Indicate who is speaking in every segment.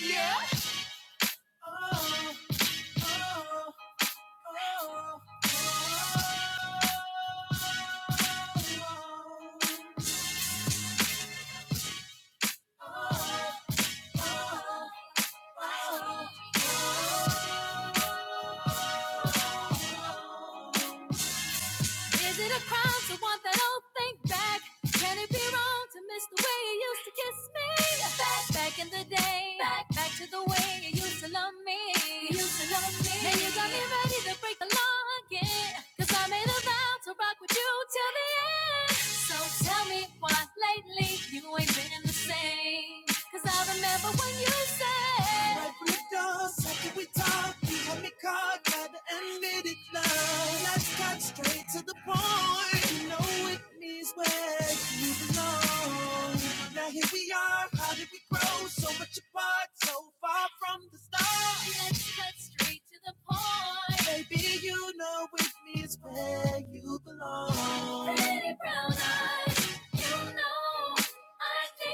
Speaker 1: Yeah. Oh, oh, oh, oh, oh, oh, oh. Is it a crime to want that old thing back? Can it be wrong to miss the way you used to kiss me? Back, back in the day, back, back to the way you used to love me. You used to love me. Now you got me ready to break the law again, 'cause I made a vow to rock with you till the end. So tell me why lately you ain't been the same? 'Cause I remember when you said, right from the door, second we talked, you had me caught hard, got to admit it now. Let's cut straight to the point. You know it means where you belong. Now here we are, how did we grow so much apart, so far from the start? Let's cut straight to the point. Baby, you know it means where you belong. Pretty brown eyes, you know I think.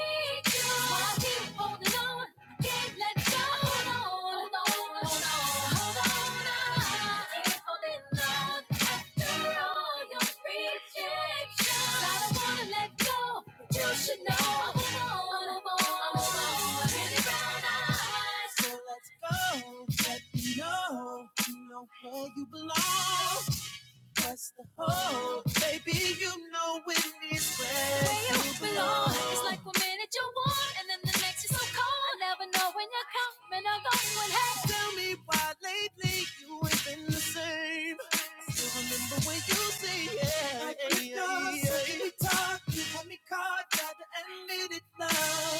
Speaker 1: Let me know, you know where you belong. That's the hope. Baby, you know it is where, where you belong. It's like one minute you're warm, and then the next you're so cold. I never know when you're coming or going. Hey, tell me why lately you ain't been the same. I Still remember when you say yeah. really talk. Had me caught, got to admit it now.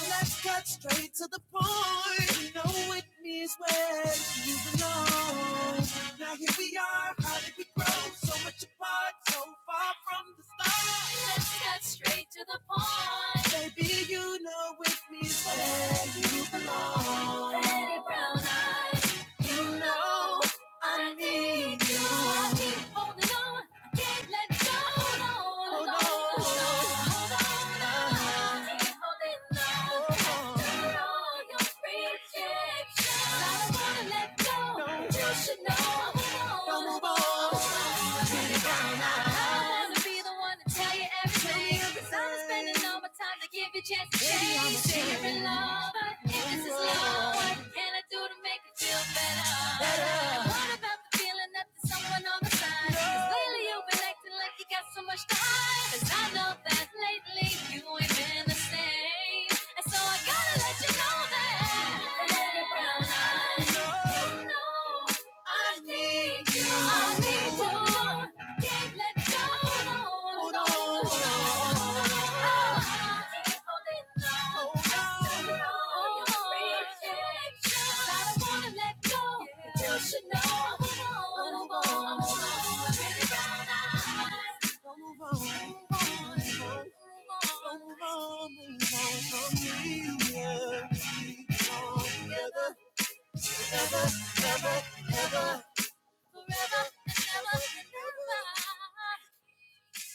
Speaker 1: Let's cut straight to the point. You know with me is where you belong. Now here we are, how did we grow? So much apart, so far from the start. Let's cut straight to the point. Baby, you know with me is where you belong. Pretty brown eyes. You know I need you. I keep holding on. I can't let go. Hold on. Hold on. Hold on. I keep holding on. After all your rejection, I don't wanna let go. No. You should know. Don't move on. Don't move on. I wanna be the one to tell you everything. Cause I'm spending all my time to give you a chance to change. sharing lover. If this is love, what can I do to make it feel better? And What about the feeling that there's someone on the side? Cause lately you've been acting like you got so much to hide. Cause I know that lately you ain't been the same. And so I gotta let you know that. You should know. I'm on. I'm on. I'm on, I'm on. Don't move on. Don't move on. Move on from me. Yeah. Keep on together. Ever, ever, ever. Forever and ever and ever.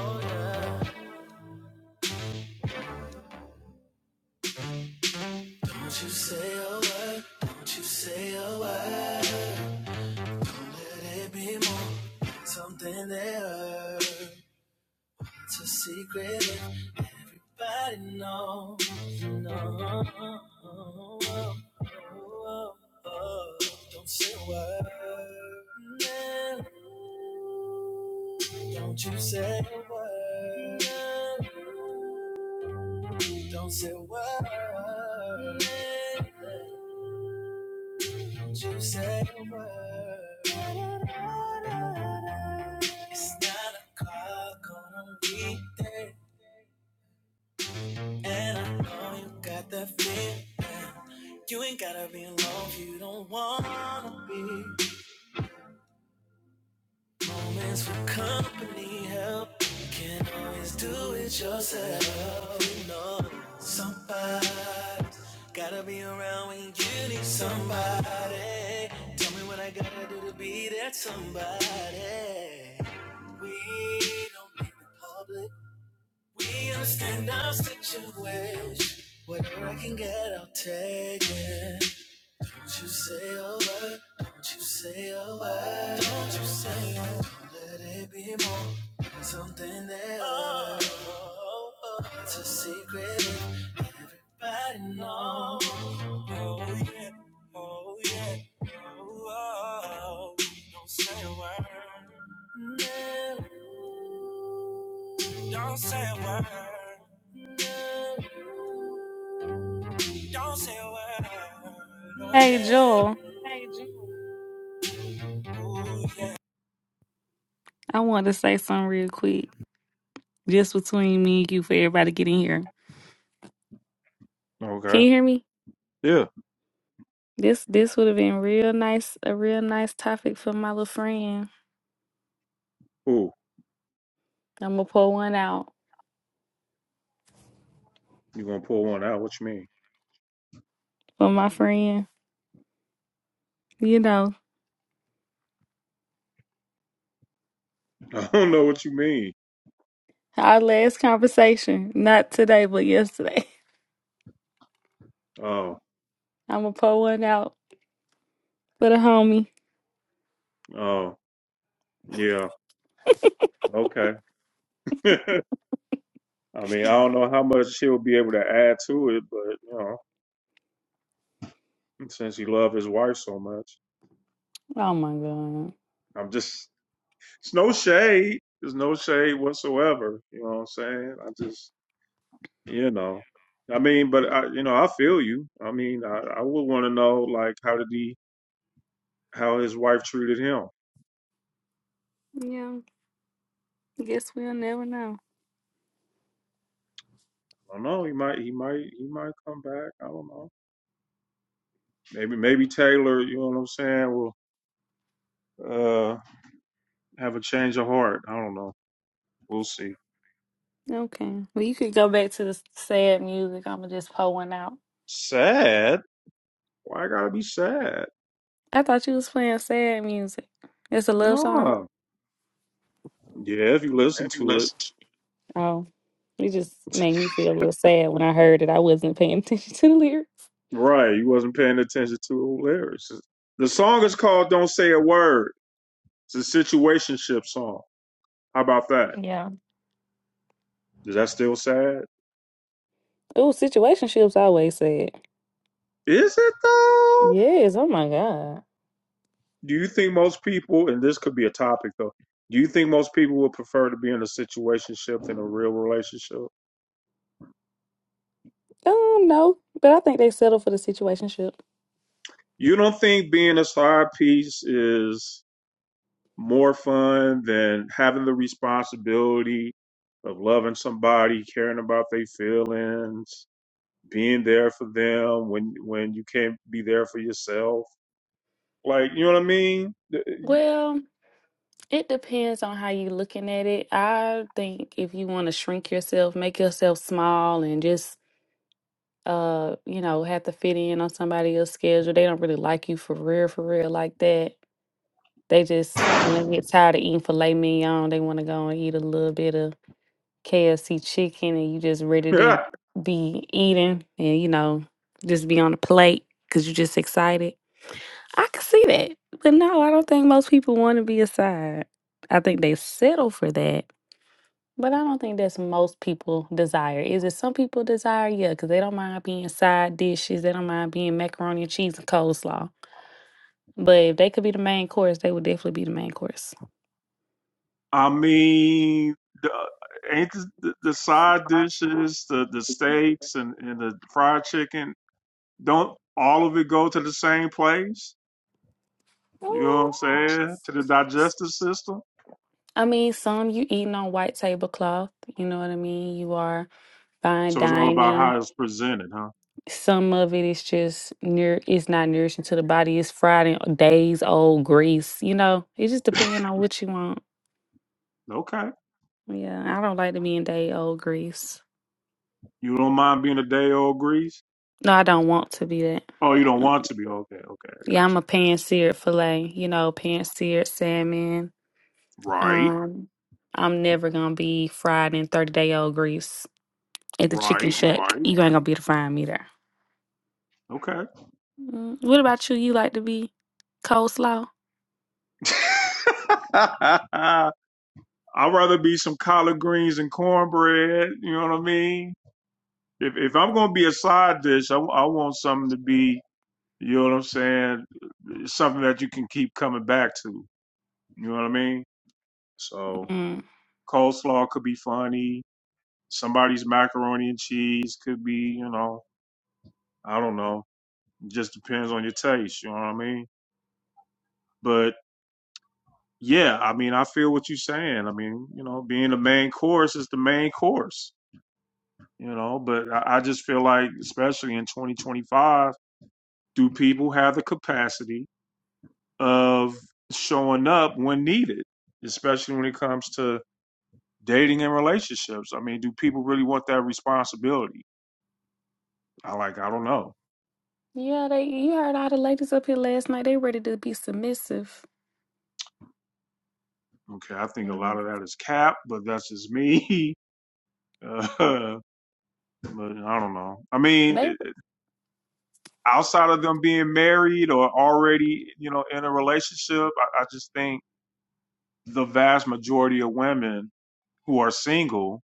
Speaker 1: Oh, yeah. Don't you say a word. Don't you say a word. Don't let it be more. Something that hurts. It's a secret everybody knows. No. oh, oh, oh, oh. Don't say a word. No. Don't you say a word. No. Don't say a word. No. Don't you say a word.
Speaker 2: Hey Joel, I wanted to say something real quick, just between me and you for everybody getting here. Can
Speaker 1: Okay.
Speaker 2: you hear me?
Speaker 1: Yeah.
Speaker 2: This this would have been real nice, a real nice topic for my little friend.
Speaker 1: Ooh,
Speaker 2: I'm gonna pull one out
Speaker 1: you gonna pull one out? What you mean?
Speaker 2: for my friend. You know,
Speaker 1: I don't know what you mean.
Speaker 2: our last conversation, not today, but yesterday.
Speaker 1: Oh,
Speaker 2: I'm gonna pull one out for the homie.
Speaker 1: oh, yeah. Okay. I mean, I don't know how much he'll be able to add to it, but you know, since he loved his wife so much,
Speaker 2: Oh my god.
Speaker 1: I'm just it's no shade. There's no shade whatsoever. You know what I'm saying? I just you know. I mean, but I you know, I feel you. I mean, I, I would want to know like how did he how his wife treated him.
Speaker 2: Yeah, guess we'll never know.
Speaker 1: I don't know. He might he might he might come back. I don't know. Maybe maybe Taylor, you know what I'm saying, will uh have a change of heart. I don't know. We'll see.
Speaker 2: Okay. Well, you could go back to the sad music. I'm gonna just pull one out.
Speaker 1: Sad. Why I gotta be sad?
Speaker 2: I thought you was playing sad music. It's a love song.
Speaker 1: No. Yeah, if you listen to it.
Speaker 2: Oh, it just made me feel a little sad when I heard it. I wasn't paying attention to the lyrics.
Speaker 1: Right, you wasn't paying attention to the lyrics. The song is called Don't Say a Word. It's a situationship song. How about that?
Speaker 2: Yeah.
Speaker 1: Is that still sad?
Speaker 2: Oh, situationships always sad.
Speaker 1: Is it though?
Speaker 2: Yes, oh my God.
Speaker 1: Do you think most people, and this could be a topic though, do you think most people would prefer to be in a situationship than a real relationship?
Speaker 2: Um, no, but I think they settle for the situationship.
Speaker 1: You don't think being a side piece is more fun than having the responsibility of loving somebody, caring about their feelings, being there for them when when you can't be there for yourself. Like, you know what I mean?
Speaker 2: Well, it depends on how you looking at it. I think if you want to shrink yourself, make yourself small, and just uh, you know, have to fit in on somebody else's schedule, they don't really like you for real, for real like that. They just when they get tired of eating filet mignon, they want to go and eat a little bit of KFC chicken, and you just ready to be eating, and you know, just be on the plate because you just excited. I can see that, but no, I don't think most people want to be a side. I think they settle for that, but I don't think that's most people desire. Is it some people desire? Yeah, because they don't mind being side dishes. They don't mind being macaroni and cheese and coleslaw. But if they could be the main course, they would definitely be the main course.
Speaker 1: I mean, the, ain't the, the side dishes, the the steaks and and the fried chicken, don't all of it go to the same place? You know what I'm saying? To the digestive system.
Speaker 2: I mean, some you eating on white tablecloth, you know what I mean? You are fine
Speaker 1: So it's all about
Speaker 2: dining.
Speaker 1: how it's presented, huh?
Speaker 2: Some of it is just near it's not nourishing to the body. It's fried in days old grease, you know. It just depends on what you want.
Speaker 1: Okay.
Speaker 2: Yeah, I don't like to be in day old grease.
Speaker 1: You don't mind being a day old grease?
Speaker 2: No, I don't want to be that.
Speaker 1: Oh, you don't
Speaker 2: Mm.
Speaker 1: want to be? Okay, okay, I
Speaker 2: Yeah,
Speaker 1: got
Speaker 2: I'm a
Speaker 1: you.
Speaker 2: pan seared filet, you know, pan seared salmon.
Speaker 1: Right,
Speaker 2: Um I'm never gonna be fried in thirty day old grease at the chicken
Speaker 1: right,
Speaker 2: shack.
Speaker 1: right.
Speaker 2: You ain't gonna be able to find me there.
Speaker 1: Okay.
Speaker 2: Mm. What about you? You like to be coleslaw?
Speaker 1: I'd rather be some collard greens and cornbread. You know what I mean? If if I'm gonna be a side dish, I, I want something to be. You know what I'm saying? Something that you can keep coming back to. You know what I mean? So
Speaker 2: Mm.
Speaker 1: coleslaw could be funny. Somebody's macaroni and cheese could be. You know, I don't know. It just depends on your taste, you know what I mean? But yeah, I mean, I feel what you're saying. I mean, you know, being the main course is the main course, you know, but I, I just feel like, especially in 2025, do people have the capacity of showing up when needed, especially when it comes to dating and relationships? I mean, do people really want that responsibility? I like, I don't know.
Speaker 2: Yeah, they. You heard all the ladies up here last night. They ready to be submissive.
Speaker 1: Okay, I think a lot
Speaker 2: Mm.
Speaker 1: of that is cap, but that's just me. Uh, but I don't know. I
Speaker 2: They
Speaker 1: mean, outside of them being married or already, you know, in a relationship, I, I just think the vast majority of women who are single,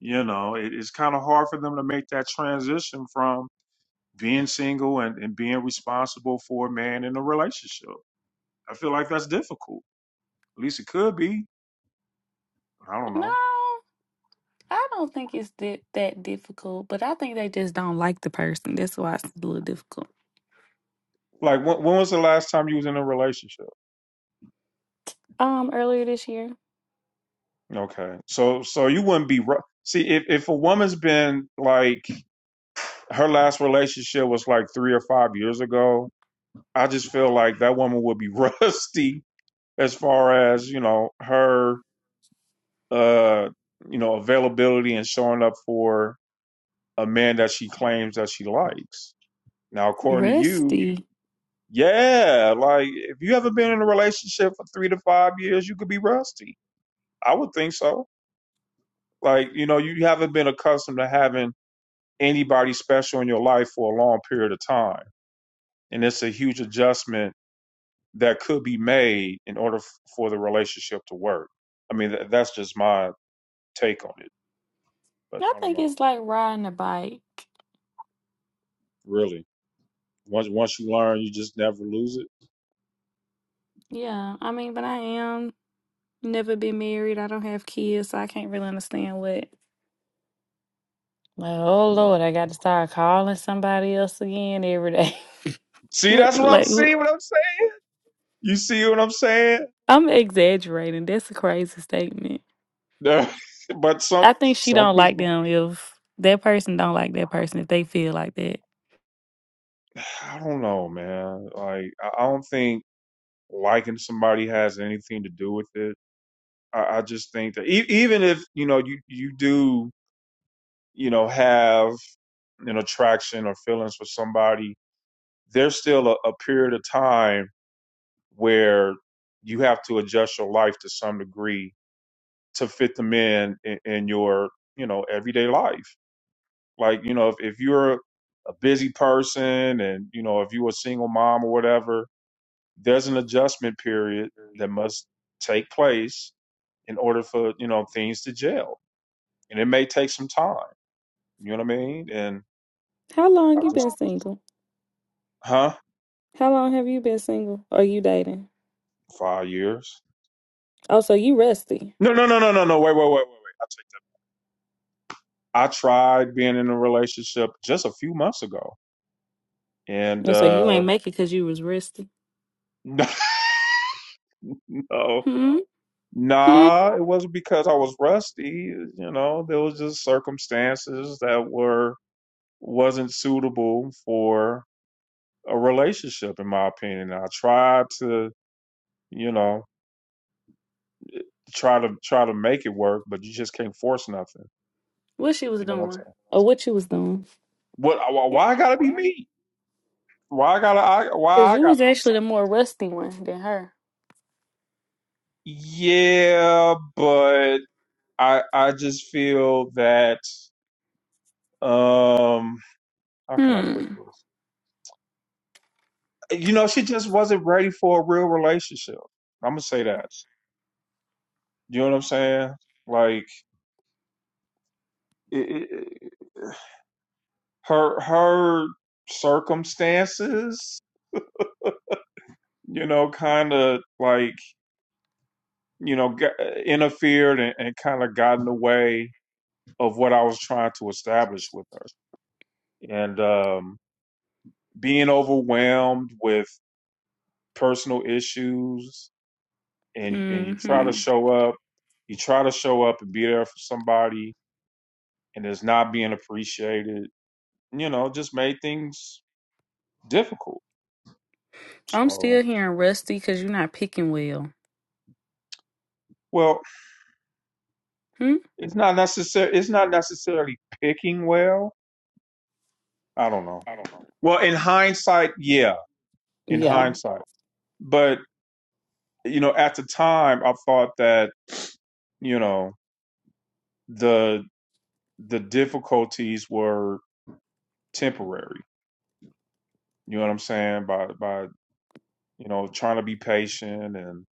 Speaker 1: you know, it, it's kind of hard for them to make that transition from being single and, and being responsible for a man in a relationship. I feel like that's difficult. At least it could be. I don't
Speaker 2: no,
Speaker 1: know.
Speaker 2: I don't think it's di- that difficult. But I think they just don't like the person. That's why it's a little difficult.
Speaker 1: Like when, when was the last time you was in a relationship?
Speaker 2: Um, earlier this year,
Speaker 1: Okay, so so you wouldn't be ru- see if if a woman's been like her last relationship was like three or five years ago. I just feel like that woman would be rusty as far as, you know, her uh, you know, availability and showing up for a man that she claims that she likes. Now, according to you,
Speaker 2: Rusty.
Speaker 1: yeah, like if you haven't been in a relationship for three to five years, you could be rusty. I would think so. Like, you know, you haven't been accustomed to having anybody special in your life for a long period of time. And it's a huge adjustment that could be made in order f- for the relationship to work. I mean, th- that's just my take on it. But
Speaker 2: I
Speaker 1: I don't
Speaker 2: think
Speaker 1: know,
Speaker 2: it's like riding a bike.
Speaker 1: really. Once once you learn, you just never lose it.
Speaker 2: Yeah, I mean, but I am never been married. I don't have kids, so I can't really understand what Like, oh Lord, I got to start calling somebody else again every day.
Speaker 1: See,
Speaker 2: What,
Speaker 1: that's what I'm
Speaker 2: like, wh-
Speaker 1: seeing. What I'm saying. You see what I'm saying?
Speaker 2: I'm exaggerating. That's a crazy statement.
Speaker 1: but some
Speaker 2: I think she
Speaker 1: some
Speaker 2: don't like
Speaker 1: people,
Speaker 2: them if that person don't like that person if they feel like that.
Speaker 1: I don't know, man. Like I I don't think liking somebody has anything to do with it. I, I just think that e- even if you know you you do you know have an attraction or feelings for somebody there's still a, a period of time where you have to adjust your life to some degree to fit them in in, in your you know everyday life like you know if, if you're a busy person and you know if you're a single mom or whatever there's an adjustment period that must take place in order for you know things to gel and it may take some time you know what i mean and
Speaker 2: How
Speaker 1: i
Speaker 2: long you
Speaker 1: just
Speaker 2: been single?
Speaker 1: huh
Speaker 2: How long have you been single? Are you dating?
Speaker 1: five years
Speaker 2: Oh, so you rusty.
Speaker 1: no no no no no no wait wait wait wait wait I tried being in a relationship just a few months ago, and
Speaker 2: Oh, So you
Speaker 1: uh,
Speaker 2: ain't make it because you was rusty.
Speaker 1: no,
Speaker 2: Hmm? Hmm?
Speaker 1: nah, it wasn't because I was rusty. You know, there was just circumstances that were wasn't suitable for a relationship, in my opinion. I tried to, you know, try to try to make it work, but you just can't force nothing.
Speaker 2: What she was
Speaker 1: You know what I'm
Speaker 2: doing.
Speaker 1: saying?
Speaker 2: Or what you was doing.
Speaker 1: What? wh- Why I gotta be me? Why I gotta? I,
Speaker 2: Because
Speaker 1: why I
Speaker 2: you was
Speaker 1: gotta do
Speaker 2: actually the more rusty one than her.
Speaker 1: something? Yeah, but I I just feel that um how can I put
Speaker 2: Hmm.
Speaker 1: this? You know, she just wasn't ready for a real relationship. I'm gonna say that. You know what I'm saying? Like it, it, it- her her circumstances, you know, kind of like you know got, interfered and, and kind of got in the way of what I was trying to establish with her, and um being overwhelmed with personal issues and and you try to
Speaker 2: Mm-hmm.
Speaker 1: show up, you try to show up and be there for somebody, and it's not being appreciated. You know, just made things difficult.
Speaker 2: I'm
Speaker 1: So,
Speaker 2: still hearing rusty because you're not picking well.
Speaker 1: well,
Speaker 2: Hmm?
Speaker 1: it's not necessary. It's not necessarily picking well. I don't know. Well, in hindsight, yeah, in
Speaker 2: Yeah.
Speaker 1: hindsight, but you know, at the time, I thought that you know the the difficulties were temporary. You know what I'm saying? By by, you know, trying to be patient and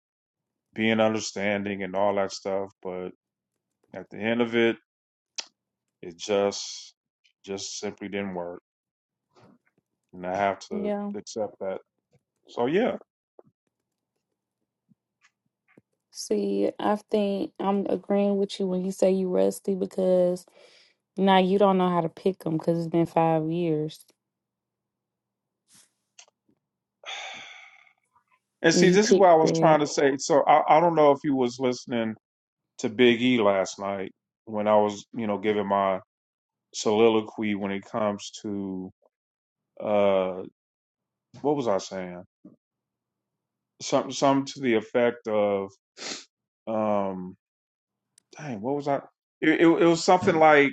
Speaker 1: being understanding and all that stuff. But at the end of it, it just just simply didn't work, and I have to
Speaker 2: Yeah.
Speaker 1: accept that. So yeah,
Speaker 2: See, I think I'm agreeing with you when you say you rusty because now you don't know how to pick them because it's been five years
Speaker 1: and see,
Speaker 2: and you
Speaker 1: this is
Speaker 2: picked
Speaker 1: what I was
Speaker 2: that.
Speaker 1: trying to say. So I, I don't know if you was listening to Big E last night when I was, you know, giving my soliloquy when it comes to uh what was I saying? Something, something to the effect of um dang, what was I? It, it, it was something like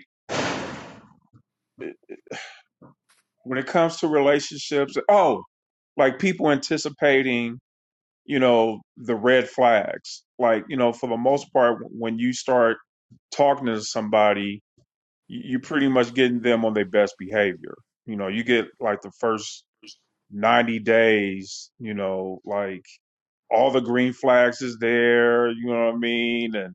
Speaker 1: when it comes to relationships. Oh, like people anticipating, you know, the red flags. Like, you know, for the most part, when you start talking to somebody, you- you're pretty much getting them on their best behavior. You know, you get like the first 90 days, you know, like all the green flags is there, you know what I mean? And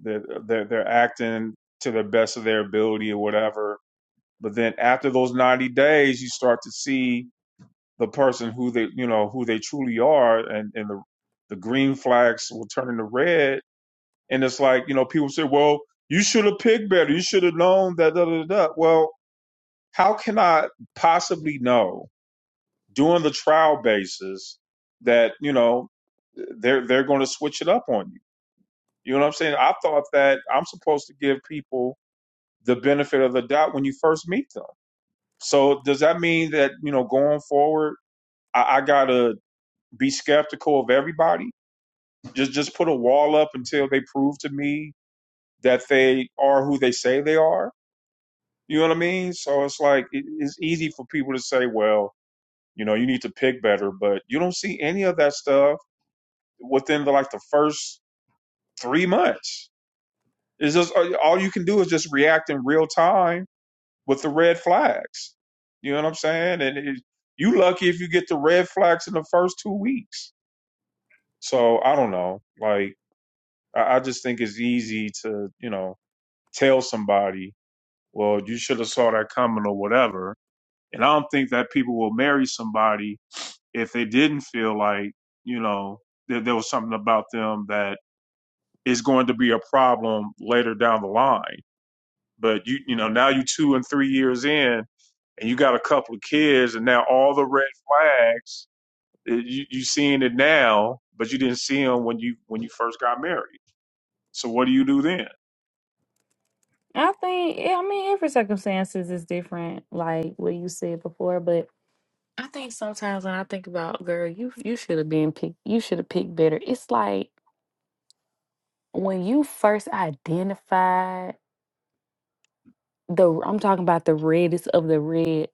Speaker 1: they're, they're, they're acting to the best of their ability or whatever But then after those 90 days, you start to see the person who they, you know, who they truly are and, and the, the green flags will turn into red. And it's like, you know, people say, well, you should have picked better. You should have known that, da, da, da. da." Well, how can I possibly know during the trial basis that, you know, they're, they're going to switch it up on you? You know what I'm saying? I thought that I'm supposed to give people the benefit of the doubt when you first meet them So does that mean that you know going forward, I, I gotta be skeptical of everybody? Just just put a wall up until they prove to me that they are who they say they are. You know what I mean? So it's like it, it's easy for people to say, well, you know, you need to pick better, but you don't see any of that stuff within the like the first three months. It's just all all you can do is just react in real time with the red flags. You know what I'm saying? And it, you lucky if you get the red flags in the first two weeks. So I don't know. Like I, I just think it's easy to you know tell somebody, well, you should have saw that coming or whatever. And I don't think that people will marry somebody if they didn't feel like you know that there was something about them that is going to be a problem later down the line. But you you know now you two and three years in and you got a couple of kids, and now all the red flags eh, you you seeing it now, but you didn't see them when you when you first got married. So what do you do then?
Speaker 2: I think, yeah, I mean, every circumstances is different, like what you said before, but I think sometimes when I think about girl, you you should have been picked. You should have picked better. It's like when you first identified the. I'm talking about the reddest of the red.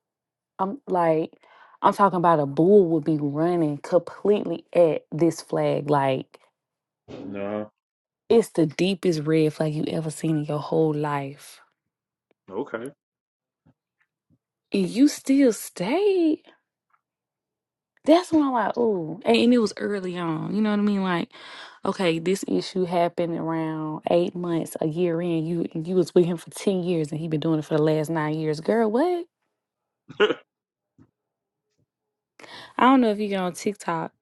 Speaker 2: I'm like, I'm talking about a bull would be running completely at this flag. Like
Speaker 1: No.
Speaker 2: it's the deepest red flag you ever seen in your whole life,
Speaker 1: Okay.
Speaker 2: and you still stayed. That's when I'm like, oh, and, and it was early on. You know what I mean? Like, okay, this issue happened around eight months, a year in. You you was with him for ten years, and he been doing it for the last nine years. Girl, what? I don't know if you get on TikTok,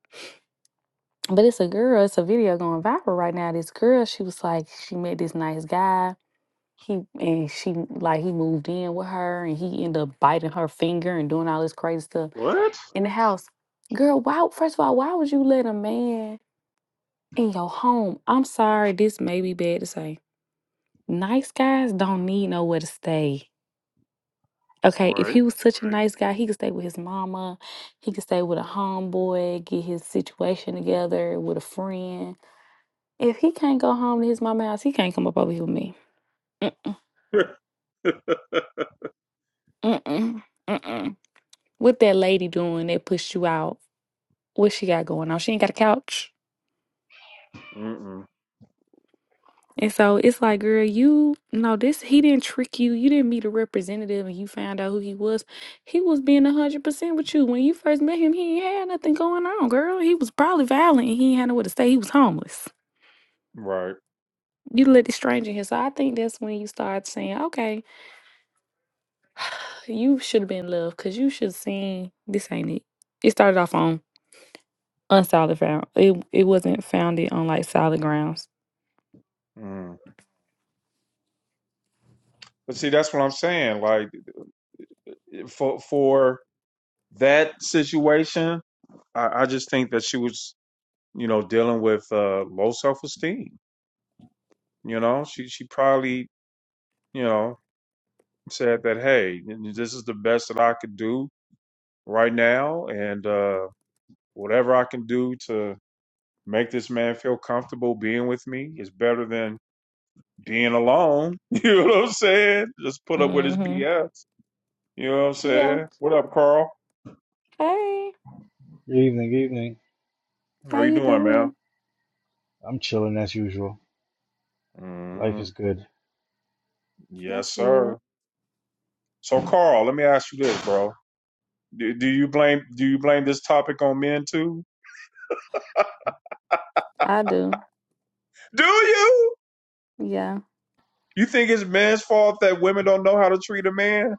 Speaker 2: but it's a girl. It's a video going viral right now. This girl, she was like, she met this nice guy. He and she like he moved in with her, and he ended up biting her finger and doing all this crazy stuff
Speaker 1: what?
Speaker 2: in the house. Girl, why? First of all, why would you let a man? in your home. I'm sorry, this may be bad to say. Nice guys don't need nowhere to stay. Okay, if
Speaker 1: Right.
Speaker 2: he was such a nice guy, he could stay with his mama, he could stay with a homeboy, get his situation together with a friend. If he can't go home to his mama's, house, he can't come up over here with me. Mm-mm, mm-mm, mm-mm. What that lady doing that pushed you out? What she got going on? She ain't got a couch.
Speaker 1: Mm-mm.
Speaker 2: And so it's like, girl, you no, this he didn't trick you. You didn't meet a representative and you found out who he was. He was being a hundred percent with you. When you first met him, he ain't had nothing going on, girl. He was probably violent and he ain't had nowhere to stay. He was homeless.
Speaker 1: Right.
Speaker 2: You let this stranger here. So I think that's when you start saying, okay, you should have been loved because you should have seen this ain't it. It started off on unsolid ground. It it wasn't founded on like solid grounds.
Speaker 1: Mm. But see, that's what I'm saying. Like eh, for for that situation, I, I just think that she was, you know, dealing with uh, low self esteem. You know, she she probably, you know, said that, hey, this is the best that I could do right now and uh, whatever I can do to make this man feel comfortable being with me is better than being alone. You know what I'm saying? Just put up with his
Speaker 2: Mm-hmm.
Speaker 1: BS. You know what I'm
Speaker 2: Yeah.
Speaker 1: saying? What up, Carl?
Speaker 2: Hey,
Speaker 3: Good evening, good evening.
Speaker 1: How
Speaker 2: how
Speaker 1: you
Speaker 2: you
Speaker 1: doing, man?
Speaker 2: doing?
Speaker 3: I'm chilling as usual. Life
Speaker 1: hmm
Speaker 3: is good.
Speaker 1: Yes,
Speaker 2: That's
Speaker 1: sir.
Speaker 2: it.
Speaker 1: So, Carl, let me ask you this, bro. Do, do you blame do you blame this topic on men too?
Speaker 2: I do.
Speaker 1: Do you?
Speaker 2: Yeah.
Speaker 1: You think it's men's fault that women don't know how to treat a man?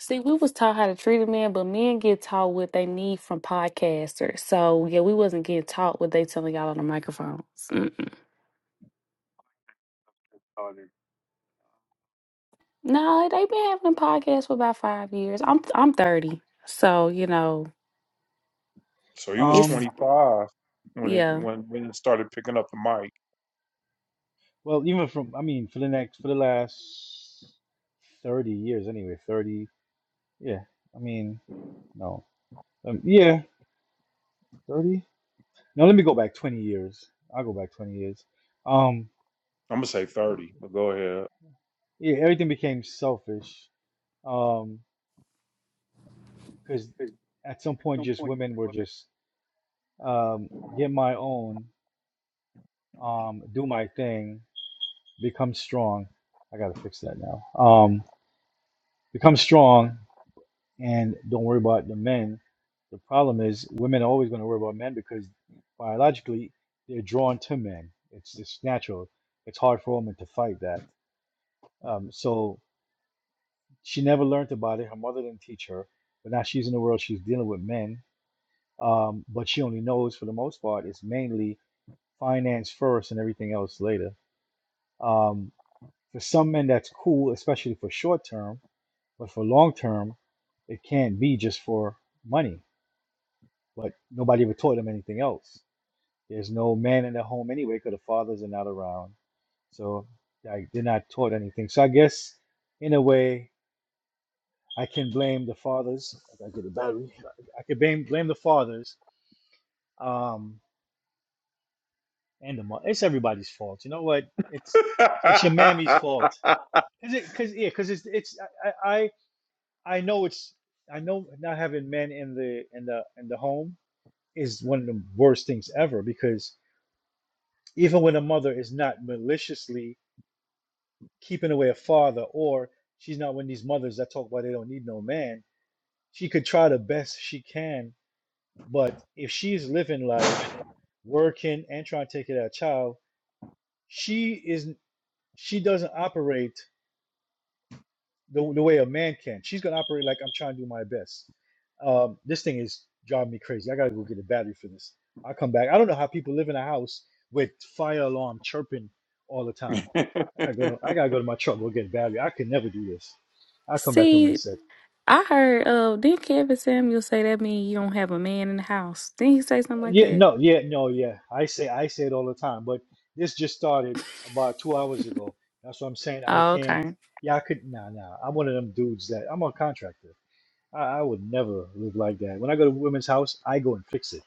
Speaker 2: See, we was taught how to treat a man, but men get taught what they need from podcasters. So yeah, we wasn't getting taught what they telling y'all on the microphones. Mm-mm. No, they been having podcasts for about five years. I'm I'm thirty, so you know
Speaker 1: So he was
Speaker 2: it's
Speaker 3: Um,
Speaker 1: 25 when it
Speaker 2: yeah.
Speaker 1: when when it started picking up the mic.
Speaker 3: well, even from, I mean, for the next, for the last 30 years anyway, 30, yeah, I mean, no, um, yeah, 30. No, let me go back 20 years. I'll go back 20 years. Um,
Speaker 1: I'm gonna say 30, but go ahead.
Speaker 3: yeah, everything became selfish. Um, because at some point, just women were just, um, get my own, um, do my thing, become strong. I gotta fix that now. Um. Become strong and don't worry about the men. The problem is women are always going to worry about men because biologically they're drawn to men. It's it's natural. It's hard for a woman to fight that. Um, so she never learned about it. Her mother didn't teach her, but now she's in the world. She's dealing with men, um, but she only knows for the most part it's mainly finance first and everything else later. Um, for some men, that's cool, especially for short term, but for long term, it can't be just for money. but nobody ever taught them anything else. There's no man in the home anyway because the fathers are not around. So like, they're not taught anything. So I guess in a way, I can blame the fathers. I gotta get a battery. I could blame blame the fathers um, and the mother. It's everybody's fault. You know what? It's it's your mammy's fault. Cause it, cause yeah, cause it's it's I I I know it's I know not having men in the in the in the home is one of the worst things ever because even when a mother is not maliciously keeping away a father or she's not one of these mothers that talk about they don't need no man she could try the best she can but if she's living life working and trying to take care of that child she isn't she doesn't operate the, the way a man can she's going to operate like i'm trying to do my best um, this thing is driving me crazy i gotta go get a battery for this i'll come back i don't know how people live in a house with fire alarm chirping all the time I gotta go to, I gotta go to my truck, go get a battery. I could never do this. I'll come back in in a
Speaker 2: See,
Speaker 3: sec.
Speaker 2: I heard uh did Kevin Samuel say that mean you don't have a man in the house? Did he say something
Speaker 3: Uh,
Speaker 2: like
Speaker 3: Yeah,
Speaker 2: that?
Speaker 3: no, yeah, no, yeah. I say I say it all the time, but this just started about two hours ago. That's what I'm saying. I
Speaker 2: Oh,
Speaker 3: can't.
Speaker 2: okay.
Speaker 3: Yeah, I could. Nah, nah. I'm one of them dudes that I'm a contractor. I, I would never live like that. When I go to women's house, I go and fix it,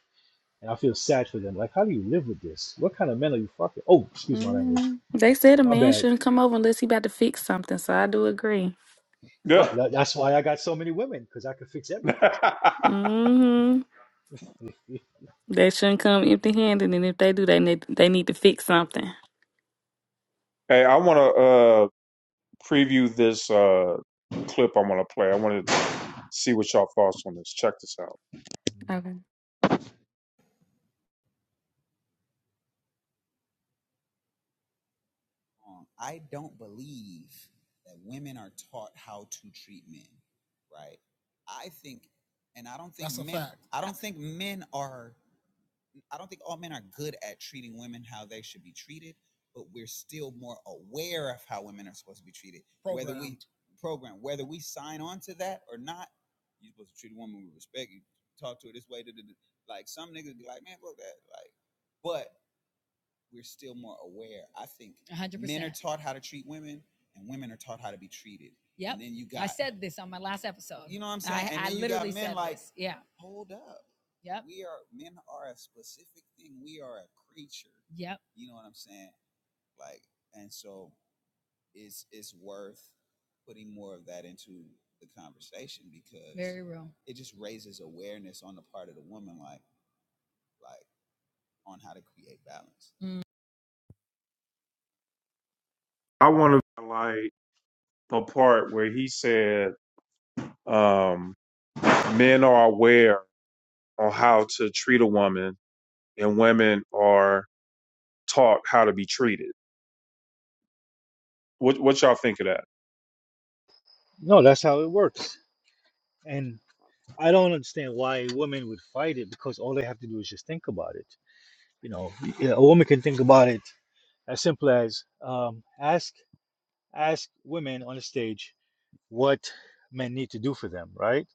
Speaker 3: and I feel sad for them. Like, how do you live with this? What kind of men are you fucking? Oh, excuse my language.
Speaker 2: hmm They said a
Speaker 3: My
Speaker 2: man
Speaker 3: bad.
Speaker 2: shouldn't come over unless he about to fix something. So I do agree.
Speaker 3: Well,
Speaker 1: yeah.
Speaker 3: tha- that's why I got so many women because I can fix everything.
Speaker 2: Mm-hmm. They shouldn't come empty handed, and if they do, they need they need to fix something.
Speaker 1: hey, I want to. uh, preview this uh, clip I'm going to play. I wanted to see what y'all thoughts on this. Check this out.
Speaker 2: Okay.
Speaker 1: I want to highlight the part where he said um, men are aware on how to treat a woman, and women are taught how to be treated. What what y'all think of that?
Speaker 3: No, that's how it works. And I don't understand why women would fight it because all they have to do is just think about it. You know, y- yeah, a woman can think about it as simple as um, ask ask women on the stage what men need to do for them, right?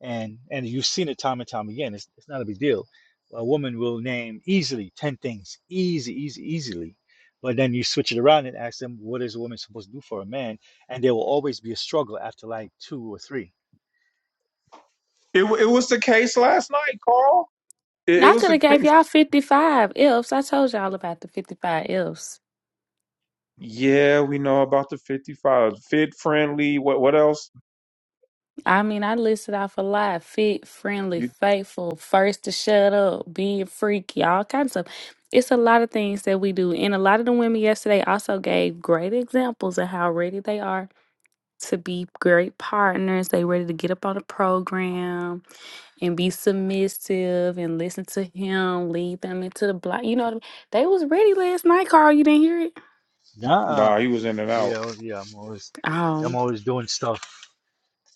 Speaker 3: And and you've seen it time and time again. It's it's not a big deal. A woman will name easily ten things, easy, easy, easily. But then you switch it around and ask them what is a woman supposed to do for a man, and there will always be a struggle after like two or three.
Speaker 1: It it was the case last night, Carl. It, it
Speaker 2: I
Speaker 1: was
Speaker 2: could
Speaker 1: the
Speaker 2: have gave
Speaker 1: case.
Speaker 2: y'all 55 ifs. I told y'all about the 55 ifs.
Speaker 1: Yeah, we know about the 55 fit friendly. What what else?
Speaker 2: I mean, I listed off a lot. Fit, friendly,
Speaker 1: You
Speaker 2: faithful, first to shut up, being freaky, all kinds of stuff. It's a lot of things that we do. And a lot of the women yesterday also gave great examples of how ready they are to be great partners. They ready to get up on the program. and be submissive and listen to him, lead them into the block. You know what I mean? They was ready last night, Carl. You didn't hear it?
Speaker 3: Nah,
Speaker 1: nah, he was in and
Speaker 3: Yeah,
Speaker 1: out.
Speaker 3: oh, yeah, I'm always, I'm
Speaker 2: Oh.
Speaker 3: always doing stuff,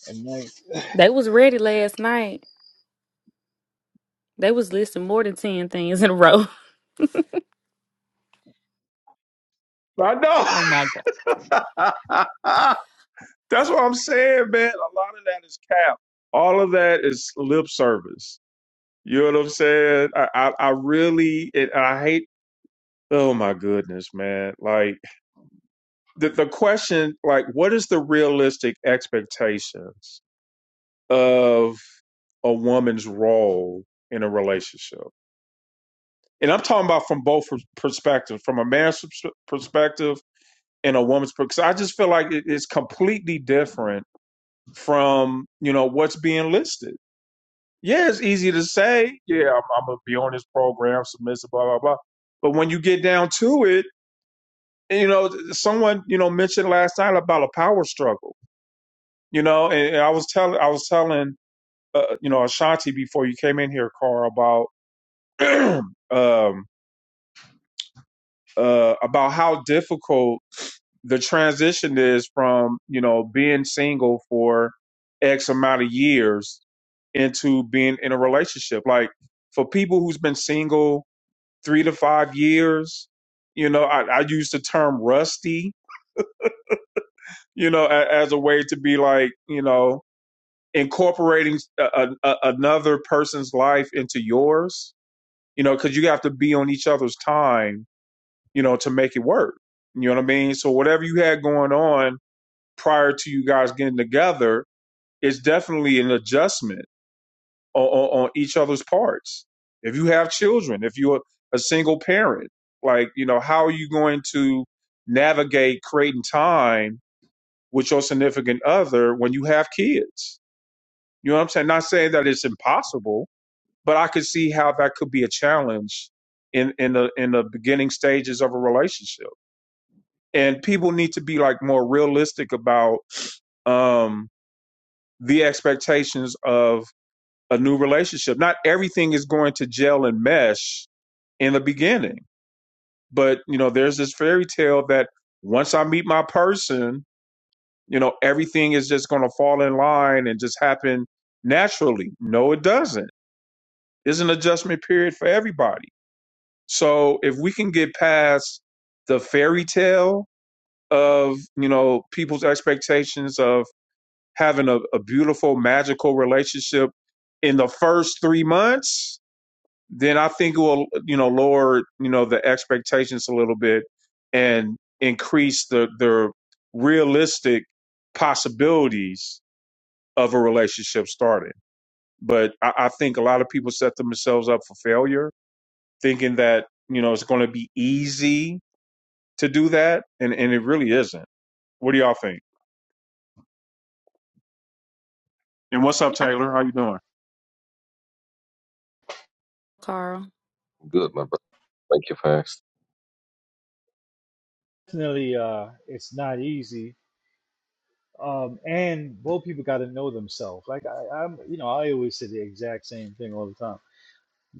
Speaker 3: and like,
Speaker 2: They was ready last night. They was listing more than ten things in a row.
Speaker 1: I know.
Speaker 2: Oh my god.
Speaker 1: That's what I'm saying, man. A lot of that is cap. All of that is lip service. You know what I'm saying? I I, I really it, I hate. Oh my goodness, man! Like. the, the question like what is the realistic expectations of a woman's role in a relationship and i'm talking about from both perspectives from a man's perspective and a woman's perspective. i just feel like it is completely different from you know what's being listed yeah it's easy to say yeah i'm, I'm gonna be on this program submissive blah blah blah but when you get down to it you know someone you know mentioned last night about a power struggle you know and, and i was telling i was telling uh, you know ashanti before you came in here carl about um uh about how difficult the transition is from you know being single for x amount of years into being in a relationship like for people who's been single three to five years you know i, I use the term rusty you know a, as a way to be like you know incorporating a, a, another person's life into yours, you know, because you have to be on each other's time, you know, to make it work. You know what I mean? So whatever you had going on prior to you guys getting together is definitely an adjustment on, on, on each other's parts. If you have children, if you're a single parent, like, you know, how are you going to navigate creating time with your significant other when you have kids? You know what I'm saying? Not saying that it's impossible, but I could see how that could be a challenge in in the in the beginning stages of a relationship. And people need to be like more realistic about um the expectations of a new relationship. Not everything is going to gel and mesh in the beginning, but you know, there's this fairy tale that once I meet my person, you know, everything is just going to fall in line and just happen naturally. No, it doesn't. There's an adjustment period for everybody So if we can get past the fairy tale of, you know, people's expectations of having a, a beautiful, magical relationship in the first three months, then I think it will, you know, lower, you know, the expectations a little bit and increase the the realistic possibilities of a relationship starting. But I, I think a lot of people set themselves up for failure, thinking that, you know, it's gonna be easy to do that, and and it really isn't. What do y'all think? And what's up,
Speaker 2: I-
Speaker 1: Taylor? How you doing?
Speaker 2: Carl.
Speaker 4: Good, my brother. Thank you for asking.
Speaker 3: definitely, uh, it's not easy. Um, and both people got to know themselves. Like I, I'm, you know, I always say the exact same thing all the time.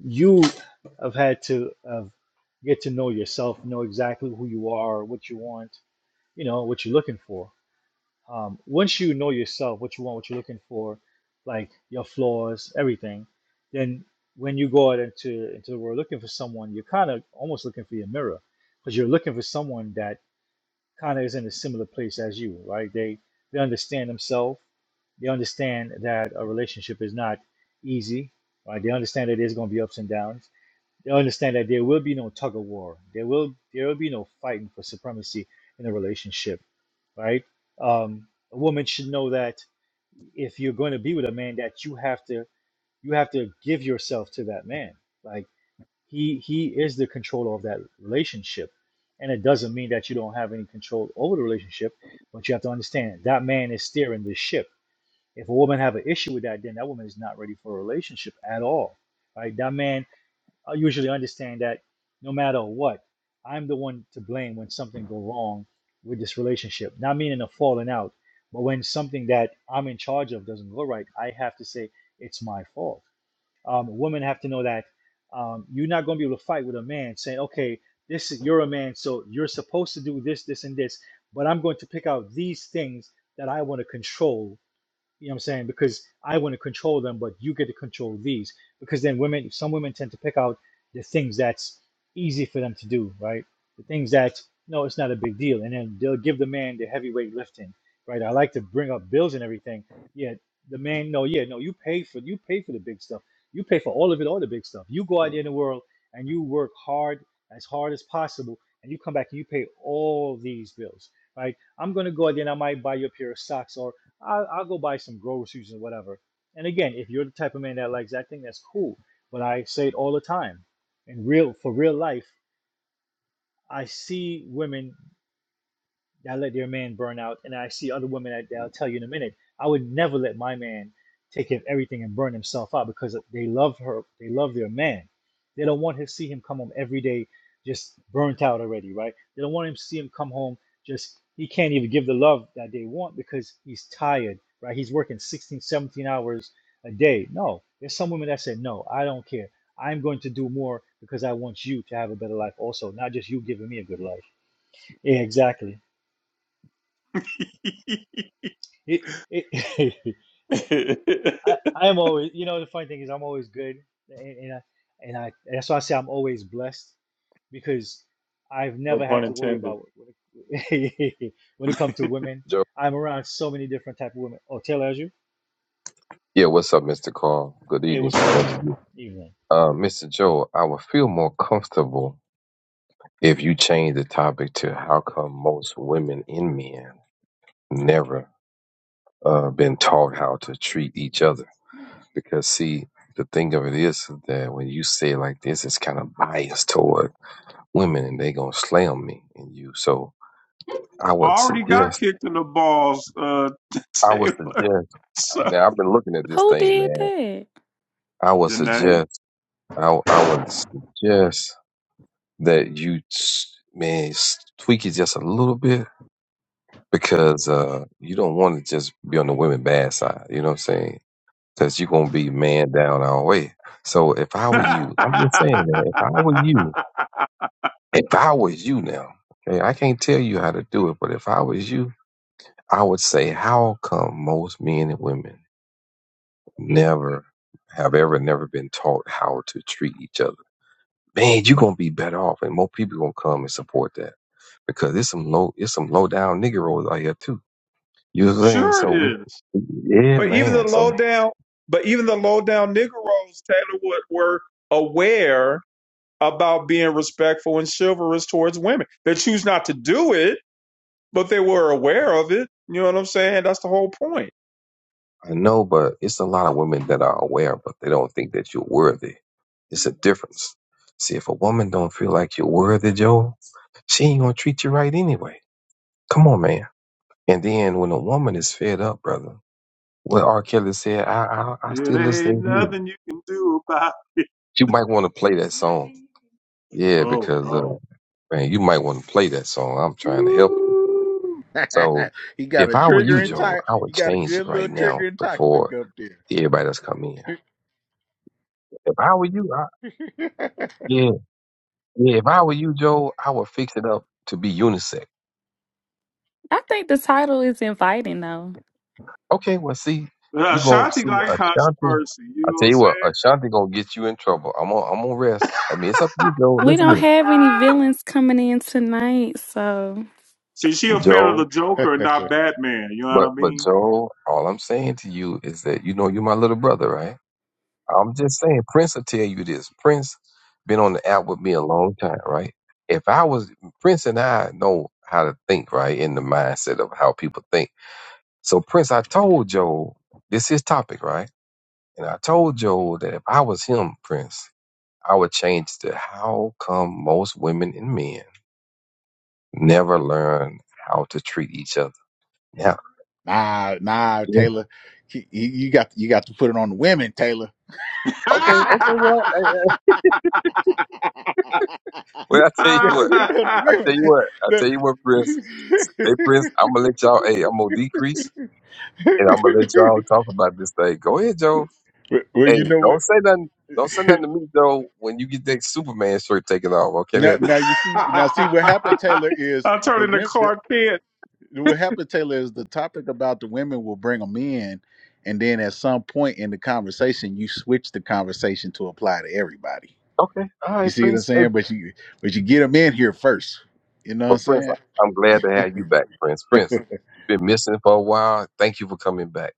Speaker 3: You have had to have get to know yourself, know exactly who you are, what you want, you know, what you're looking for. um, once you know yourself, what you want, what you're looking for, like your flaws, everything, then when you go out into into the world looking for someone, you're kind of almost looking for your mirror, because you're looking for someone that kind of is in a similar place as you, right? They they understand themselves, they understand that a relationship is not easy, right? They understand that there's going to be ups and downs, They'll understand that there will be no tug of war. There will there will be no fighting for supremacy in a relationship, right? Um, a woman should know that if you're going to be with a man, that you have to you have to give yourself to that man. Like he he is the controller of that relationship, and it doesn't mean that you don't have any control over the relationship, but you have to understand that man is steering the ship. If a woman have an issue with that, then that woman is not ready for a relationship at all, right? That man I usually understand that no matter what, I'm the one to blame when something go wrong with this relationship. Not meaning a falling out, but when something that I'm in charge of doesn't go right, I have to say it's my fault. Um, women have to know that um, you're not going to be able to fight with a man saying, "Okay, this is you're a man, so you're supposed to do this, this, and this," but I'm going to pick out these things that I want to control you know what I'm saying? Because I want to control them, but you get to control these. Because then women, some women tend to pick out the things that's easy for them to do, right? The things that, no, it's not a big deal. And then they'll give the man the heavyweight lifting, right? I like to bring up bills and everything. Yeah, the man, no, yeah, no, you pay for you pay for the big stuff. You pay for all of it, all the big stuff. You go out there in the world and you work hard as hard as possible, and you come back and you pay all these bills, right? I'm gonna go out there and I might buy you a pair of socks or I'll, I'll go buy some groceries and whatever. And again, if you're the type of man that likes acting, that's cool. But I say it all the time. In real, for real life, I see women. I let their man burn out, and I see other women that, that I'll tell you in a minute. I would never let my man take in everything and burn himself out because they love her. They love their man. They don't want to see him come home every day just burnt out already, right? They don't want him to see him come home just he can't even give the love that they want because he's tired, right? He's working 16, 17 hours a day. No, there's some women that said, no, I don't care. I'm going to do more because I want you to have a better life also, not just you giving me a good life. Yeah, exactly. It, it, I, I am always, you know, the funny thing is I'm always good, and, and I, and I, that's why I say I'm always blessed because I've
Speaker 1: No
Speaker 3: never
Speaker 1: pun
Speaker 3: had to worry
Speaker 1: intended.
Speaker 3: about when it, when it comes to women.
Speaker 4: Joe.
Speaker 3: I'm around so many different type of women. Oh, Taylor, as you?
Speaker 4: Yeah, what's up, Mr. Carl? Good
Speaker 3: Hey,
Speaker 4: evening
Speaker 3: what's
Speaker 4: to
Speaker 3: going
Speaker 4: all
Speaker 3: on?
Speaker 4: of you.
Speaker 3: Evening.
Speaker 4: Uh, Mr. Joe, I would feel more comfortable if you change the topic to how come most women and men never uh, been taught how to treat each other. Because, see, the thing of it is that when you say it like this, it's kind of biased toward women and they going to slam me and you. So I would
Speaker 1: I already got
Speaker 4: suggest,
Speaker 1: kicked in the balls, uh,
Speaker 4: I would
Speaker 1: Taylor.
Speaker 4: suggest, uh,
Speaker 1: So,
Speaker 4: now I've been looking at this
Speaker 2: Who
Speaker 4: thing,
Speaker 2: did
Speaker 4: man.
Speaker 2: that?
Speaker 4: I would
Speaker 1: Danae.
Speaker 4: suggest I I would suggest that you s- man s- tweak it just a little bit because uh you don't want to just be on the women bad side. You know what I'm saying? Because you're gonna be man down all the way. So if I were you, I'm just saying that if I were you, if I was you now, okay, I can't tell you how to do it, but if I was you, I would say, how come most men and women never have ever never been taught how to treat each other? Man, you're gonna be better off, and more people gonna come and support that because it's some low it's some low down niggeros out here too. You know what I'm saying?
Speaker 1: sure
Speaker 4: So
Speaker 1: it
Speaker 4: we
Speaker 1: is.
Speaker 4: yeah,
Speaker 1: But even the
Speaker 4: man.
Speaker 1: low
Speaker 4: So
Speaker 1: down, but even the low down Negroes, Taylor Wood, were aware about being respectful and chivalrous towards women. They choose not to do it, but they were aware of it. You know what I'm saying? That's the whole point.
Speaker 4: I know, but it's a lot of women that are aware, but they don't think that you're worthy. It's a difference. See, if a woman don't feel like you're worthy, Joe, she ain't gonna treat you right anyway. Come on, man. And then when a woman is fed up, brother, what R. Kelly said, I I, I
Speaker 1: It
Speaker 4: still
Speaker 1: ain't
Speaker 4: listen to you.
Speaker 1: nothing you can do about.
Speaker 4: You might want to play that song. Yeah,
Speaker 1: Oh
Speaker 4: because uh,
Speaker 1: no.
Speaker 4: man, you might want to play that song. I'm trying to help you.
Speaker 1: Woo.
Speaker 4: So
Speaker 5: he got
Speaker 4: if
Speaker 5: a
Speaker 4: I were
Speaker 5: trigger
Speaker 4: you,
Speaker 1: And
Speaker 5: and
Speaker 1: it,
Speaker 4: Joe,
Speaker 5: type.
Speaker 4: I would
Speaker 5: You got a
Speaker 4: change it
Speaker 5: good
Speaker 4: right
Speaker 5: little
Speaker 4: now
Speaker 5: trigger and tactic
Speaker 4: before
Speaker 5: up
Speaker 4: everybody else come in. If I were you, I,
Speaker 5: there.
Speaker 4: yeah, yeah. If I were you, Joe, I would fix it up to be unisex.
Speaker 2: I think the title is inviting though.
Speaker 4: Okay, well, see,
Speaker 1: uh,
Speaker 4: you gonna
Speaker 1: Ashanti
Speaker 4: see
Speaker 1: like
Speaker 4: Ashanti.
Speaker 1: controversy. You
Speaker 4: I
Speaker 1: know what
Speaker 4: tell
Speaker 1: I'm
Speaker 4: you
Speaker 1: saying?
Speaker 4: what, Ashanti gonna get you in trouble. I'm gonna, I'm gonna rest. I mean, it's up to you, Joe.
Speaker 2: We
Speaker 4: Listen to
Speaker 2: don't
Speaker 4: me,
Speaker 2: have any villains coming in tonight, so
Speaker 1: See, she a fan of
Speaker 4: Joe.
Speaker 1: the Joker, and not Batman. You know what
Speaker 4: But,
Speaker 1: I
Speaker 4: but
Speaker 1: mean?
Speaker 4: Joe, all I'm saying to you is that you know you're my little brother, right? I'm just saying, Prince will tell you this. Prince been on the app with me a long time, right? If I was Prince and I know how to think, right, in the mindset of how people think. So Prince, I told Joe this his topic, right? And I told Joe that if I was him, Prince, I would change to how come most women and men never learn how to treat each other. Yeah.
Speaker 5: nah, nah,
Speaker 4: Yeah.
Speaker 5: Taylor. He- he- You got you got to put it on the women, Taylor.
Speaker 4: Okay. Okay. Well, I, I, well, I tell you
Speaker 5: you got
Speaker 4: what.
Speaker 5: to put it on the
Speaker 4: I tell
Speaker 5: women.
Speaker 4: you what, I tell you what,
Speaker 5: The-
Speaker 4: Prince. Hey, Prince, I'm gonna let y'all. Hey, I'm gonna decrease, and I'm gonna let y'all talk about this thing. Go ahead, Joe.
Speaker 5: well, well,
Speaker 4: Hey,
Speaker 5: you know what?
Speaker 4: don't say nothing. Don't say nothing to me, Joe. When you get that Superman shirt taken off, okay?
Speaker 5: Now,
Speaker 4: That,
Speaker 5: now you see. Now see what happened, Taylor. Is
Speaker 1: I turn
Speaker 5: the
Speaker 1: into
Speaker 5: women?
Speaker 1: Clark Kent
Speaker 5: What happened, Taylor, is the topic about the women will bring them in, and then at some point in the conversation, you switch the conversation to apply to everybody.
Speaker 4: okay. All
Speaker 5: You
Speaker 4: right,
Speaker 5: see what I'm
Speaker 4: Prince. Hey,
Speaker 5: saying? But you but you get them in here first. You know what I'm
Speaker 4: but Prince,
Speaker 5: saying?
Speaker 4: I- I'm glad to have you back, Prince. Prince, you've been missing for a while. Thank you for coming back,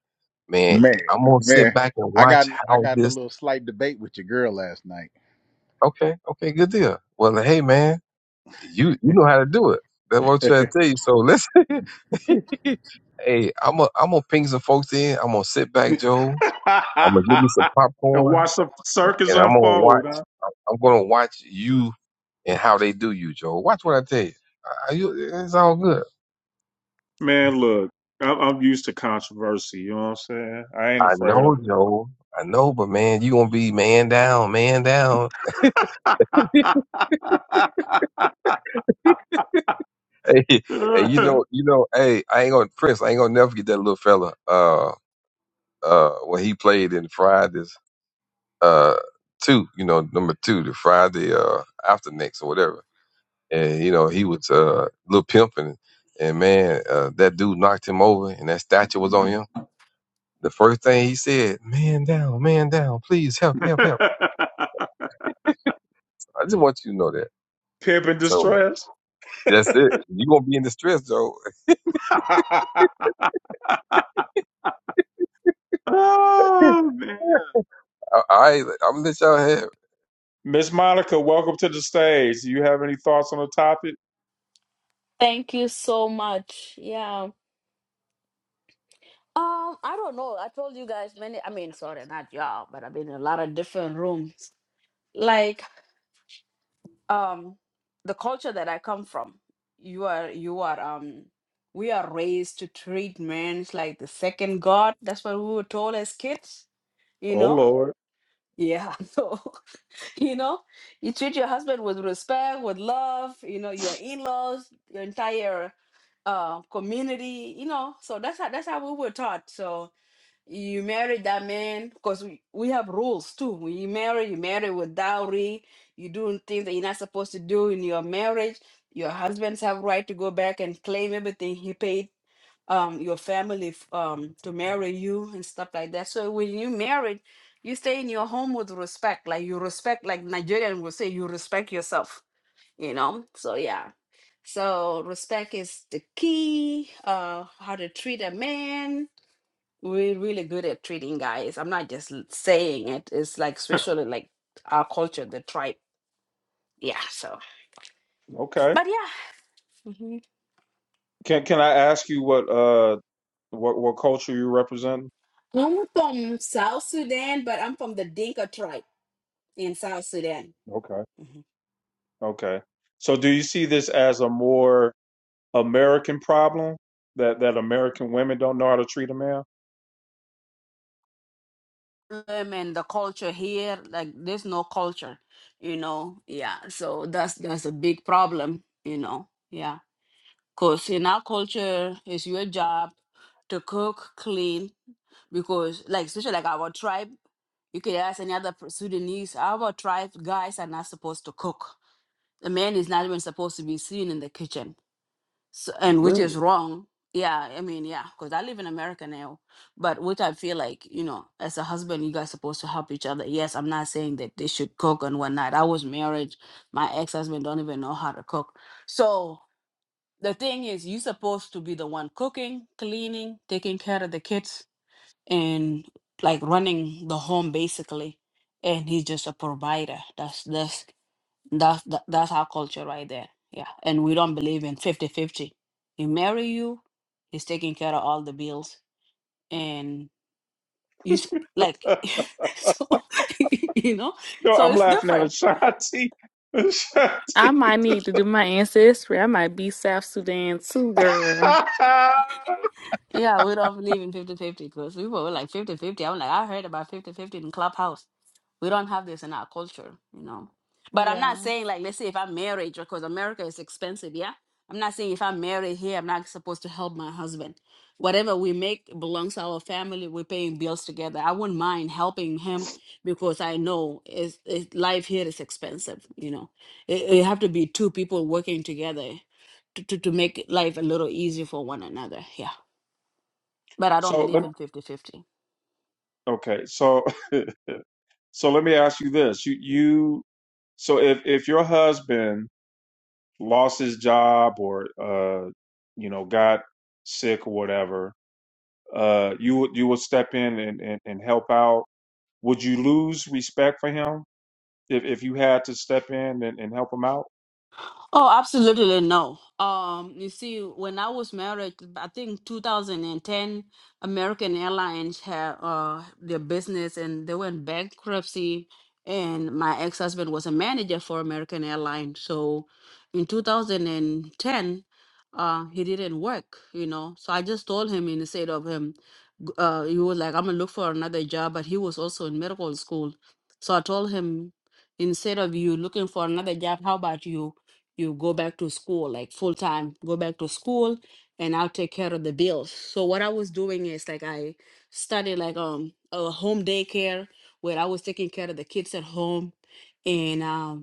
Speaker 4: man.
Speaker 5: Man,
Speaker 4: I'm gonna sit
Speaker 5: man,
Speaker 4: back and
Speaker 5: I
Speaker 4: watch
Speaker 5: got I
Speaker 4: how
Speaker 5: got in a
Speaker 4: this.
Speaker 5: little slight debate with your girl last night.
Speaker 4: Okay, okay, good deal. Well, hey, man. You you know how to do it. That's what I'm trying to tell you. So listen. hey, I'm a I'm gonna ping some folks in. I'm gonna sit back, Joe. I'm gonna give me some
Speaker 1: and
Speaker 4: popcorn,
Speaker 1: watch the circus
Speaker 4: and I'm gonna
Speaker 1: unfold.
Speaker 4: watch.
Speaker 1: huh?
Speaker 4: I'm gonna watch you and how they do you, Joe. Watch what I tell you. I, you it's all good.
Speaker 1: Man, look, I'm, I'm used to controversy. You know what I'm saying? I ain't
Speaker 4: I
Speaker 1: afraid of
Speaker 4: know, Joe. I know, but man, you gonna be man down, man down. Hey, hey, you know, you know, hey, I ain't gonna Prince. I ain't gonna never forget that little fella. Uh, uh, when he played in Fridays. uh two, you know, number two, the Friday uh after next or whatever. And you know, he was uh little pimping and man, uh that dude knocked him over and that statue was on him. The first thing he said, Man down, man down, please help, help, help.
Speaker 1: it.
Speaker 4: I just want you to know that.
Speaker 1: Pimp in
Speaker 4: So
Speaker 1: distress.
Speaker 4: that's it. you gonna be in distress Joe?
Speaker 1: oh, man.
Speaker 4: I, I I'm gonna let y'all have it.
Speaker 1: Miss Monica, welcome to the stage. Do you have any thoughts on the topic?
Speaker 6: Thank you so much. Yeah. Um, I don't know. I told you guys many. I mean, sorry, not y'all, but I've been in a lot of different rooms. Like, um, the culture that I come from, you are, you are, um, we are raised to treat men like the second god. That's what we were told as kids. You
Speaker 1: Oh
Speaker 6: know?
Speaker 1: Lord.
Speaker 6: Yeah. So you know you treat your husband with respect with love you know your in-laws your entire uh, community you know so that's how that's how we were taught so you marry that man because we, we have rules too when you marry you marry with dowry you doing things that you're not supposed to do in your marriage your husbands have right to go back and claim everything he paid um your family f- um to marry you and stuff like that so when you married you stay in your home with respect like you respect like nigerian will say you respect yourself you know so yeah so respect is the key uh how to treat a man we're really good at treating guys i'm not just l- saying it it's like especially like our culture the tribe yeah so
Speaker 1: Okay.
Speaker 6: but yeah hmm
Speaker 1: Can Can I ask you what uh what what culture you represent?
Speaker 6: i'm from south sudan but i'm from the dinka tribe in south sudan
Speaker 1: Okay.
Speaker 6: Mm-hmm.
Speaker 1: Okay. So, do you see this as a more American problem that that American women don't know how to treat a man?
Speaker 6: them and the culture here like there's no culture you know yeah so that's that's a big problem you know yeah because in our culture it's your job to cook clean because like especially like our tribe you could ask any other per- sudanese our tribe guys are not supposed to cook the man is not even supposed to be seen in the kitchen so, and which is
Speaker 1: Really?
Speaker 6: wrong yeah i mean yeah because i live in america now but which i feel like you know as a husband you guys supposed to help each other yes i'm not saying that they should cook and whatnot i was married my ex-husband don't even know how to cook so the thing is you supposed to be the one cooking cleaning taking care of the kids and like running the home basically and he's just a provider that's this that's that, that's our culture right there. Yeah. And we don't believe in fifty-fifty. He marry you, he's taking care of all the bills and you s- like
Speaker 1: Uh,
Speaker 6: so you know?
Speaker 1: no,
Speaker 6: So
Speaker 1: I'm
Speaker 6: it's
Speaker 1: laughing at
Speaker 6: different.
Speaker 1: Ashanti.
Speaker 2: I
Speaker 1: Ashanti.
Speaker 2: might need to do my ancestry. I might be South Sudan too, girl.
Speaker 6: Yeah, we don't believe in fifty-fifty because we were like 5050 I'm like, I heard about fifty-fifty in Clubhouse. We don't have this in our culture, you know. But I'm
Speaker 2: Yeah.
Speaker 6: not saying like, let's say if I'm married, because America is expensive, yeah. I'm not saying if I'm married here, I'm not supposed to help my husband. Whatever we make belongs to our family. We're paying bills together. I wouldn't mind helping him because I know is is- life here is expensive. You know, it, it have to be two people working together to, to, to make life a little easier for one another. Yeah. But I don't
Speaker 1: so
Speaker 6: believe
Speaker 1: let
Speaker 6: in fifty-fifty.
Speaker 1: okay. So So let me ask you this: you, you so if if your husband lost his job or uh, you know got sick or whatever, uh, you would you would step in and, and, and help out. Would you lose respect for him? If if you had to step in and, and help them out?
Speaker 6: Oh, absolutely no. Um, you see, when I was married, I think 2010, American Airlines had uh, their business and they went bankruptcy. And my ex-husband was a manager for American Airlines. So in 2010, uh, he didn't work, you know. So I just told him instead of him, g- uh, he was like, I'm gonna look for another job, but he was also in medical school. So I told him, instead of you looking for another job, how about you? you go back to school like full time go back to school and i'll take care of the bills so what i was doing is like i studied like um a home daycare where i was taking care of the kids at home and um.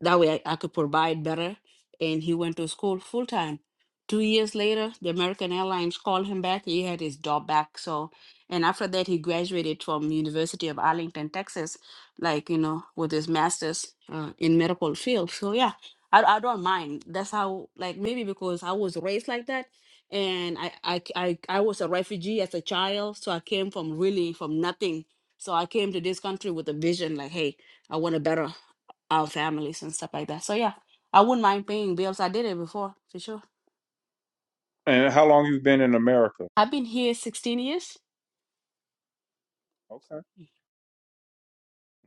Speaker 6: That way I, I could provide better. And he went to school full time. Two years later, the American Airlines called him back. He had his job back. So, and after that, he graduated from University of Arlington, Texas, like you know, with his master's uh, in medical field. So yeah, I, I don't mind. That's how like maybe because I was raised like that, and I, I I I was a refugee as a child, so I came from really from nothing. So I came to this country with a vision, like, hey, I want to better our families and stuff like that. So yeah, I wouldn't mind paying bills. I did it before for sure.
Speaker 1: And how long you have been in America?
Speaker 6: I've been here 16 years.
Speaker 1: Okay,
Speaker 6: Mm.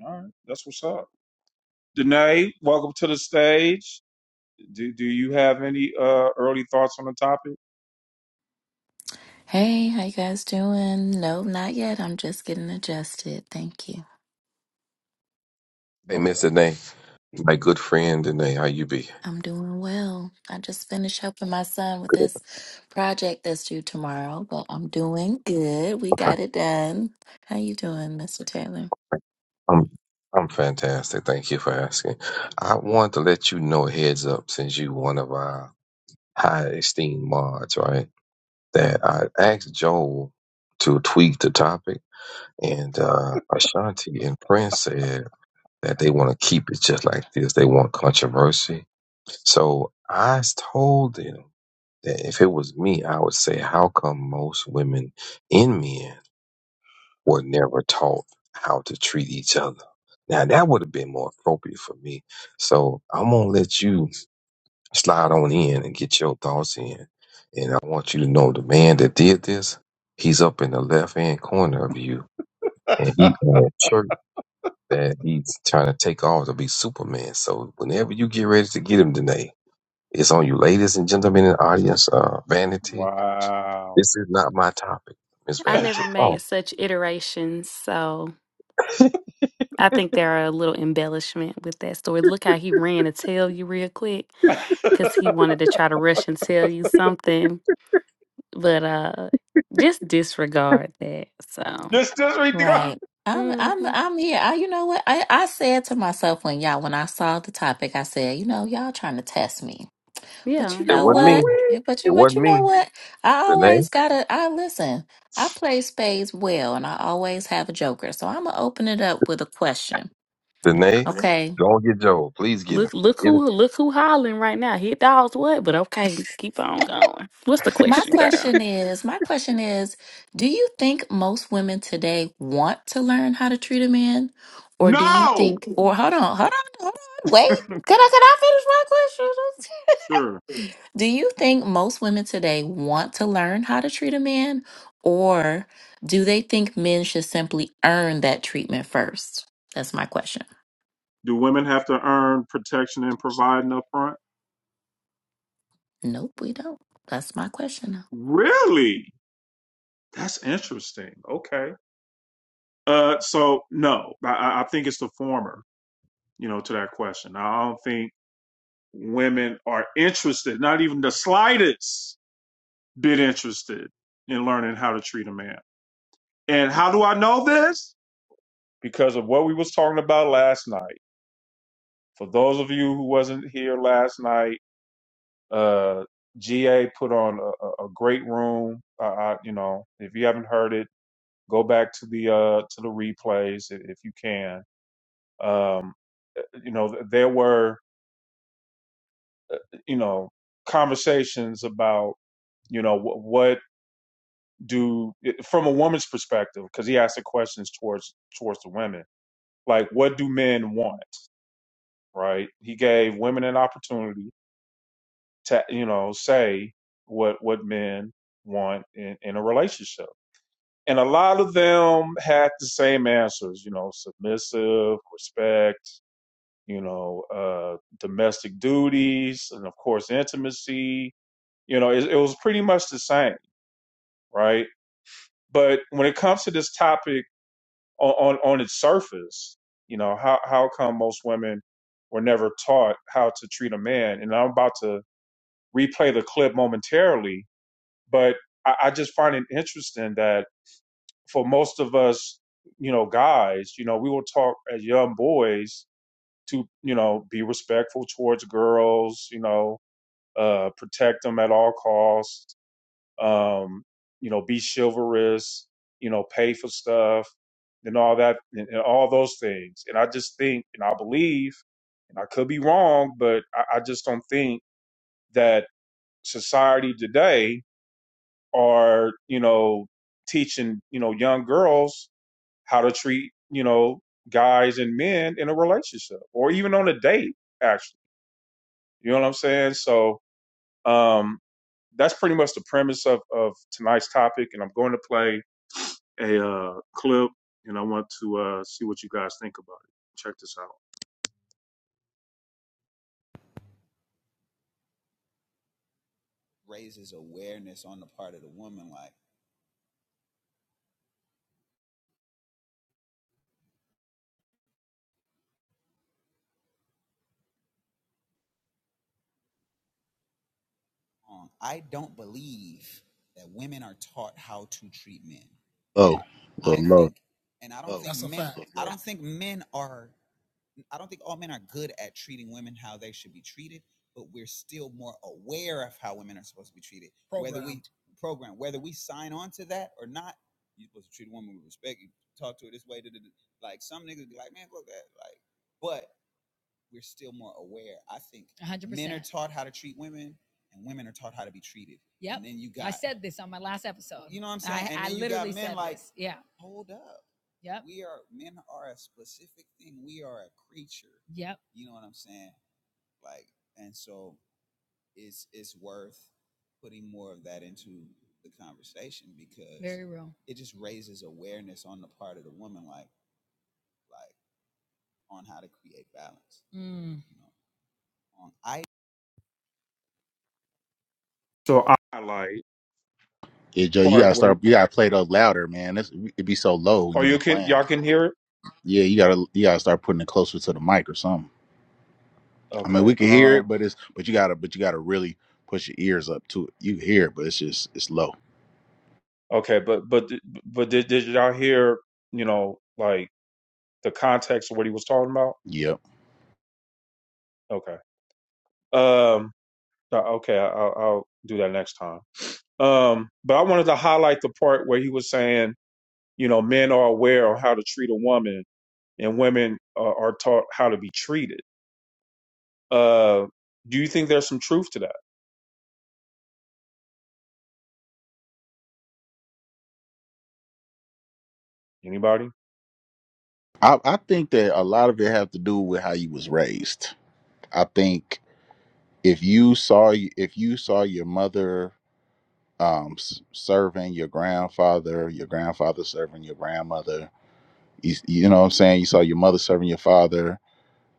Speaker 1: all right, that's what's up. Danae, welcome to the stage. Do do you have any uh early thoughts on the topic?
Speaker 7: Hey, how you guys doing? No, not yet. I'm just getting adjusted. Thank you.
Speaker 4: Hey,
Speaker 1: Okay.
Speaker 4: Mr. Nay, my good friend, and how you be?
Speaker 7: I'm doing well. I just finished helping my son with this project that's due tomorrow, but I'm doing good. We got it done. How you doing, Mr. Taylor?
Speaker 4: I'm I'm fantastic. Thank you for asking. I wanted to let you know heads up since you one of our high esteemed mods, right? That I asked Joel to tweak the topic and uh Ashanti and Prince said that they want to keep it just like this. They want controversy. So I told them that if it was me, I would say, how come most women in men were never taught how to treat each other. Now that would have been more appropriate for me. So I'm gonna let you slide on in and get your thoughts in. And I want you to know the man that did this, he's up in the left hand corner of you, and he on a shirt that he's trying to take off to be Superman. So whenever you get ready to get him today, it's on you, ladies and gentlemen in the audience. Uh, Vanity,
Speaker 1: Wow.
Speaker 4: this is not my topic, Miss
Speaker 2: I
Speaker 4: Vanity.
Speaker 2: never made
Speaker 4: Oh,
Speaker 2: such iterations, so I think there are a little embellishment with that story. Look how he ran to tell you real quick because he wanted to try to rush and tell you something, but uh, just disregard that. So,
Speaker 1: Just, just read the go.
Speaker 7: Right. I'm I'm
Speaker 2: mhm,
Speaker 7: I'm here. I, you know what? I, I said to myself when y'all when I saw the topic, I said, you know, y'all trying to test me. But you
Speaker 2: yeah,
Speaker 4: it
Speaker 7: know
Speaker 4: wasn't
Speaker 1: Are
Speaker 4: me.
Speaker 7: what?
Speaker 1: we?
Speaker 7: But
Speaker 4: It
Speaker 7: you but
Speaker 4: wasn't
Speaker 7: you know
Speaker 4: me.
Speaker 7: what? I
Speaker 4: Renee
Speaker 7: always gotta I listen. I play spades well and I always have a joker. So I'm gonna open it up with a question.
Speaker 4: Danae,
Speaker 7: Okay.
Speaker 4: don't get Joel. Please get him.
Speaker 2: look, look
Speaker 4: Get him.
Speaker 2: who, look who hollering right now. Hit dogs what? But okay, keep on going. What's the
Speaker 7: My
Speaker 2: question, girl?
Speaker 7: question is my question is, do you think most women today want to learn how to treat a man? Or do you
Speaker 1: No.
Speaker 7: think or hold on, hold on, hold on, wait. Can I can I finish my question?
Speaker 1: Sure.
Speaker 7: Do you think most women today want to learn how to treat a man, or do they think men should simply earn that treatment first? That's my question.
Speaker 1: Do women have to earn protection and provide an upfront?
Speaker 7: Nope, we don't. That's my question. now.
Speaker 1: Really? That's interesting. Okay. Uh, so no, I I think it's the former. You know, to that question, I don't think women are interested, not even the slightest bit interested in learning how to treat a man. And how do I know this? Because of what we was talking about last night. For those of you who wasn't here last night Uh, GA put on a, a great room. I, I, you know, if you haven't heard it, go back to the uh, to the replays i- if you can. Um, eh, you know, there were you know conversations about you know wh- what do from a woman's perspective because he asked the questions towards towards the women like what do men want right he gave women an opportunity to you know say what what men want in, in a relationship And a lot of them had the same answers, you know, submissive, respect, you know, uh, domestic duties, and of course, intimacy. You know, it, it was pretty much the same, right? But when it comes to this topic on, on, on its surface, you know, how, how come most women were never taught how to treat a man? And I'm about to replay the clip momentarily, but I, I just find it interesting that for most of us, you know, guys, you know, we were taught as young boys to, you know, be respectful towards girls, you know, uh, protect them at all costs, um, you know, be chivalrous, you know, pay for stuff and all that and, and all those things. And I just think and I believe, and I could be wrong, but I, I just don't think that society today are, you know, teaching, you know, young girls how to treat you know guys and men in a relationship or even on a date actually you know what i'm saying so um that's pretty much the premise of of tonight's topic and i'm going to play a uh clip and i want to uh see what you guys think about it check this out
Speaker 5: Oh, well, low.
Speaker 1: so i highlight
Speaker 5: Yeah, Joe, you
Speaker 1: part
Speaker 5: gotta
Speaker 1: wait
Speaker 5: start. You gotta play those louder, man. It's, it be so low when
Speaker 1: oh
Speaker 5: you
Speaker 1: you
Speaker 5: be
Speaker 1: can
Speaker 5: playing.
Speaker 1: y'all can hear it
Speaker 5: Yeah, you gotta you gotta start putting it closer to the mic or something. I mean,
Speaker 1: okay
Speaker 5: we can hear it,
Speaker 1: um
Speaker 5: but it's but you gotta but you gotta really push your ears up to it. You hear it, but it's just it's low.
Speaker 1: okay but but but did, did y'all hear you know like the context of what he was talking about
Speaker 5: Yep.
Speaker 1: okay um Uh, Okay, I- will I'll do that next time. Um, but I wanted to highlight the part where he was saying, you know, men are aware of how to treat a woman, and women are, are taught how to be treated. Uh, do you think there's some truth to that? Anybody?
Speaker 5: I, I think that a lot of it have to do with how you was raised. I think if you saw if you saw your mother um s- serving your grandfather, your grandfather serving your grandmother, you, you know what I'm saying? You saw your mother serving your father,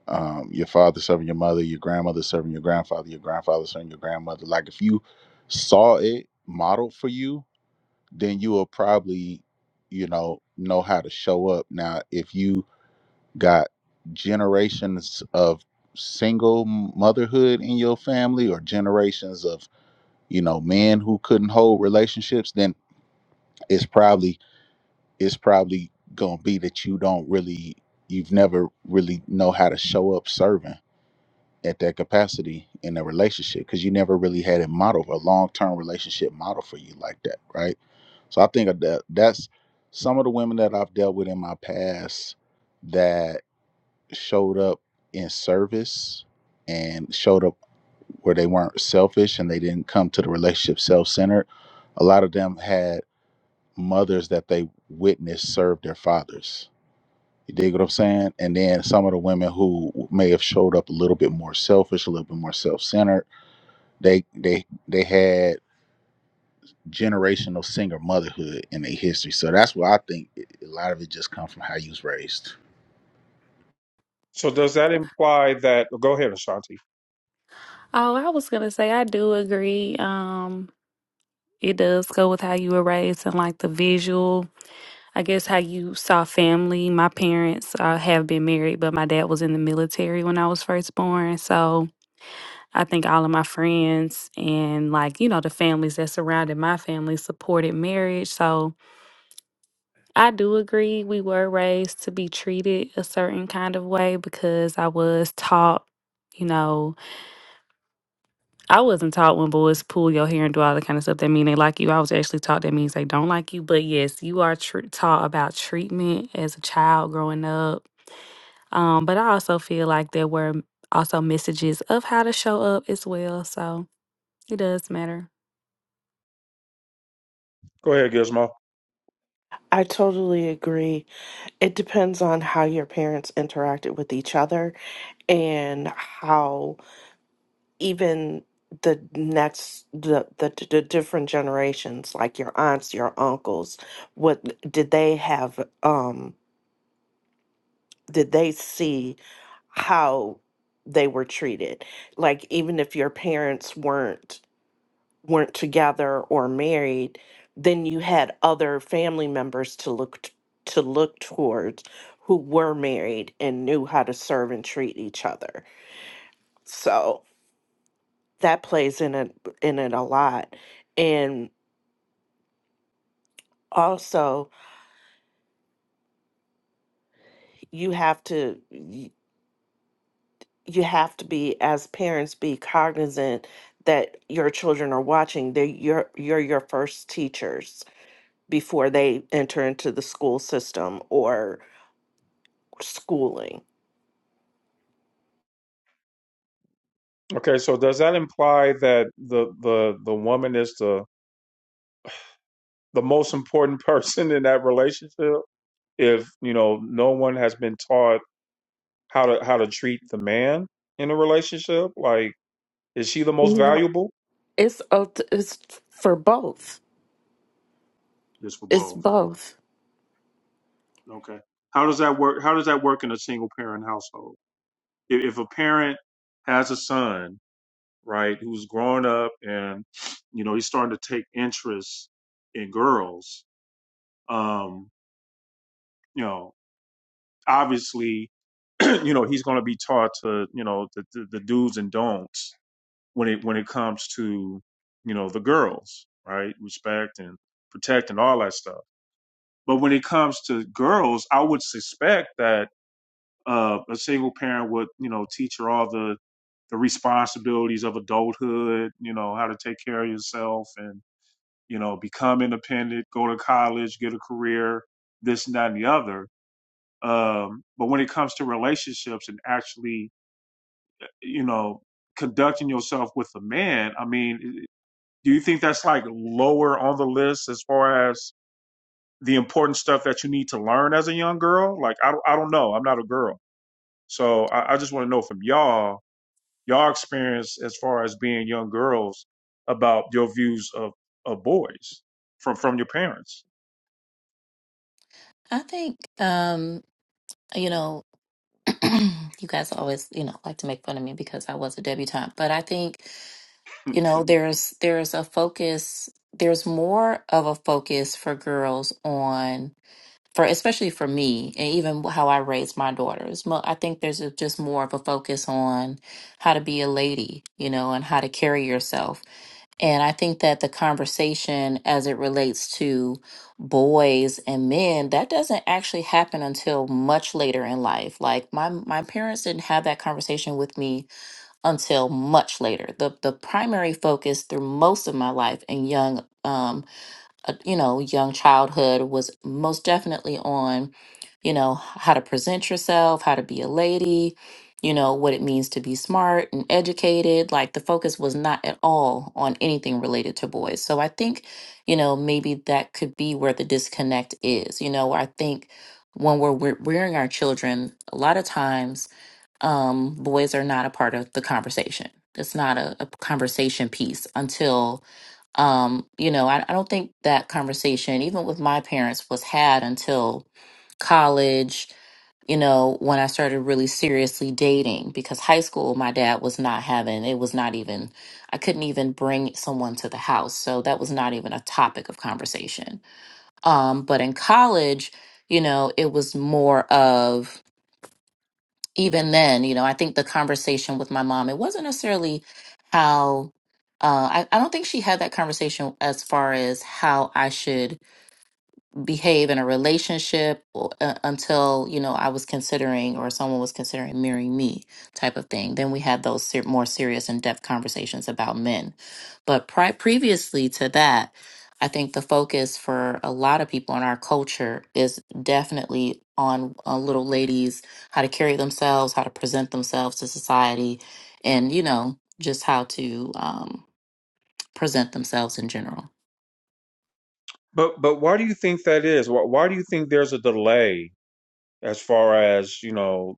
Speaker 5: um, your father serving your mother, your grandmother serving your grandfather, your grandfather serving your grandmother. Like if you saw it modeled for you, then you will probably, you know, know how to show up. Now, if you got generations of single motherhood in your family or generations of, you know, men who couldn't hold relationships, then it's probably it's probably going to be that you don't really you've never really know how to show up serving at that capacity in a relationship because you never really had a model, a long-term relationship model for you like that, right? So I think of that that's some of the women that I've dealt with in my past that showed up in service and showed up where they weren't selfish and they didn't come to the relationship self-centered. A lot of them had mothers that they witnessed serve their fathers you dig what I'm saying? And then some of the women who may have showed up a little bit more selfish, a little bit more self-centered, they they they had generational single motherhood in their history. So that's why I think it- a lot of it just comes from how you was raised.
Speaker 1: So does that imply that? Go ahead, Ashanti.
Speaker 2: Oh, I was gonna say I do agree. Um, it does go with how you were raised and like the visual I guess how you saw family. My parents uh, have been married, but my dad was in the military when I was first born. So I think all of my friends and, like, you know, the families that surrounded my family supported marriage. So I do agree we were raised to be treated a certain kind of way because I was taught. You know, I wasn't taught when boys pull your hair and do all that kind of stuff that mean they like you. I was actually taught that means they don't like you. But yes, you are tr- taught about treatment as a child growing up Um, but I also feel like there were also messages of how to show up as well. So it does matter.
Speaker 1: Go ahead, Gizmo.
Speaker 8: I totally agree. It depends on how your parents interacted with each other and how even the next the, the the different generations like your aunts, your uncles, what did they have um did they see how they were treated? Like even if your parents weren't weren't together or married, then you had other family members to look t- to look towards who were married and knew how to serve and treat each other. So that plays in it in it a lot. And also you have to y- you have to be as parents be cognizant that your children are watching. They you're you're your first teachers before they enter into the school system or schooling
Speaker 1: Okay, so does that imply that the the the woman is the the most important person in that relationship? If you know, no one has been taught how to how to treat the man in a relationship. Like, is she the most
Speaker 8: No,
Speaker 1: valuable?
Speaker 8: it's uh, it's for both.
Speaker 1: Just for
Speaker 8: It's
Speaker 1: both.
Speaker 8: both.
Speaker 1: Okay. How does that work? How does that work in a single parent household? If, if a parent has a son, right, who's growing up and, you know, he's starting to take interest in girls, um, you know, obviously, you know, he's going to be taught to, you know, the, the, the do's and don'ts when it when it comes to you know the girls right respect and protect and all that stuff but when it comes to girls i would suspect that uh, a single parent would you know teach her all the the responsibilities of adulthood you know how to take care of yourself and you know become independent go to college get a career this and that and the other um, but when it comes to relationships and actually you know conducting yourself with a man i mean Do you think that's like lower on the list as far as the important stuff that you need to learn as a young girl? Like, I don't, I don't know. I'm not a girl. So I, I just want to know from y'all, y'all experience as far as being young girls about your views of, of boys from, from your parents.
Speaker 7: I think, um, you know, you guys always, you know, like to make fun of me because I was a debutante, but I think, you know, there's there's a focus, there's more of a focus for girls on for especially for me and even how I raised my daughters. Mo- I think there's a, just more of a focus on how to be a lady, you know, and how to carry yourself. And I think that the conversation as it relates to boys and men, that doesn't actually happen until much later in life. Like my my parents didn't have that conversation with me until much later. The the primary focus through most of my life and young um uh, you know young childhood was most definitely on you know how to present yourself how to be a lady you know what it means to be smart and educated like the focus was not at all on anything related to boys so i think you know maybe that could be where the disconnect is you know i think when we're we're rearing our children a lot of times um boys are not a part of the conversation it's not a, a conversation piece until um, you know, I, I don't think that conversation, even with my parents, was had until college, you know, when I started really seriously dating. Because high school, my dad was not having, it was not even, I couldn't even bring someone to the house. So that was not even a topic of conversation. Um, but in college, you know, it was more of, even then, you know, I think the conversation with my mom, it wasn't necessarily how, uh, I, I don't think she had that conversation as far as how I should behave in a relationship or, uh, until you know I was considering or someone was considering marrying me type of thing. Then we had those ser- more serious in depth conversations about men. But pri- previously to that, I think the focus for a lot of people in our culture is definitely on uh, little ladies, how to carry themselves, how to present themselves to society, and you know just how to um, present themselves in general.
Speaker 1: But, but why do you think that is? Why, why do you think there's a delay as far as, you know,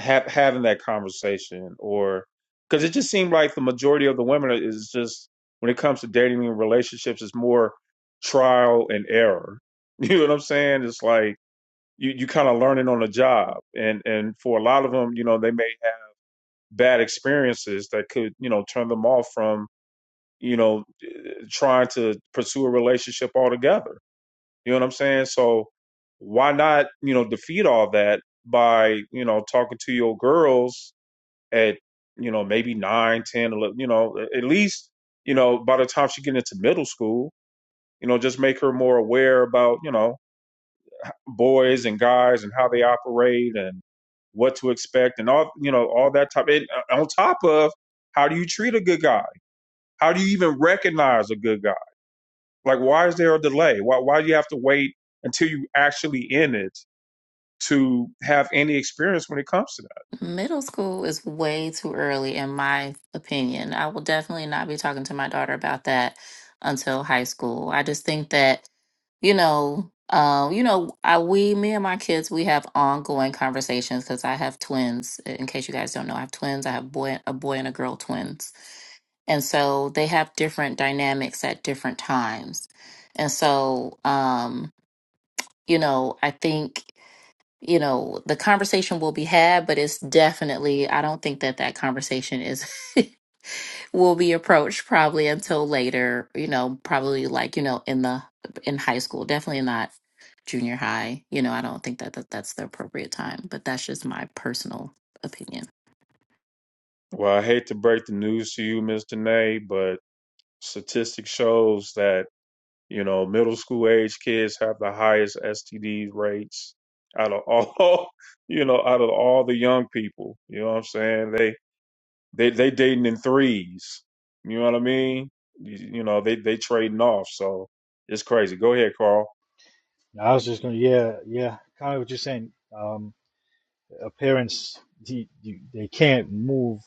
Speaker 1: ha- having that conversation or because it just seemed like the majority of the women is just when it comes to dating and relationships it's more trial and error you know what i'm saying it's like you, you kind of learning on the job and and for a lot of them you know they may have bad experiences that could you know turn them off from you know trying to pursue a relationship altogether you know what i'm saying so why not you know defeat all that by you know talking to your girls at you know maybe 9 ten, eleven, you know at least you know by the time she get into middle school you know just make her more aware about you know boys and guys and how they operate and what to expect and all you know all that type and uh, on top of how do you treat a good guy how do you even recognize a good guy like why is there a delay why why do you have to wait until you actually in it to have any experience when it comes to
Speaker 7: Middle school is way too early, in my opinion. I will definitely not be talking to my daughter about that until high school. I just think that, you know, uh, you know, I, we, me and my kids, we have ongoing conversations because I have twins. In case you guys don't know, I have twins. I have boy, a boy and a girl twins, and so they have different dynamics at different times. And so, um, you know, I think you know the conversation will be had but it's definitely i don't think that that conversation is will be approached probably until later you know probably like you know in the in high school definitely not junior high you know i don't think that, that that's the appropriate time but that's just my personal opinion
Speaker 1: that well i hate to break the news to you mr nay but Statistics shows that you know middle school age kids have the highest STD rates out of all you know out of all the young people. You know what I'm saying? They they they dating in threes. You know what I mean? You, you know they they trading off. So it's crazy. Go ahead, Carl.
Speaker 3: No, I was just gonna, yeah, yeah, kind of what you're saying. Um, appearance, you, you, they can't move.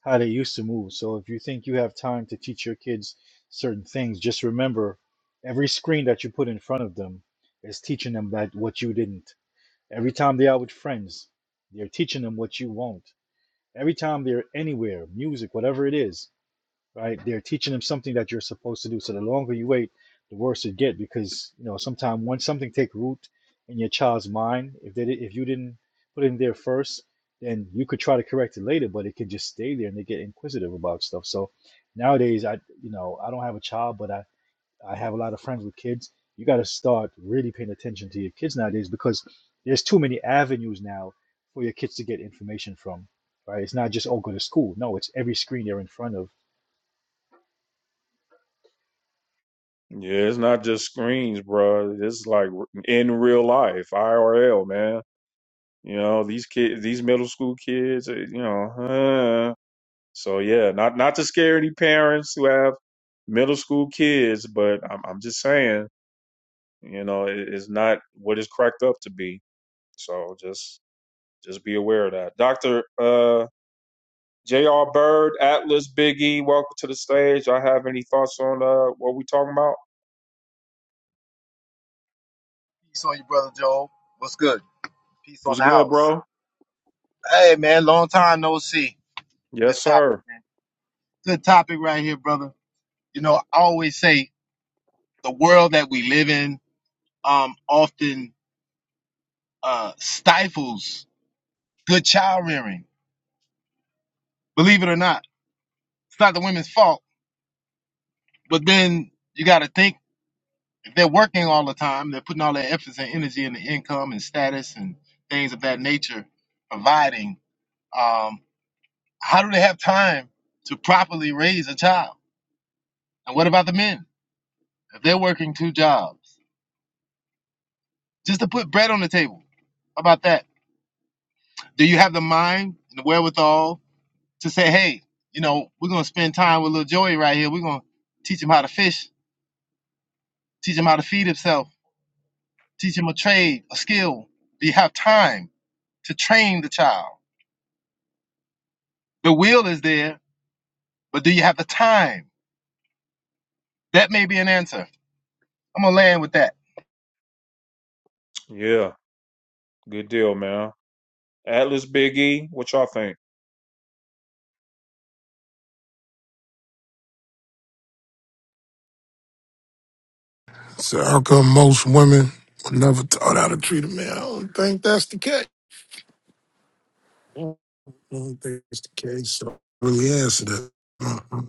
Speaker 3: how they used to move. So if you think you have time to teach your kids certain things, just remember every screen that you put in front of them is teaching them that what you didn't. Every time they are with friends, they're teaching them what you won't. Every time they're anywhere, music, whatever it is, right? They're teaching them something that you're supposed to do. So the longer you wait, the worse it get because you know sometimes once something take root in your child's mind, if they did, if you didn't put it in there first, then you could try to correct it later, but it can just stay there and they get inquisitive about stuff. So nowadays, I you know I don't have a child, but I I have a lot of friends with kids. You got to start really paying attention to your kids nowadays because there's too many avenues now for your kids to get information from. Right? It's not just oh go to school. No, it's every screen they're in front of
Speaker 1: Yeah, it's not just screens, bro. It's like in real life, IRL, man. You know these kids, these middle school kids. uh, You know, So yeah, not not to scare any parents who have middle school kids, but I'm I'm just saying, you know, it, it's not what it's cracked up to be. So just just be aware of that. Doctor uh, J.R. Bird, Atlas, Big E, welcome to the stage. I have any thoughts on uh, what we talking about?
Speaker 9: Peace on you, brother Joe. What's good? Peace
Speaker 1: What's
Speaker 9: on the
Speaker 1: good,
Speaker 9: house.
Speaker 1: bro?
Speaker 9: Hey, man, long time no see. Good
Speaker 1: Yes,
Speaker 9: topic,
Speaker 1: sir.
Speaker 9: man. Good topic right here, brother. You know, I always say the world that we live in um, often uh, stifles good child rearing. Believe it or not, it's not the women's fault. But then you got to think if they're working all the time, they're putting all their efforts and energy into income and status and things of that nature, providing. Um, how do they have time to properly raise a child? And what about the men? If they're working two jobs just to put bread on the table, how about that? Do you have the mind and the wherewithal to say, hey, you know, we're going to spend time with little Joey right here. We're going to teach him how to fish, teach him how to feed himself, teach him a trade, a skill. Do you have time to train the child? The will is there, but do you have the time? That may be an answer. I'm going to land with that.
Speaker 1: Yeah, good deal, man. Atlas, Big E, what y'all think?
Speaker 10: So how come most women were never taught how to treat a man? I don't think that's the case. I don't think it's the case. So I really answer that. Uh, I don't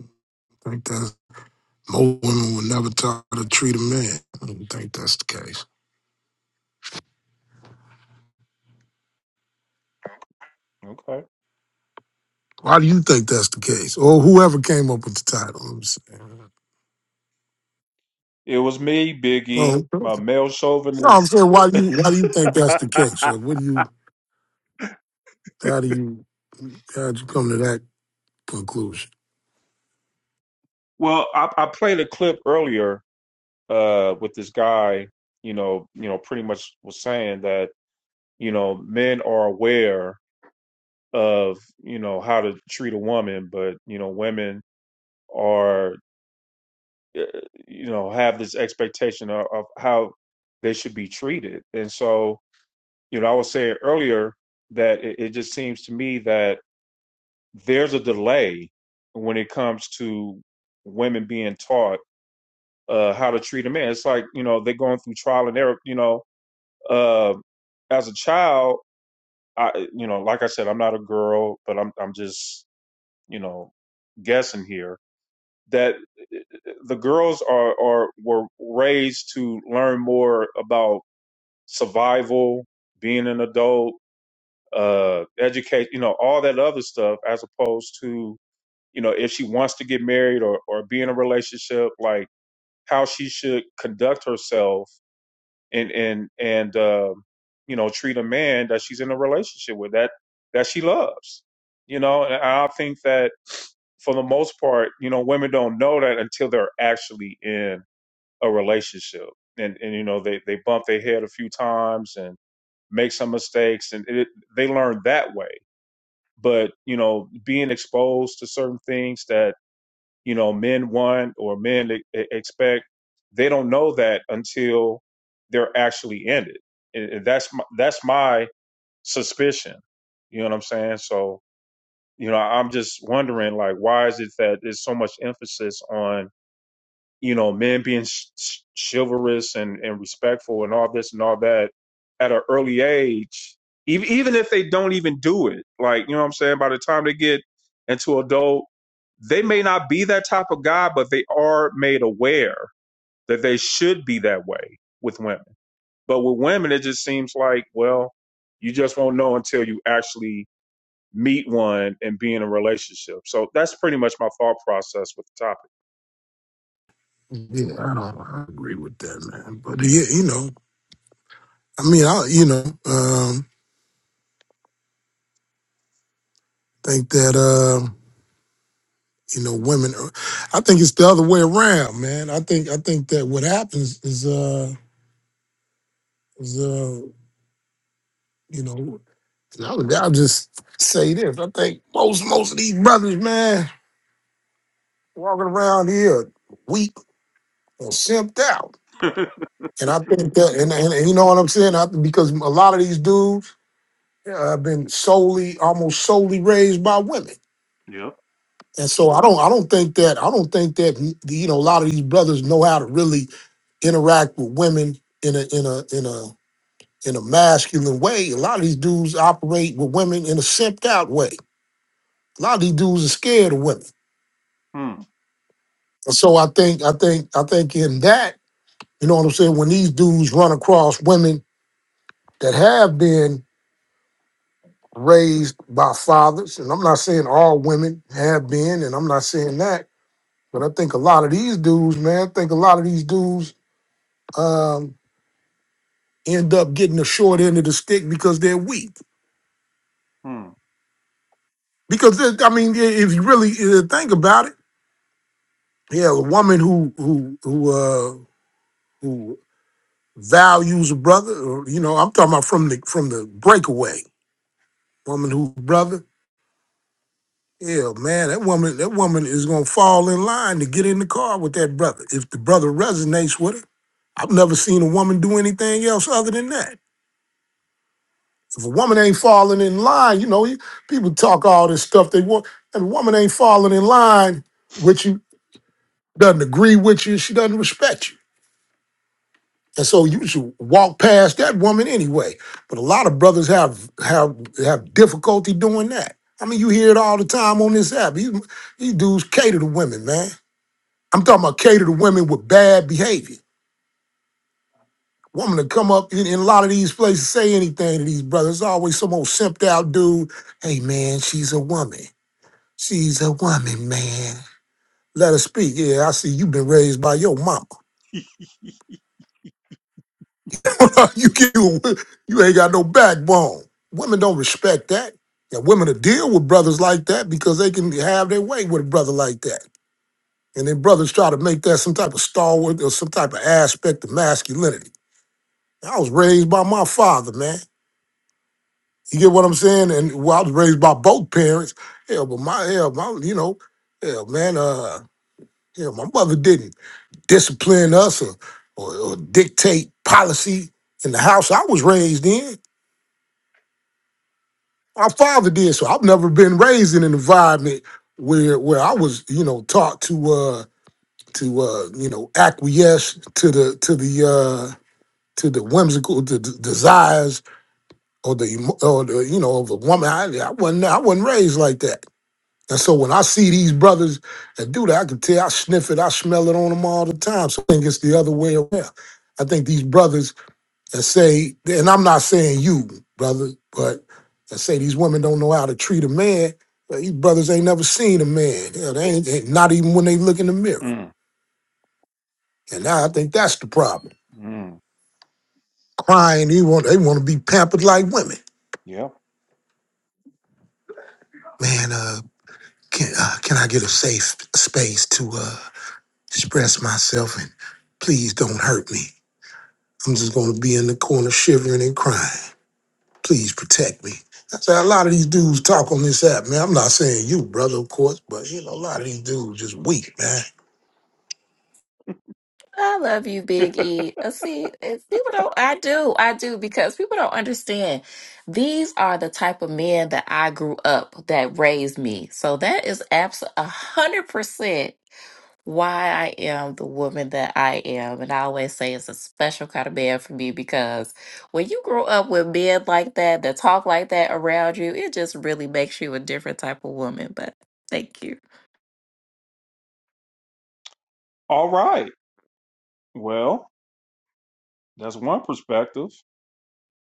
Speaker 10: think that most women were never taught how to treat a man. I don't think that's the case.
Speaker 1: Okay.
Speaker 10: Why do you think that's the case? Or whoever came up with the title. I'm saying.
Speaker 1: It was me, Big E,
Speaker 10: Oh,
Speaker 1: my male
Speaker 10: no, I'm
Speaker 1: chauvinist
Speaker 10: saying why do you why do you think that's the case? Like, what do you how do you how'd you come to that conclusion?
Speaker 1: Well, I, I played a clip earlier uh, with this guy. You know, you know, pretty much was saying that you know men are aware of you know how to treat a woman, but you know women are uh, you know have this expectation of, of how they should be treated, and so you know I was saying earlier that it, it just seems to me that there's a delay when it comes to women being taught uh, how to treat a man. It's like you know they're going through trial and error. You know, uh, as a child, I you know, like I said, I'm not a girl, but I'm I'm just you know guessing here that uh, the girls are are were raised to learn more about survival, being an adult, uh, educate, you know, all that other stuff, as opposed to you know if she wants to get married or or be in a relationship, like how she should conduct herself and and and um, you know treat a man that she's in a relationship with that that she loves you know and i think that for the most part you know women don't know that until they're actually in a relationship and and you know they they bump their head a few times and make some mistakes and it, they learn that way but you know being exposed to certain things that you know men want or men e- e- expect they don't know that until they're actually in it and and that's my, that's my suspicion you know what i'm saying so you know i'm just wondering like why is it that there's so much emphasis on you know, men being sh- chivalrous and, and respectful and all this and all that at an early age, even, even if they don't even do it, like, you know what I'm saying? By the time they get into adult, they may not be that type of guy, but they are made aware that they should be that way with women. But with women, it just seems like, well, you just won't know until you actually meet one and be in a relationship. So that's pretty much my thought process with the
Speaker 10: Yeah, I don't I agree with that, man. But yeah, you know. I mean, I you know, um, think that uh, you know, women. Are, I think it's the other way around, man. I think I think that what happens is uh is uh you know, and I'll, I'll just say this. I think most most of these brothers, man, walking around here weak or simped out,
Speaker 1: topic.
Speaker 10: and I think that, and, and, and you know what I'm saying, I, because a lot of these dudes uh, have been solely, almost solely raised by women.
Speaker 1: Yep.
Speaker 10: And so I don't I don't think that I don't think that you know a lot of these brothers know how to really interact with women in a in a in a in a masculine way. A lot of these dudes operate with women in a simped out way. A lot of these dudes are scared of women.
Speaker 1: Hmm.
Speaker 10: And so I think I think I think in that, you know what I'm saying, when these dudes run across women that have been raised by fathers, and I'm not saying all women have been, and I'm not saying that, but I think a lot of these dudes, man, I think a lot of these dudes um, end up getting the short end of the stick because they're weak.
Speaker 1: Hmm.
Speaker 10: Because it- I mean, i- if you really uh, think about it, yeah, a woman who who who uh, who values a brother, or, you know, I'm talking about from the from the breakaway woman who brother. Yeah, man, that woman that woman is gonna fall in line to get in the car with that brother if the brother resonates with her. I've never seen a woman do anything else other than that. If a woman ain't falling in line, you know, people talk all this stuff they want. And a woman ain't falling in line with you, doesn't agree with you, she doesn't respect you. And so you should walk past that woman anyway. But a lot of brothers have have have difficulty doing that. I mean, you hear it all the time on this app. These, these dudes cater to women, man. I'm talking about cater to women with bad behavior. Woman to come up in, in a lot of these places, say anything to these brothers. Always some old simped out dude. Hey man, she's a woman. She's a woman, man. Let her speak. Yeah, I see you been raised by your mama. you get you, you ain't got no backbone. Women don't respect that. And women to deal with brothers like that because they can have their way with a brother like that. And then brothers try to make that some type of stalwart or some type of aspect of masculinity. I was raised by my father, man. You get what I'm saying? And well, I was raised by both parents. Hell, but my hell, my you know, hell, man, uh, hell, my mother didn't. discipline us or, or, or dictate policy in the house I was raised in. My father did, so I've never been raised in an environment where where I was, you know, taught to uh to uh you know acquiesce to the to the uh to the whimsical the, the desires or the emo- or the you know of a woman. I, I wasn't I wasn't raised like that. And so when I see these brothers that do that, I can tell I sniff it, I smell it on them all the time. So I think it's the other way around. I think these brothers that say, and I'm not saying you, brother, but that say these women don't know how to treat a man. Well, these brothers ain't never seen a man. Hell, they ain't, they- not even when they look in the mirror.
Speaker 1: Mm,
Speaker 10: And now I think that's the problem.
Speaker 1: mm,
Speaker 10: Crying, they want they want to be pampered like women.
Speaker 1: yep.
Speaker 10: Man, uh, can uh, can I get a safe space to uh, express myself? And please don't hurt me. I'm just gonna be in the corner shivering and crying. Please protect me. That's how a lot of these dudes talk on this app, man. I'm not saying you, brother, of course, but you know, a lot of these dudes just weak, man.
Speaker 7: I love you, Big E. Uh, See, it's, people don't, I do, I do, because people don't understand. These are the type of men that I grew up that raised me. So that is absolutely a hundred percent why I am the woman that I am. And I always say it's a special kind of man for me because when you grow up with men like that, that talk like that around you, it just really makes you a different type of woman. But thank you.
Speaker 1: All right. Well, that's one perspective.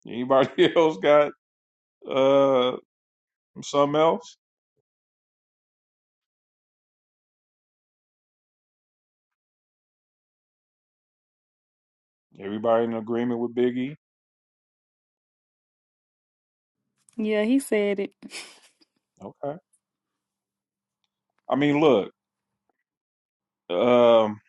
Speaker 1: Anybody else got uh something else? Everybody in agreement with Biggie?
Speaker 2: Yeah, he said it.
Speaker 1: Okay. I mean, look. Um,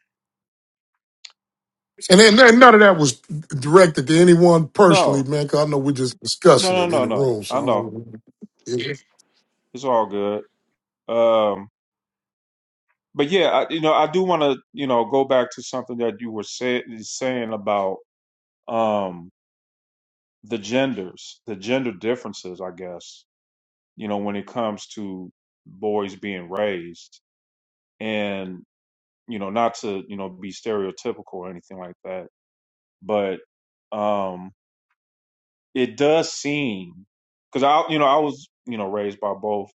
Speaker 10: And then and none of that was directed to anyone personally,
Speaker 1: no,
Speaker 10: man, because I know we're just discussing
Speaker 1: no, no,
Speaker 10: it in
Speaker 1: no,
Speaker 10: the
Speaker 1: no.
Speaker 10: room, so
Speaker 1: I know
Speaker 10: I don't
Speaker 1: it's all good. Um, but yeah, I, you know, I do want to, you know, go back to something that you were say, saying about um the genders, the gender differences, I guess you know, when it comes to boys being raised. And, you know, not to, you know, be stereotypical or anything like that, but um it does seem because I you know, I was, you know, raised by both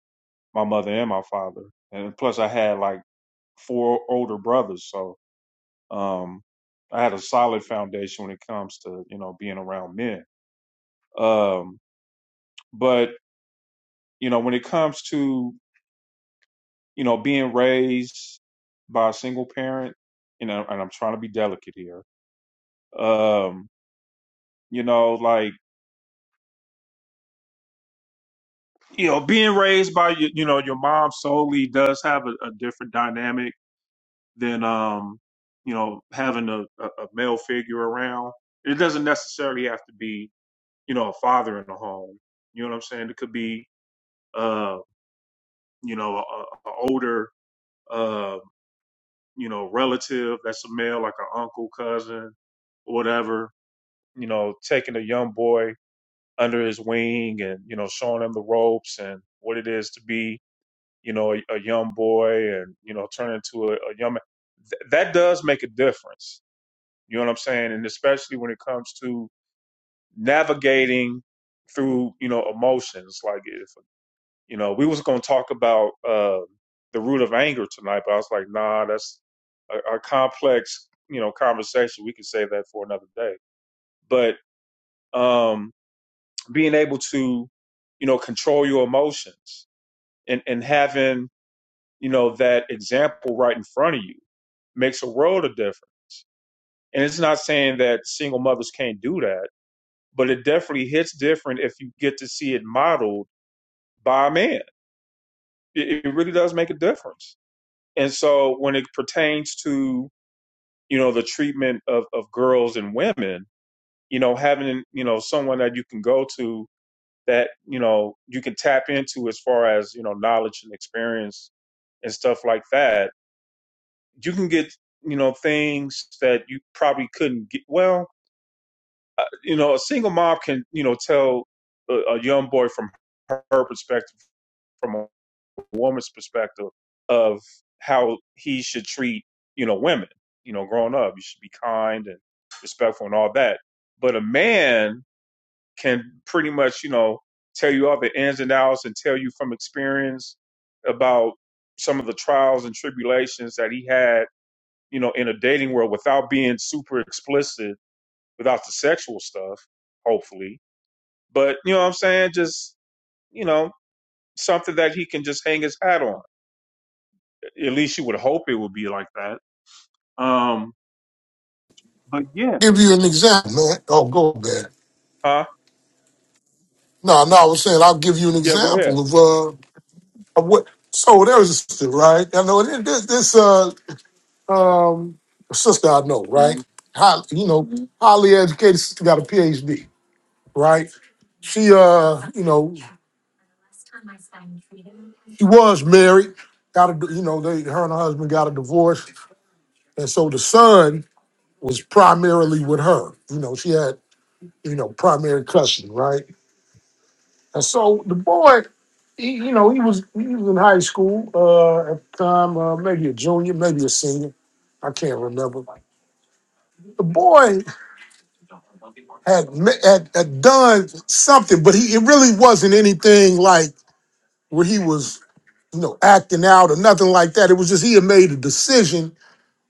Speaker 1: my mother and my father. And plus I had like four older brothers, so um I had a solid foundation when it comes to, you know, being around men. Um but, you know, when it comes to you know, being raised by a single parent, you know, and I'm trying to be delicate here. Um, you know, like, you know, being raised by your, you know, your mom solely does have a, a different dynamic than, um, you know, having a, a, a male figure around. It doesn't necessarily have to be, you know, a father in the home. You know what I'm saying? It could be, uh, you know, a, a older, uh, you know, relative that's a male, like an uncle, cousin, whatever you know, taking a young boy under his wing and, you know, showing him the ropes and what it is to be, you know, a, a young boy and, you know, turn into a, a young man. Th- that does make a difference. You know what I'm saying? And especially when it comes to navigating through, you know, emotions. Like if, you know, we was going to talk about, uh, the root of anger tonight, but I was like, nah, that's a, a complex, you know, conversation. We can save that for another day. But, um, being able to, you know, control your emotions and, and having, you know, that example right in front of you makes a world of difference. And it's not saying that single mothers can't do that, but it definitely hits different if you get to see it modeled by a man. It, it really does make a difference. And so when it pertains to, you know, the treatment of, of girls and women, you know, having, you know, someone that you can go to that you know you can tap into as far as you know knowledge and experience and stuff like that you can get you know things that you probably couldn't get well uh, you know a single mom can you know tell a, a young boy from her her perspective from a woman's perspective of how he should treat you know women you know growing up you should be kind and respectful and all that but a man can pretty much, you know, tell you all the ins and outs and tell you from experience about some of the trials and tribulations that he had, you know, in a dating world without being super explicit, without the sexual stuff, hopefully. But, you know what I'm saying? Just, you know, something that he can just hang his hat on. At least you would hope it would be like that. Um, but yeah.
Speaker 10: give you an example, man. Oh, go there.
Speaker 1: Huh?
Speaker 10: No, no, I was saying I'll give you an
Speaker 1: Yeah, go ahead.
Speaker 10: example of uh of what. So there was a sister, right? I know this this this, uh um sister I know,
Speaker 1: mm
Speaker 10: right? Highly, you know, highly educated sister got a PhD. right? She, uh, you know, she was married. Got a, you know, they her and her husband got a divorce, and so the son was primarily with her. You know, she had, you know, primary custody, right? And so the boy, he, you know, he was he was in high school uh, at the time, uh, maybe a junior, maybe a senior. I can't remember. The boy had, ma- had had done something, but he it really wasn't anything like where he was you know, acting out or nothing like that. It was just he had made a decision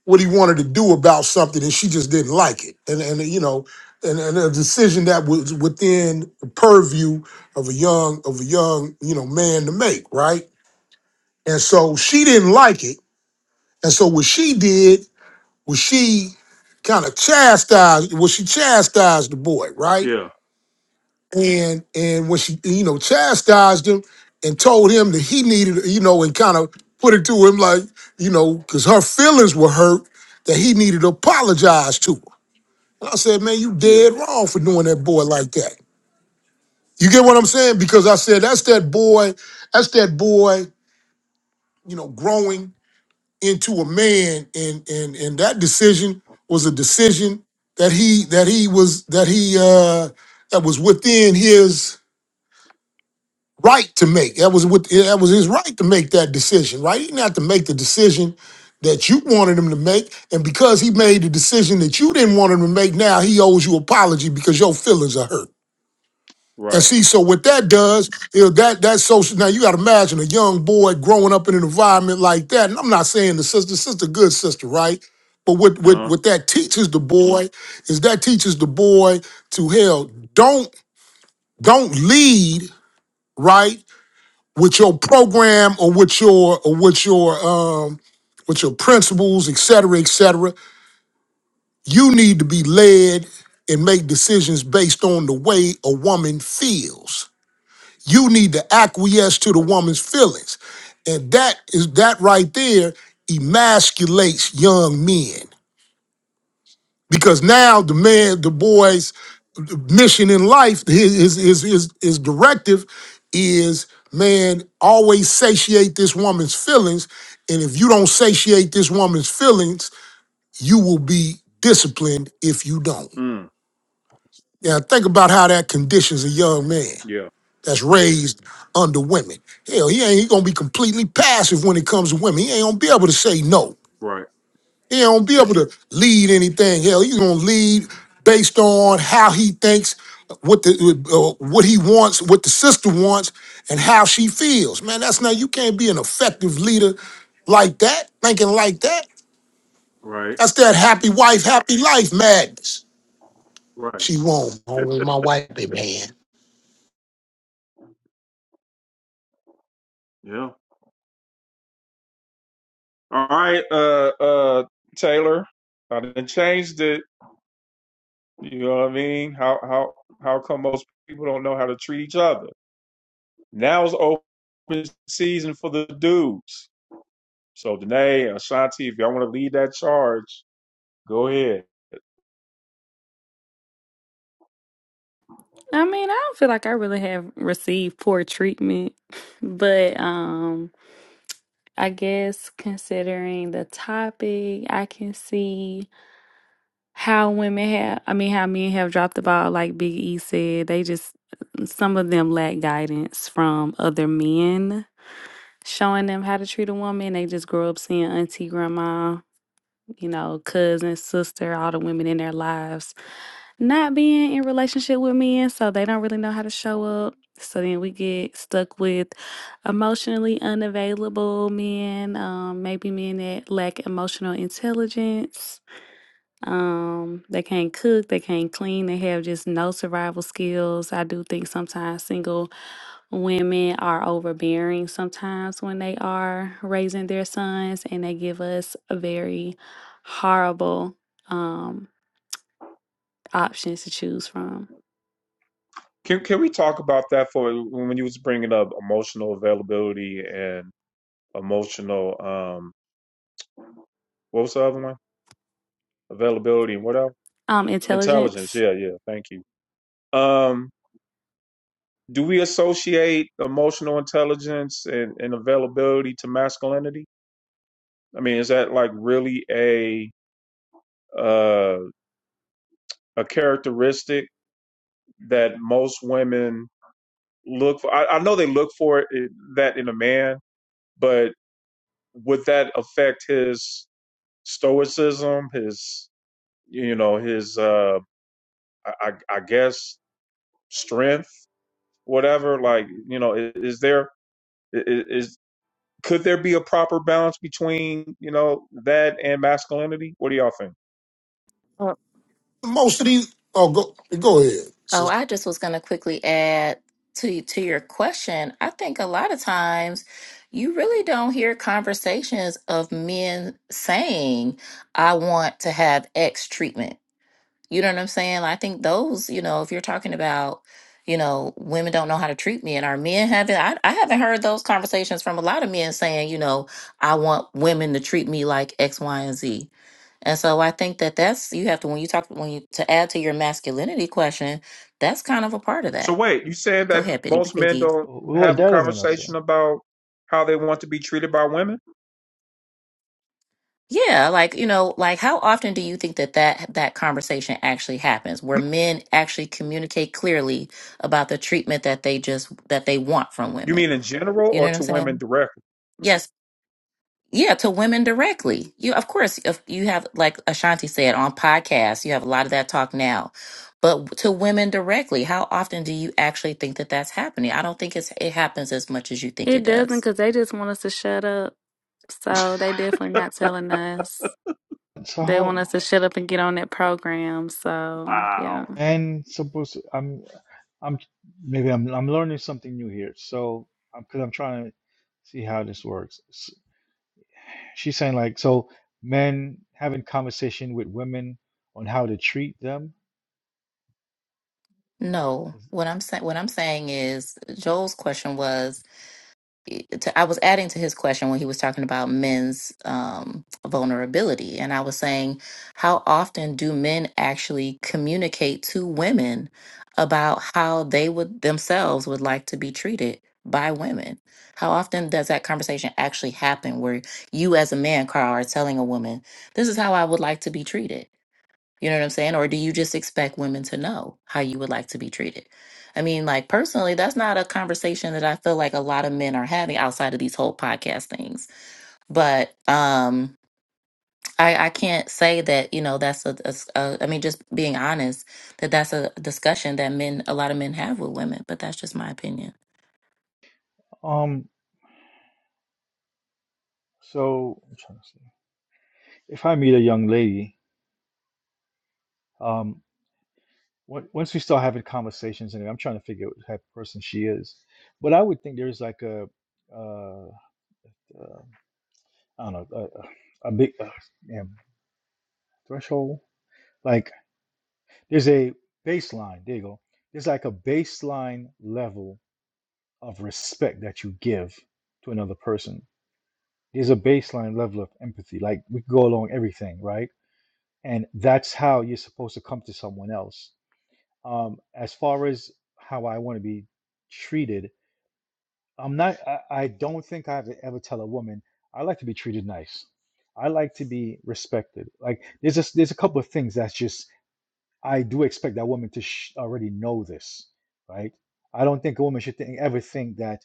Speaker 10: what he wanted to do about something, and she just didn't like it. And and you know, and, and a decision that was within the purview of a young of a young you know man to make, right? And so she didn't like it. And so what she did was she kind of chastised. Well, she chastised the boy, right?
Speaker 1: Yeah,
Speaker 10: and and when she you know chastised him and told him that he needed you know and kind of put it to him like you know because her feelings were hurt that he needed to apologize to her. And I said, man, you
Speaker 1: yeah,
Speaker 10: dead wrong for doing that boy like that. You get what I'm saying? Because I said that's that boy, that's that boy, you know, growing into a man, and and and that decision was a decision that he that he was that he uh that was within his right to make. That was what that was his right to make that decision, right? He didn't have to make the decision that you wanted him to make. And because he made the decision that you didn't want him to make, now he owes you apology because your feelings are hurt. And
Speaker 1: right.
Speaker 10: see, so what that does is that that social now you gotta imagine a young boy growing up in an environment like that. And I'm not saying the sister, sister good sister, right? But what what
Speaker 1: Uh,
Speaker 10: what that teaches the boy is that teaches the boy to hell, don't don't lead, right? with your program or with your or with your uh, with your principles, et cetera, et cetera. You need to be led and make decisions based on the way a woman feels. You need to acquiesce to the woman's feelings, and that is that right there emasculates young men. because now the
Speaker 1: mm,
Speaker 10: man, the boy's mission in life, his his his his, his directive is man always satiate this woman's feelings, and if you don't satiate this woman's feelings, you will be disciplined if you don't.
Speaker 1: mm,
Speaker 10: Now think about how that conditions a young man
Speaker 1: yeah,
Speaker 10: that's raised under women. Hell, he ain't he gonna be completely passive when it comes to women. He ain't gonna be able to say no.
Speaker 1: right,
Speaker 10: He don't be able to lead anything. Hell, he's gonna lead based on how he thinks, what the uh, what he wants, what the sister wants, and how she feels. Man, that's not you can't be an effective leader like that, thinking like that.
Speaker 1: right,
Speaker 10: That's that happy wife, happy life madness.
Speaker 1: right.
Speaker 10: She won't. Only my wife, baby hand.
Speaker 1: Yeah. All right, uh uh Taylor. I done changed it. You know what I mean? How how how come most people don't know how to treat each other? Now is open season for the dudes. So Danae, Ashanti, if y'all want to lead that charge, go ahead.
Speaker 2: I mean, I don't feel like I really have received poor treatment, but um I guess considering the topic, I can see how women have I mean how men have dropped the ball like Big E said. They just uh, some of them lack guidance from other men showing them how to treat a woman. They just grow up seeing auntie grandma you know, cousin, sister, all the women in their lives not being in relationship with men, so they don't really know how to show up. So then we get stuck with emotionally unavailable men, um, maybe men that lack emotional intelligence um, they can't cook, they can't clean, they have just no survival skills. I do think sometimes single women are overbearing sometimes when they are raising their sons, and they give us a very horrible um options to choose from.
Speaker 1: Can can we talk about that for when you was bringing up emotional availability and emotional um what was the other one? Availability and what else?
Speaker 2: Um,
Speaker 1: Intelligence.
Speaker 2: intelligence.
Speaker 1: Yeah, yeah. Thank you. Um Do we associate emotional intelligence and, and availability to masculinity? I mean, is that like really a uh, a characteristic that most women look for? I, I know they look for it, that in a man, but would that affect his stoicism, his you know, his uh, I, I guess strength, whatever? Like, you know, i- is there is could there be a proper balance between you know that and masculinity? What do y'all think?
Speaker 10: Most of these. Oh, go go ahead.
Speaker 7: Oh,
Speaker 10: sister.
Speaker 7: I just was going to quickly add to to your question. I think a lot of times you really don't hear conversations of men saying, "I want to have X treatment." You know what I'm saying? I think those, you know, if you're talking about, you know, women don't know how to treat me and our men haven't, I, I haven't heard those conversations from a lot of men saying, you know, I want women to treat me like X, Y, and Z. And so I think that that's, you have to, when you talk, when you, to add to your masculinity question, that's kind of a part of
Speaker 1: So
Speaker 7: that.
Speaker 1: wait, you said
Speaker 7: Go
Speaker 1: that
Speaker 7: ahead, Biddy-
Speaker 1: most men
Speaker 7: Biggie.
Speaker 1: don't
Speaker 3: هو
Speaker 1: have
Speaker 3: ده
Speaker 1: a
Speaker 3: dominance
Speaker 1: conversation about how they want to be treated by women?
Speaker 7: Yeah, like, you know, like how often do you think that that that conversation actually happens where men actually communicate clearly about the treatment that they just that they want from
Speaker 1: You
Speaker 7: women?
Speaker 1: mean in general
Speaker 7: You know
Speaker 1: or
Speaker 7: what I'm
Speaker 1: to women
Speaker 7: saying?
Speaker 1: directly?
Speaker 7: Yes. Yeah, to women directly. You of course if you have like Ashanti said on podcasts, you have a lot of that talk now. But to women directly, how often do you actually think that that's happening? I don't think it's it happens as much as you think
Speaker 2: It
Speaker 7: it
Speaker 2: doesn't
Speaker 7: does.
Speaker 2: because they just want us to shut up. So they definitely not telling us.
Speaker 3: so
Speaker 2: They want
Speaker 3: how
Speaker 2: us to shut up and get on that program. So
Speaker 1: Wow.
Speaker 2: yeah.
Speaker 3: and suppose I'm I'm maybe I'm I'm learning something new here so I'm because I'm trying to see how this works S- she's saying like so men having conversation with women on how to treat them
Speaker 7: No.
Speaker 3: is,
Speaker 7: What I'm saying what I'm saying is Joel's question was to, I was adding to his question when he was talking about men's um, vulnerability. And I was saying, how often do men actually communicate to women about how they would themselves would like to be treated by women? How often does that conversation actually happen where you, as a man, Carl, are telling a woman, this is how I would like to be treated? You know what I'm saying? Or do you just expect women to know how you would like to be treated? I mean, like personally, that's not a conversation that I feel like a lot of men are having outside of these whole podcast things. But um I, I can't say that you know that's a, a, s- a- I mean just being honest that that's a discussion that men a lot of men have with women but that's just my opinion.
Speaker 3: um so I'm trying to see if I meet a young lady um. on- once we start having conversations and i'm trying to figure out what type of person she is but i would think there's like a uh, uh i don't know a, a a big uh, damn, threshold like there's a baseline there you go there's like a baseline level of respect that you give to another person there's a baseline level of empathy like we go along everything right and that's how you're supposed to come to someone else um as far as how i want to be treated I'm not. I, I don't think I've to ever tell a woman I like to be treated nice. I like to be respected. Like there's just there's a couple of things that's just I do expect that woman to sh- already know this, right? I don't think a woman should think, ever think that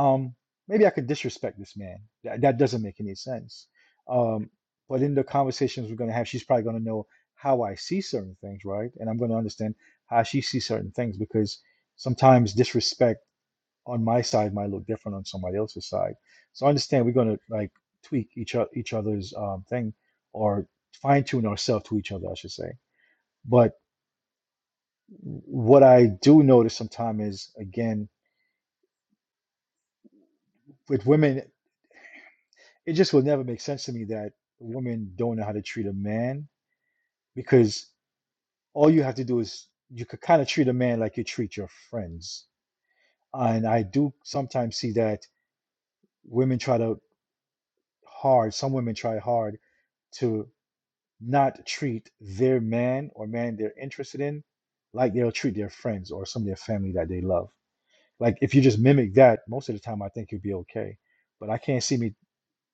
Speaker 3: um maybe I could disrespect this man. That that doesn't make any sense. Um, but in the conversations we're gonna have, she's probably gonna know how I see certain things, right? And I'm gonna understand how she sees certain things because sometimes disrespect on my side might look different on somebody else's side. So I understand we're going to like tweak each o- each other's um, thing or fine tune ourselves to each other, I should say. But what I do notice sometimes is again with women, it just will never make sense to me that women don't know how to treat a man because all you have to do is you could kind of treat a man like you treat your friends. And I do sometimes see that women try to hard, some women try hard to. not treat their man or man they're interested in like they'll treat their friends or some of their family that they love. Like if you just mimic that, most of the time I think you'll be okay. But I can't see me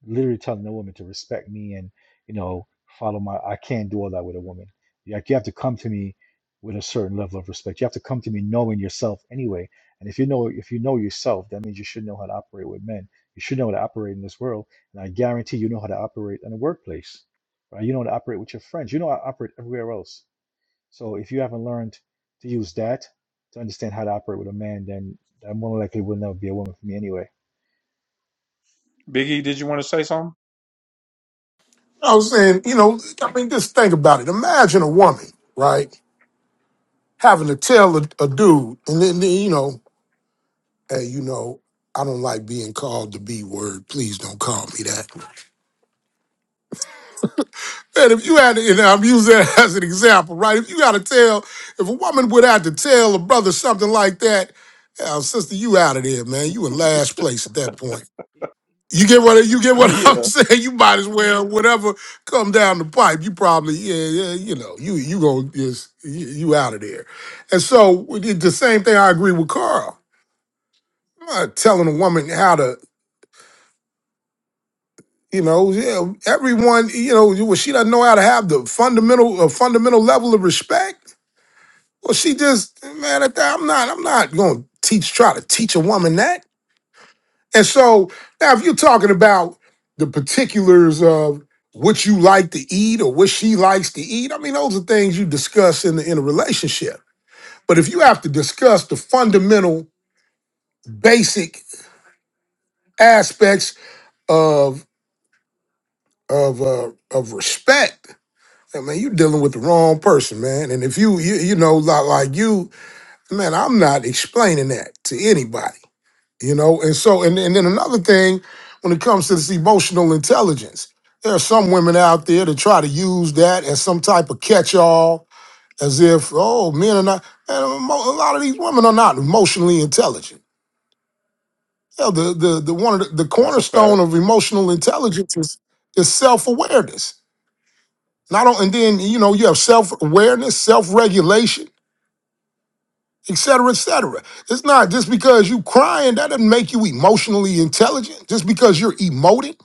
Speaker 3: literally telling a woman to respect me and you know follow my i can't do all that with a woman you have, you have to come to me with a certain level of respect you have to come to me knowing yourself anyway and if you know if you know yourself that means you should know how to operate with men you should know how to operate in this world and i guarantee you know how to operate in the workplace right you know how to operate with your friends you know how to operate everywhere else so if you haven't learned to use that to understand how to operate with a man then that more likely will never be a woman for me anyway
Speaker 1: Biggie, did you want to say something?
Speaker 10: I was saying, you know, I mean, just think about it. Imagine a woman, right, having to tell a, a dude, and then then, you know. hey, you know, I don't like being called the B word. Please don't call me that. And if you had to, and I'm using that as an example, right? If you got to tell, if a woman would have to tell a brother something like that, uh, sister, you out of there, man. You in last place at that point. You get what you get what I'm
Speaker 1: Yeah,
Speaker 10: saying. You might as well whatever come down the pipe. You probably yeah yeah you know you you gonna just you, you out of there. And so it- the same thing. I agree with Carl. I'm not telling a woman how to. You know, yeah, everyone, you know, well, she doesn't know how to have the fundamental, a fundamental level of respect. Well, she just, man, at that, I'm not, I'm not going to teach, try to teach a woman that. And so now, if you're talking about the particulars of what you like to eat or what she likes to eat, I mean, those are things you discuss in the, in a relationship. But if you have to discuss the fundamental, basic aspects of of uh, of respect Yeah, man, you dealing with the wrong person, man. And if you, you, you know, like, like you, man, I'm not explaining that to anybody, you know. And so, and, and then another thing, when it comes to this emotional intelligence, there are some women out there that try to use that as some type of catch-all, as if, oh, men are not. Man, a mo- a lot of these women are not emotionally intelligent. Yeah, the the the one of the, the
Speaker 1: that's a fact.
Speaker 10: cornerstone of emotional intelligence is is self-awareness. Not on, and then you know you have self-awareness, self-regulation et cetera, et cetera. It's not just because you crying, that doesn't make you emotionally intelligent. Just because you're emoting,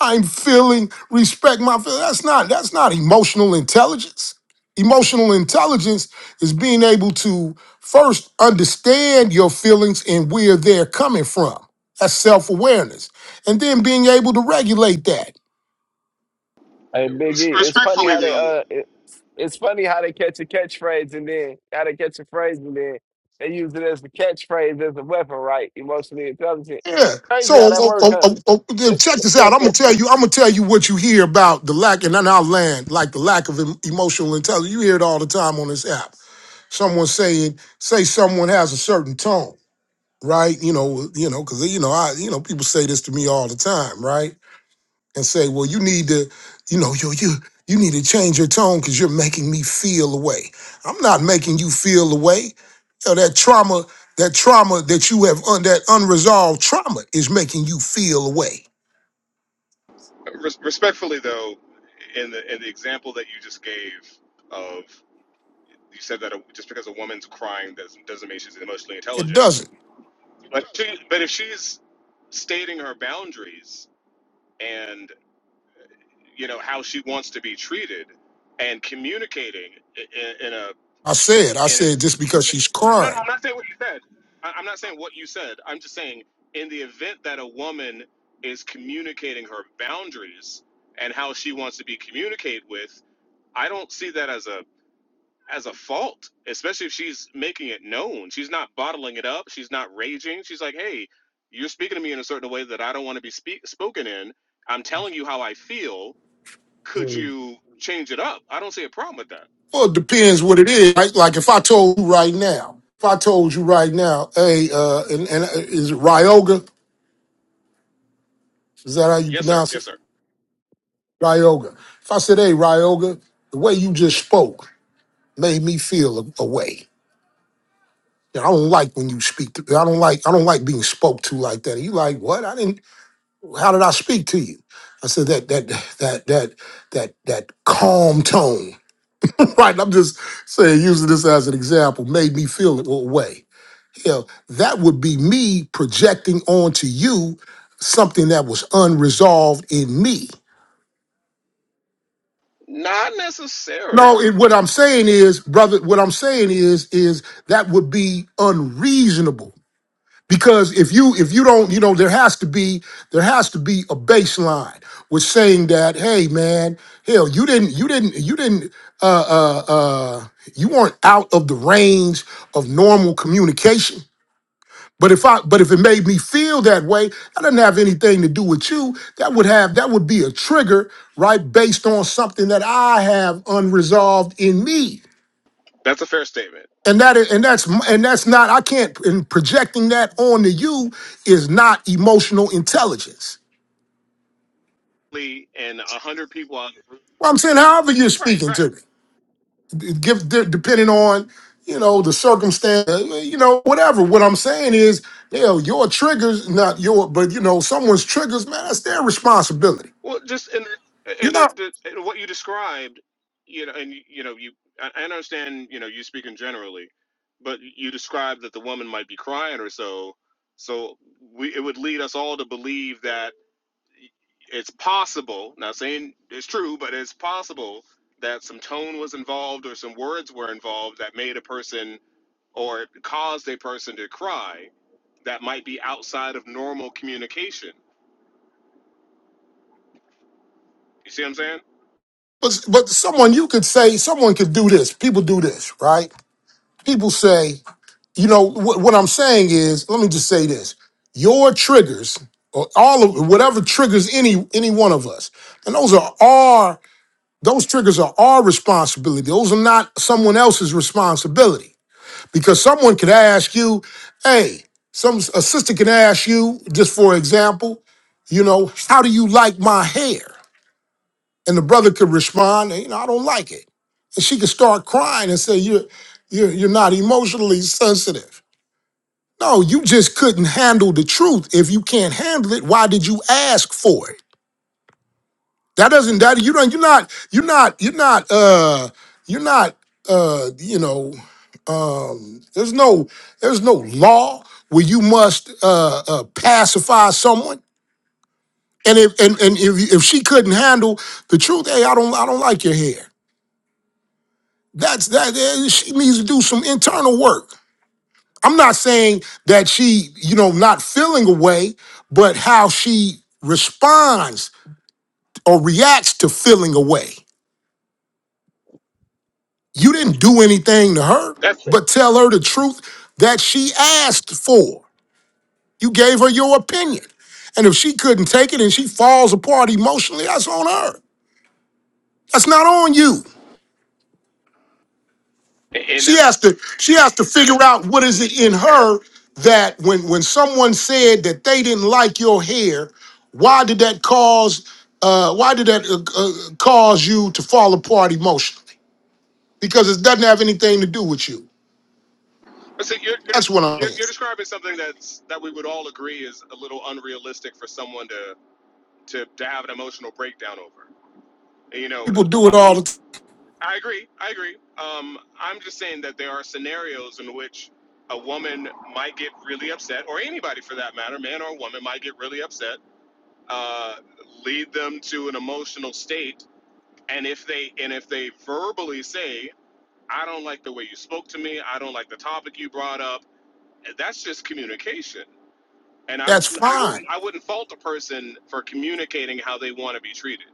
Speaker 10: I'm feeling, respect my feelings. That's not, that's not emotional intelligence. Emotional intelligence is being able to first understand your feelings and where they're coming from. That's self-awareness. And then being able to regulate that.
Speaker 11: Hey,
Speaker 12: Res-
Speaker 11: Biggie, it's funny
Speaker 12: Respectfully
Speaker 11: how they
Speaker 12: though,
Speaker 11: uh, it, it's funny how they catch a catchphrase and then how they catch a phrase and then they use it as the catchphrase as a weapon, right? Emotionally intelligent.
Speaker 10: Yeah.
Speaker 11: Crazy
Speaker 10: So
Speaker 11: how that
Speaker 10: uh, uh,
Speaker 11: works, huh?
Speaker 10: uh, uh, uh, check this out. I'm gonna tell you. I'm gonna tell you what you hear about the lack, and then I'll land like the lack of em- emotional intelligence. You hear it all the time on this app. Someone saying, say someone has a certain tone, right? You know, you know, because you know, I, you know, people say this to me all the time, right? and say, "Well, you need to, you know, you you you need to change your tone because you're making me feel away." I'm not making you feel away. You know, that trauma, that trauma that you have un, that unresolved trauma is making you feel away.
Speaker 12: res- respectfully though, in the in the example that you just gave of you said that a, just because a woman's crying doesn't doesn't mean she's emotionally
Speaker 10: It
Speaker 12: intelligent.
Speaker 10: doesn't.
Speaker 12: But she, but if she's stating her boundaries and you know how she wants to be treated and communicating in in a
Speaker 10: I said, I
Speaker 12: and No, it no,
Speaker 10: said just because
Speaker 12: you
Speaker 10: she's
Speaker 12: said. no no
Speaker 10: crying.
Speaker 12: i'm not saying what you said I, i'm not saying what you said i'm just saying in the event that a woman is communicating her boundaries and how she wants to be communicated with i don't see that as a as a fault especially if she's making it known she's not bottling it up she's not raging she's like hey you're speaking to me in a certain way that i don't want to be speak, spoken in i'm telling you how i feel could
Speaker 10: Mm.
Speaker 12: you change it up i don't see a problem with that
Speaker 10: Well, it depends what it is. Like, like if I told you right now, if I told you right now, hey, uh, and, and uh, is it Ryoga? Is that how you
Speaker 12: yes sir
Speaker 10: pronounce it?
Speaker 12: yes sir
Speaker 10: Ryoga. If I said, hey, Ryoga, the way you just spoke, made me feel a, a way. You know, I don't like when you speak. To, I don't like. I don't like being spoke to like that. And you like what? I didn't. How did I speak to you? I said that that that that that that calm tone. right. I'm just saying, using this as an example, made me feel a way. You know, that would be me projecting onto you something that was unresolved in me.
Speaker 12: not necessarily
Speaker 10: No, it, what I'm saying is, brother, what I'm saying is, is that would be unreasonable because if you if you don't you know there has to be there has to be a baseline with saying that hey man hell you didn't you didn't you didn't uh uh uh you weren't out of the range of normal communication but if i but if it made me feel that way that doesn't have anything to do with you that would have that would be a trigger right based on something that i have unresolved in me
Speaker 12: That's a fair statement.
Speaker 10: and that is, and that's and that's not I can't and projecting that onto you is not emotional intelligence.
Speaker 12: And a hundred people on.
Speaker 10: Well, I'm saying however you're
Speaker 12: Right,
Speaker 10: speaking
Speaker 12: right.
Speaker 10: to me, give de- depending on you know the circumstance, uh, you know whatever. What I'm saying is, you know, your triggers, not your, but you know someone's triggers, man, that's their responsibility.
Speaker 12: Well, just and
Speaker 10: You're
Speaker 12: and the,
Speaker 10: not,
Speaker 12: the, and what you described, you know, and you you know, you I I understand, you know, you speaking generally, but you described that the woman might be crying or so. So we it would lead us all to believe that it's possible. Not saying it's true, but it's possible that some tone was involved or some words were involved that made a person or caused a person to cry that might be outside of normal communication. You see what I'm saying?
Speaker 10: but but someone you could say someone could do this. People do this, right? People say you know wh- what i'm saying is let me just say this your triggers or all of whatever triggers any any one of us and those are our those triggers are our responsibility those are not someone else's responsibility because someone could ask you hey some a sister can ask you just for example you know how do you like my hair and the brother could respond you know i don't like it and she could start crying and say you're you're, you're not emotionally sensitive no, you just couldn't handle the truth. If you can't handle it, why did you ask for it? That doesn't that you don't you're not you're not you're not uh you're not uh you know um there's no there's no law where you must uh, uh pacify someone. And if and, and if if she couldn't handle the truth, hey, I don't I don't like your hair. That's that eh, she needs to do some internal work. I'm not saying that she, you know, not feeling a way, but how she responds or reacts to feeling a way. You didn't do anything to her,
Speaker 12: That's
Speaker 10: but tell her the truth that she asked for. You gave her your opinion. And if she couldn't take it and she falls apart emotionally, that's on her. That's not on you.
Speaker 12: and
Speaker 10: She
Speaker 12: that's
Speaker 10: has to she has to
Speaker 12: yeah.
Speaker 10: figure out what is it in her that when when someone said that they didn't like your hair, why did that cause uh, why did that uh, uh, cause you to fall apart emotionally? Because it doesn't have anything to do with you.
Speaker 12: I see you're, you're
Speaker 10: That's what I'm
Speaker 12: you're
Speaker 10: saying.
Speaker 12: you're describing something that's that we would all agree is a little unrealistic for someone to to to have an emotional breakdown over. You know,
Speaker 10: People do it all
Speaker 12: I,
Speaker 10: the time.
Speaker 12: I agree. I agree. Um, I'm just saying that there are scenarios in which a woman might get really upset, or anybody for that matter, man or woman, might get really upset, uh, lead them to an emotional state And if they and if they verbally say, "I don't like the way you spoke to me. I don't like the topic you brought up," that's just communication. And I,
Speaker 10: That's
Speaker 12: I
Speaker 10: fine
Speaker 12: wouldn't, I wouldn't fault a person for communicating how they want to be treated.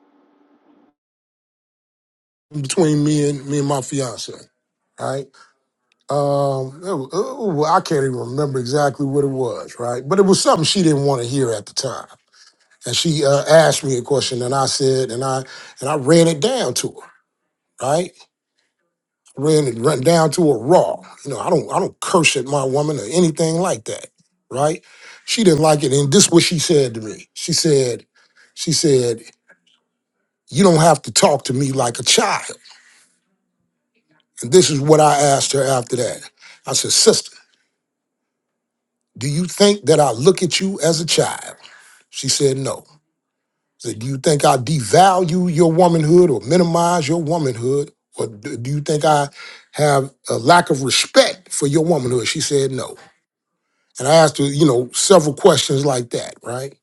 Speaker 10: between me and me and my fiance. Right? Um, it wa- ooh, I can't even remember exactly what it was. Right? But it was something she didn't want to hear at the time. and she uh, asked me a question, and I said, and I and I ran it down to her, right? Ran it run down to her raw. You know, I don't I don't curse at my woman or anything like that, right? She didn't like it, and this is what she said to me. She said, she said, you don't have to talk to me like a child. And this is what I asked her after that. I said, sister, do you think that I look at you as a child? She said, no. So do you think I devalue your womanhood or minimize your womanhood? Or d- do you think I have a lack of respect for your womanhood? She said no. And I asked her, you know, several questions like that, right?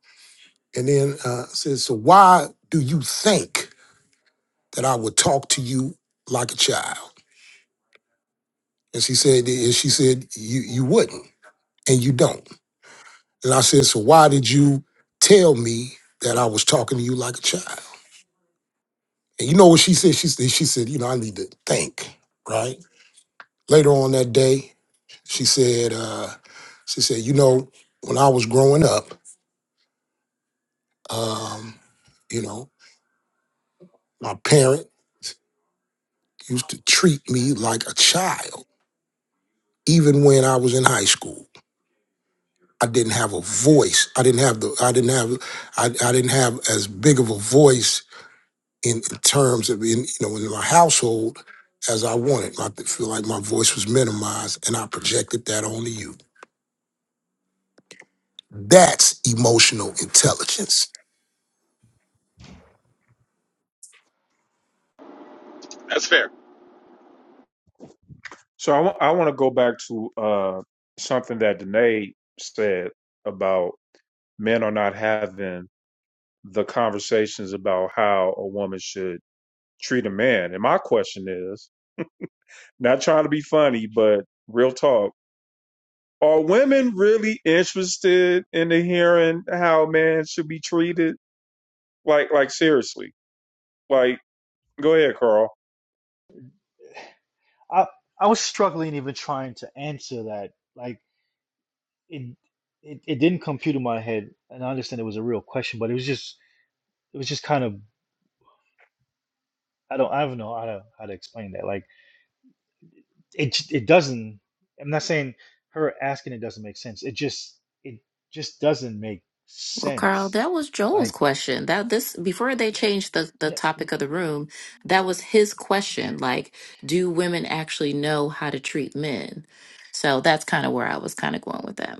Speaker 10: And then uh, I said, so why do you think that I would talk to you like a child? And she said, and she said, you, you wouldn't and you don't. And I said, so why did you tell me that I was talking to you like a child? And you know what she said? She said, she said, you know, I need to think, right? Later on that day, she said, uh, she said, you know, when I was growing up, um, you know, my parent used to treat me like a child, even when I was in high school. I didn't have a voice. I didn't have the I didn't have I, I didn't have as big of a voice in, in terms of in you know in my household as I wanted. I feel like my voice was minimized and I projected that onto you. That's emotional intelligence.
Speaker 12: That's fair.
Speaker 1: So I want to go back to uh, something that Danae said about men are not having the conversations about how a woman should treat a man. And my question is not trying to be funny, but real talk. Are women really interested in hearing how a man should be treated? Like, like seriously. Like, go ahead, Carl.
Speaker 3: I I was struggling even trying to answer that. Like it it, it didn't compute in my head, and I understand it was a real question, but it was just it was just kind of I don't I don't know how to how to explain that. Like it j- it doesn't. I'm not saying her asking it doesn't make sense. It just it just doesn't make
Speaker 7: Well, Carl,
Speaker 3: sense.
Speaker 7: that was Joel's
Speaker 3: Like
Speaker 7: question. That this before they changed the the
Speaker 3: no
Speaker 7: topic of the room, that was his question. Like, do women actually know how to treat men? So that's kind of where I was kind of going with that.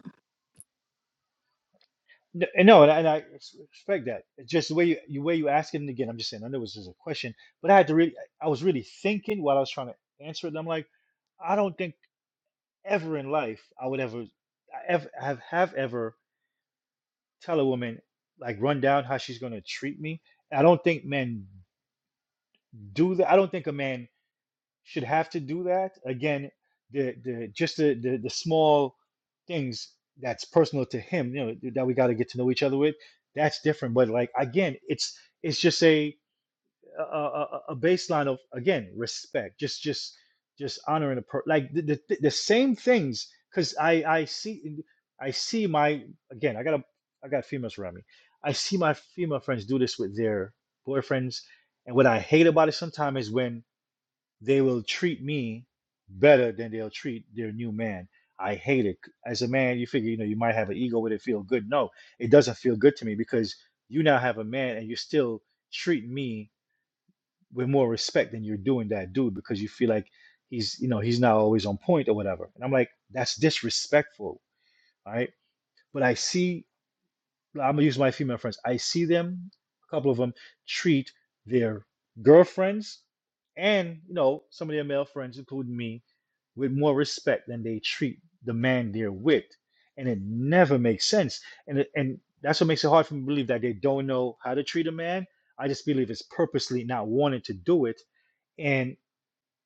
Speaker 3: no, and no and, I, and I ex- expect that. It's just the way you you way you ask it. And again, I'm just saying I know it was just a question, but I had to really I was really thinking while I was trying to answer it. And I'm like. I don't think. ever in life I would ever I ev have have ever tell a woman like run down how she's gonna treat me. I don't think men do that. I don't think a man should have to do that. Again, the the just the the, the small things that's personal to him, you know, that we got to get to know each other with. That's different. But like again, it's it's just a a, a, a baseline of again respect just just just honoring a per like the, the, the same things because i i see i see my again i got a i got females around me i see my female friends do this with their boyfriends and what i hate about it sometimes is when they will treat me better than they'll treat their new man i hate it as a man you figure you know you might have an ego with it feel good no it doesn't feel good to me because you now have a man and you're still treating me with more respect than you're doing that dude because you feel like he's you know he's not always on point or whatever and i'm like that's disrespectful all right but i see i'm gonna use my female friends i see them a couple of them treat their girlfriends and you know some of their male friends including me with more respect than they treat the man they're with and it never makes sense and it- and that's what makes it hard for me to believe that they don't know how to treat a man i just believe it's purposely not wanting to do it and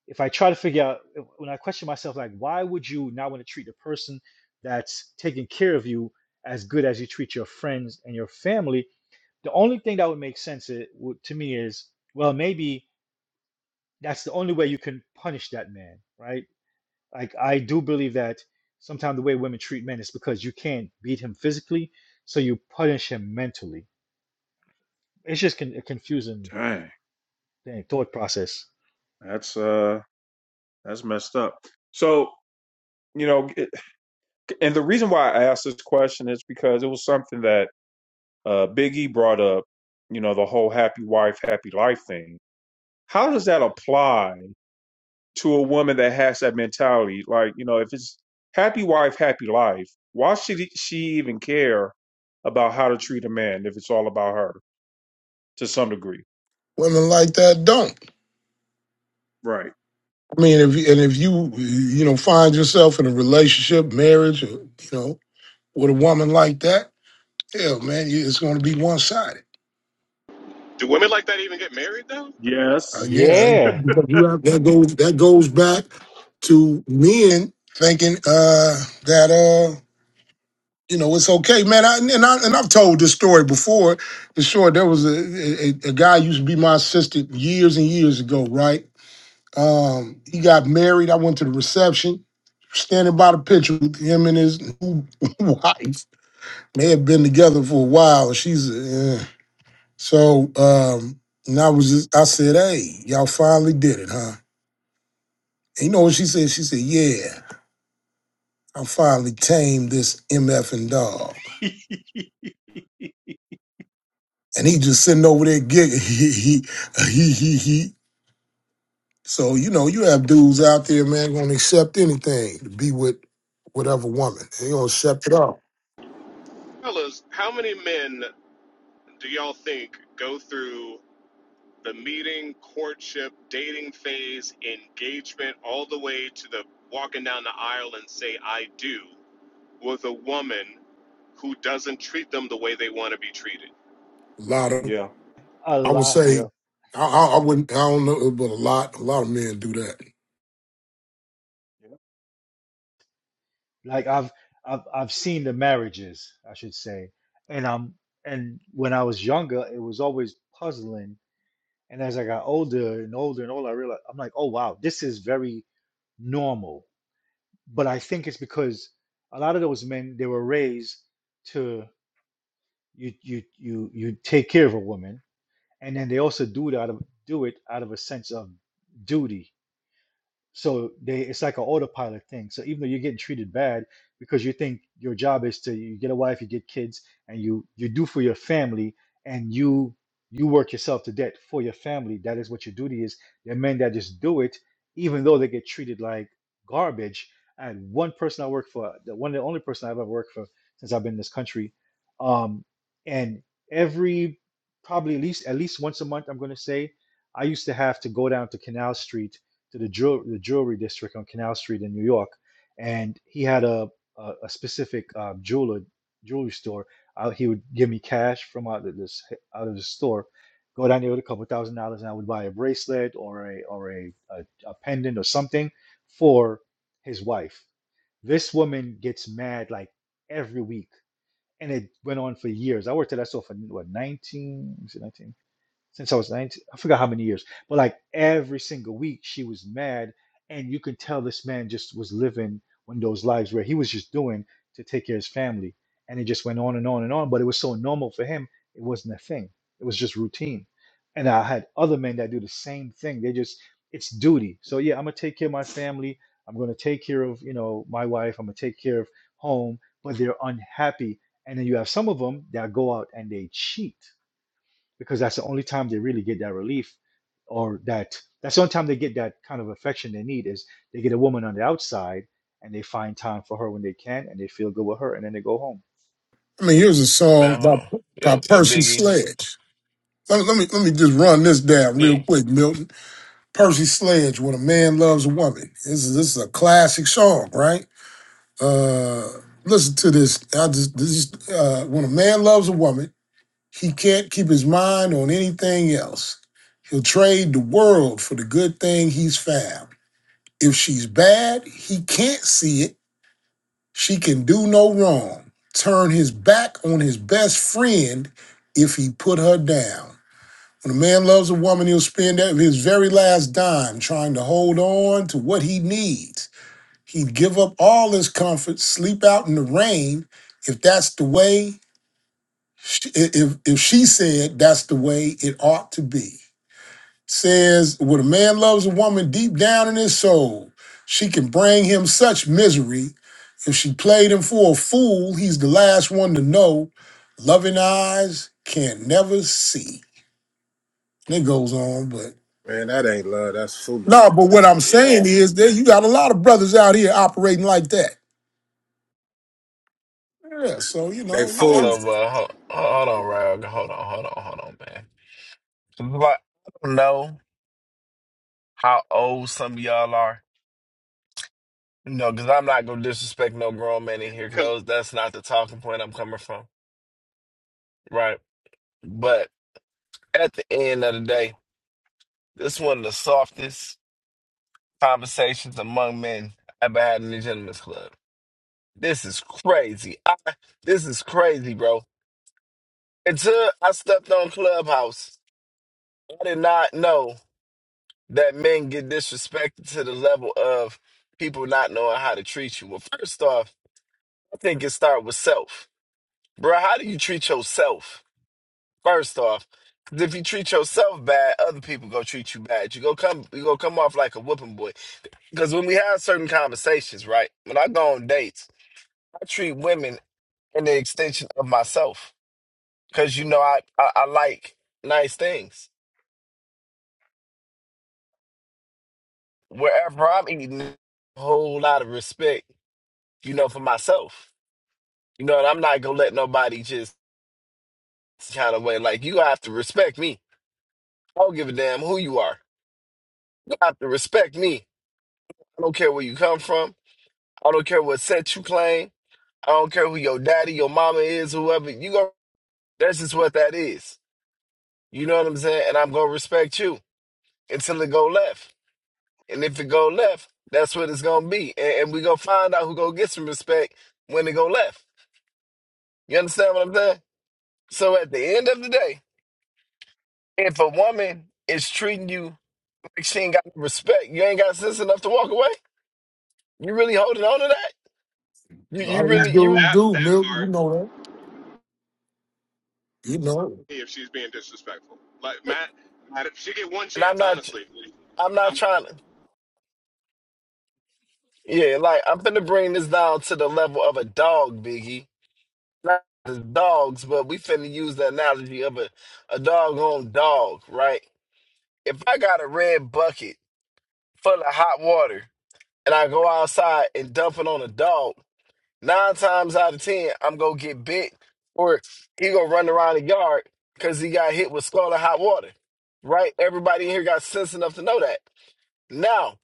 Speaker 3: if I try to figure out if- when I question myself, like, why would you not want to treat the person that's taking care of you as good as you treat your friends and your family? The only thing that would make sense it, would, to me is, well, maybe that's the only way you can punish that man, right? Like, I do believe that sometimes the way women treat men is because you can't beat him physically, so you punish him mentally. It's just con- a confusing
Speaker 1: Dang,
Speaker 3: thing, thought process.
Speaker 1: that's uh, that's messed up. So you know, it- and the reason why I asked this question is because it was something that uh, Big E brought up. You know, the whole happy wife, happy life thing. How does that apply to a woman that has that mentality. Like, you know, if it's happy wife, happy life, why should she even care about how to treat a man if it's all about her to some degree?
Speaker 10: Women like that don't.
Speaker 1: Right.
Speaker 10: I mean, if and if you you know find yourself in a relationship, marriage, or, you know, with a woman like that, hell, man, you- it's going to be one sided.
Speaker 12: Do women like that even get married though?
Speaker 10: Uh,
Speaker 1: Yes.
Speaker 10: yeah, I think-
Speaker 3: Yeah,
Speaker 10: because you have that goes that goes back to men thinking uh, that uh, you know it's okay, man. I, and I and I've told this story before. For sure, there was a a a guy used to be my assistant years and years ago, right? Um, he got married. I went to the reception, standing by the picture with him and his new wife. They had been together for a while. She's uh, so. Um, and I was, just, I said, "Hey, y'all finally did it, huh?" And you know what she said? She said, "Yeah, I finally tamed this mfing dog." And he just sitting over there giggling. He he he he. he. So you know, you have dudes out there, man, gonna accept anything to be with whatever woman. They gonna accept it all.
Speaker 12: Fellas, how many men do y'all think go through the meeting, courtship, dating phase, engagement, all the way to the walking down the aisle and say "I do" with a woman who doesn't treat them the way they want to be treated.
Speaker 10: A lot of,
Speaker 1: Yeah,
Speaker 3: a
Speaker 10: I would
Speaker 3: lot.
Speaker 10: say,
Speaker 1: yeah.
Speaker 10: I, I, I wouldn't, I don't know, but a lot, a lot of men do that.
Speaker 3: like I've I've I've seen the marriages, I should say, and I'm and when I was younger, it was always puzzling, and as I got older and older and older, I realized I'm like, oh wow, this is very normal. But I think it's because a lot of those men they were raised to you you you you take care of a woman, and then they also do it out of do it out of a sense of duty so they it's like an autopilot thing. So even though you're getting treated bad because you think your job is to you get a wife, you get kids, and you you do for your family and you you work yourself to death for your family. That is what your duty is. There are men that just do it, even though they get treated like garbage. And one person I work for, the one of the only person I've ever worked for since I've been in this country, um, and every probably at least at least once a month, I'm going to say, I used to have to go down to Canal Street to the jewel the jewelry district on Canal Street in New York, and he had a a, a specific uh, jeweler jewelry store. Uh, he would give me cash from out of this out of the store, go down there with a couple thousand dollars, and I would buy a bracelet or a or a, a, a pendant or something for his wife. This woman gets mad like every week, and it went on for years. I worked at that store for what 19, was it 19? since I was 19. I forgot how many years, but like every single week she was mad. And you can tell this man just was living one of those lives where he was just doing to take care of his family. And it just went on and on and on. But it was so normal for him, it wasn't a thing. It was just routine. And I had other men that do the same thing. They just, it's duty. So yeah, I'm gonna take care of my family. I'm gonna take care of, you know, my wife. I'm gonna take care of home, but they're unhappy. And then you have some of them that go out and they cheat because that's the only time they really get that relief or that that's the only time they get that kind of affection they need is they get a woman on the outside and they find time for her when they can and they feel good with her and then they go home
Speaker 10: I mean, here's a
Speaker 11: Man,
Speaker 10: song
Speaker 11: hold
Speaker 10: by
Speaker 11: on.
Speaker 10: by
Speaker 11: Yo, yo,
Speaker 10: Percy
Speaker 11: Biggie.
Speaker 10: Sledge. Let me, let me let me just run this down
Speaker 11: Yeah,
Speaker 10: real quick, Milton. Percy Sledge, "When a Man Loves a Woman." This is this is a classic song, right? Uh, listen to this. I just this is, uh, when a man loves a woman, he can't keep his mind on anything else. He'll trade the world for the good thing he's found. If she's bad, he can't see it She can do no wrong. Turn his back on his best friend if he put her down. When a man loves a woman, he'll spend his very last dime trying to hold on to what he needs. He'd give up all his comfort, sleep out in the rain, if that's the way, if if she said that's the way it ought to be says, When a man loves a woman deep down in his soul, she can bring him such misery. If she played him for a fool, he's the last one to know. Loving eyes can never see. And it goes on, but
Speaker 13: Man, that ain't love. That's
Speaker 10: no,
Speaker 13: foolishness.
Speaker 10: but what I'm
Speaker 11: yeah.
Speaker 10: saying is that you got a lot of brothers out here operating like that. Yeah, so you
Speaker 13: They
Speaker 10: know,
Speaker 12: A
Speaker 10: yeah.
Speaker 12: woman,
Speaker 13: fools.
Speaker 11: So, uh, hold, hold on, Rag. Hold on, hold on, hold on, man. 'Cause, Like, I don't know how old some of y'all are. No, because I'm not gonna disrespect no grown man in here. Because
Speaker 12: because
Speaker 11: those that's not the talking point I'm coming from, right? But. At the end of the day, this is one of the softest conversations among men I've ever had in the gentlemen's club. This is crazy. I, this is crazy, bro. Until I stepped on Clubhouse, I did not know that men get disrespected to the level of people not knowing how to treat you. Well, first off, I think it starts with self. Bro, how do you treat yourself? First off, 'Cause if you treat yourself bad, other people gonna treat you bad. You go come, you gonna come off like a whooping boy. Because when we have certain conversations, right? When I go on dates, I treat women in the extension of myself. Because you know, I, I I like nice things. Wherever I'm eating, a whole lot of respect, you know, for myself. You know, and I'm not gonna let nobody just kind of way like you have to respect me. I don't give a damn who you are. You have to respect me. I don't care where you come from. I don't care what set you claim. I don't care who your daddy, your mama is, whoever. You go. That's just what that is. You know what I'm saying? And I'm gonna respect you until it go left. And if it go left, that's what it's gonna be. And, and we gonna find out who gonna get some respect when it go left. You understand what I'm saying? So at the end of the day, if a woman is treating you like she ain't got no respect, you ain't got sense enough to walk away. You really holding on to that?
Speaker 10: a
Speaker 11: You you
Speaker 10: lot of these
Speaker 11: really you
Speaker 10: dudes
Speaker 12: that
Speaker 10: do
Speaker 12: that
Speaker 10: milk, you
Speaker 12: part,
Speaker 10: know that. You know,
Speaker 12: if she's being disrespectful, like Matt,
Speaker 11: and
Speaker 12: Matt if she get one
Speaker 11: I'm
Speaker 12: chance,
Speaker 11: not
Speaker 12: honestly.
Speaker 11: I'm not
Speaker 12: Um,
Speaker 11: trying to yeah, like I'm finna bring this down to the level of a dog, Biggie not as dogs, but we finna use the analogy of a, a doggone dog, right? If I got a red bucket full of hot water and I go outside and dump it on a dog, nine times out of ten, I'm gonna get bit or he gonna run around the yard because he got hit with scalding hot water, right? Everybody in here got sense enough to know that. Now.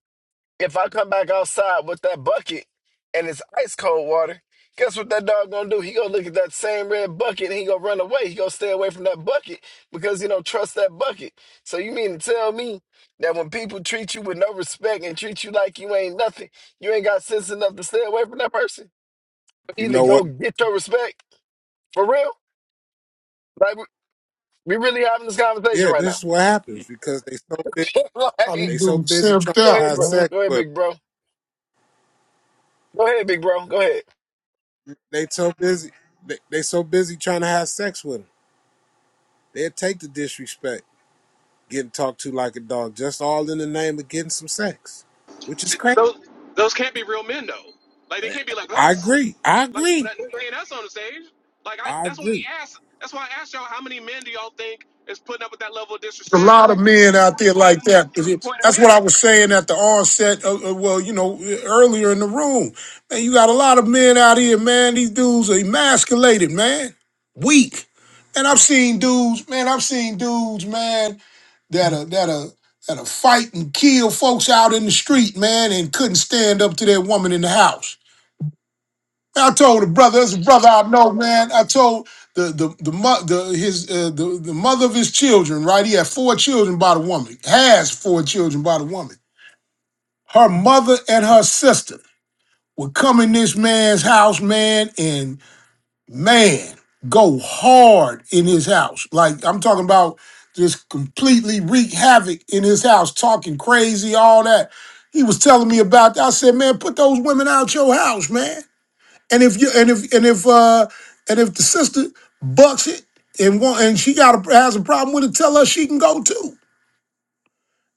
Speaker 11: If I come back outside with that bucket and it's ice cold water, guess what that dog gonna do? He gonna look at that same red bucket and he gonna run away. He gonna stay away from that bucket because he don't trust that bucket. So you mean to tell me that when people treat you with no respect and treat you like you ain't nothing, you ain't got sense enough to stay away from that person?
Speaker 13: You
Speaker 11: Either
Speaker 13: know what?
Speaker 11: go get your respect for real. Like we we really having this conversation
Speaker 13: Yeah,
Speaker 11: right
Speaker 13: this
Speaker 11: now.
Speaker 13: is what happens because they so busy.
Speaker 10: a lot of
Speaker 11: like,
Speaker 13: They
Speaker 10: these
Speaker 13: so
Speaker 10: dudes
Speaker 13: busy trying
Speaker 10: simped
Speaker 11: go
Speaker 13: to
Speaker 10: out,
Speaker 11: ahead,
Speaker 13: have
Speaker 11: bro.
Speaker 10: man.
Speaker 13: sex
Speaker 11: Go ahead,
Speaker 13: with 'em.
Speaker 11: big bro. Go ahead, big bro. Go ahead.
Speaker 13: They so busy. They, they so busy trying to have sex with them. They'll take the disrespect, getting talked to like a dog, just all in the name of getting some sex, which is
Speaker 12: see,
Speaker 13: crazy.
Speaker 12: those those can't be real men though. Like they can't be like
Speaker 13: I
Speaker 3: uh,
Speaker 12: us.
Speaker 13: agree. I
Speaker 12: Like
Speaker 13: agree.
Speaker 12: that that ain't us on the stage. Like I,
Speaker 13: I
Speaker 12: that's why we
Speaker 13: agree.
Speaker 12: asked. That's why I asked y'all how many men do y'all think is putting up with that level of
Speaker 10: There's a
Speaker 12: disrespect
Speaker 10: lot of men out there
Speaker 12: even
Speaker 10: like that.
Speaker 12: to the point of
Speaker 10: That's what I
Speaker 12: marriage.
Speaker 10: was saying at the onset. Of, of- well, you know, earlier in the room, man, you got a lot of men out here, man. These dudes are emasculated, man. Weak. And I've seen dudes, man. I've seen dudes, man, that are that are that are fight and kill folks out in the street, man, and couldn't stand up to their woman in the house. I told the brother, that's a brother I know, man. I told the the the, mo- the his uh, the, the mother of his children, right? He had four children by the woman. Has four children by the woman. Her mother and her sister would come in this man's house, man, and man, go hard in his house. Like I'm talking about just completely wreak havoc in his house, talking crazy, all that. He was telling me about that. I said, man, put those women out your house, man. And if you and if and if uh and if the sister bucks it and want and she got a, has a problem with it, tell her she can go too.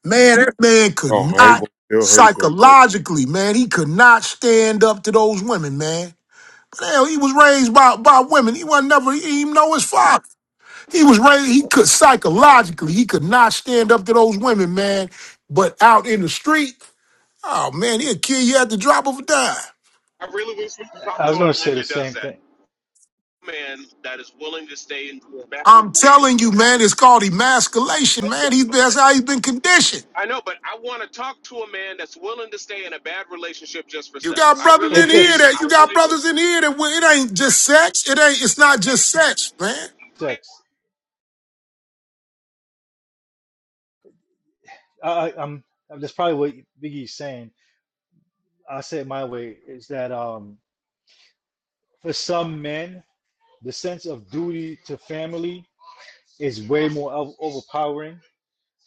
Speaker 10: Man, this man could
Speaker 13: Oh, I ain't
Speaker 10: not
Speaker 13: gonna tell her to go.
Speaker 10: psychologically, man, he could not stand up to those women, man. But hell, he was raised by by women. He was not never he didn't even know his father. He was raised. He could psychologically, he could not stand up to those women, man. But out in the street, oh man, he'll kill you at the drop of a dime.
Speaker 12: I really wish we could talk
Speaker 3: i
Speaker 12: to
Speaker 3: was going to
Speaker 12: a
Speaker 3: say
Speaker 12: man
Speaker 3: the
Speaker 12: that does
Speaker 3: same
Speaker 12: that.
Speaker 3: thing
Speaker 12: Man that is willing to stay in the back
Speaker 10: I'm
Speaker 12: of
Speaker 10: telling you, man, it's called
Speaker 12: the
Speaker 10: emasculation, man. He's that's how he's been conditioned.
Speaker 12: I know, but I want to talk to a man that's willing to stay in a bad relationship just for
Speaker 10: You
Speaker 12: sex.
Speaker 10: got
Speaker 12: I
Speaker 10: brothers
Speaker 12: really
Speaker 10: in
Speaker 3: it,
Speaker 12: do.
Speaker 10: here
Speaker 3: it's
Speaker 10: that you
Speaker 12: I
Speaker 10: got
Speaker 12: really do.
Speaker 10: brothers in here that well, it ain't just sex. It ain't. It's not just sex, man.
Speaker 3: sex I, I- i'm that's probably what biggie's saying i say it my way is that um for some men the sense of duty to family is way more o- overpowering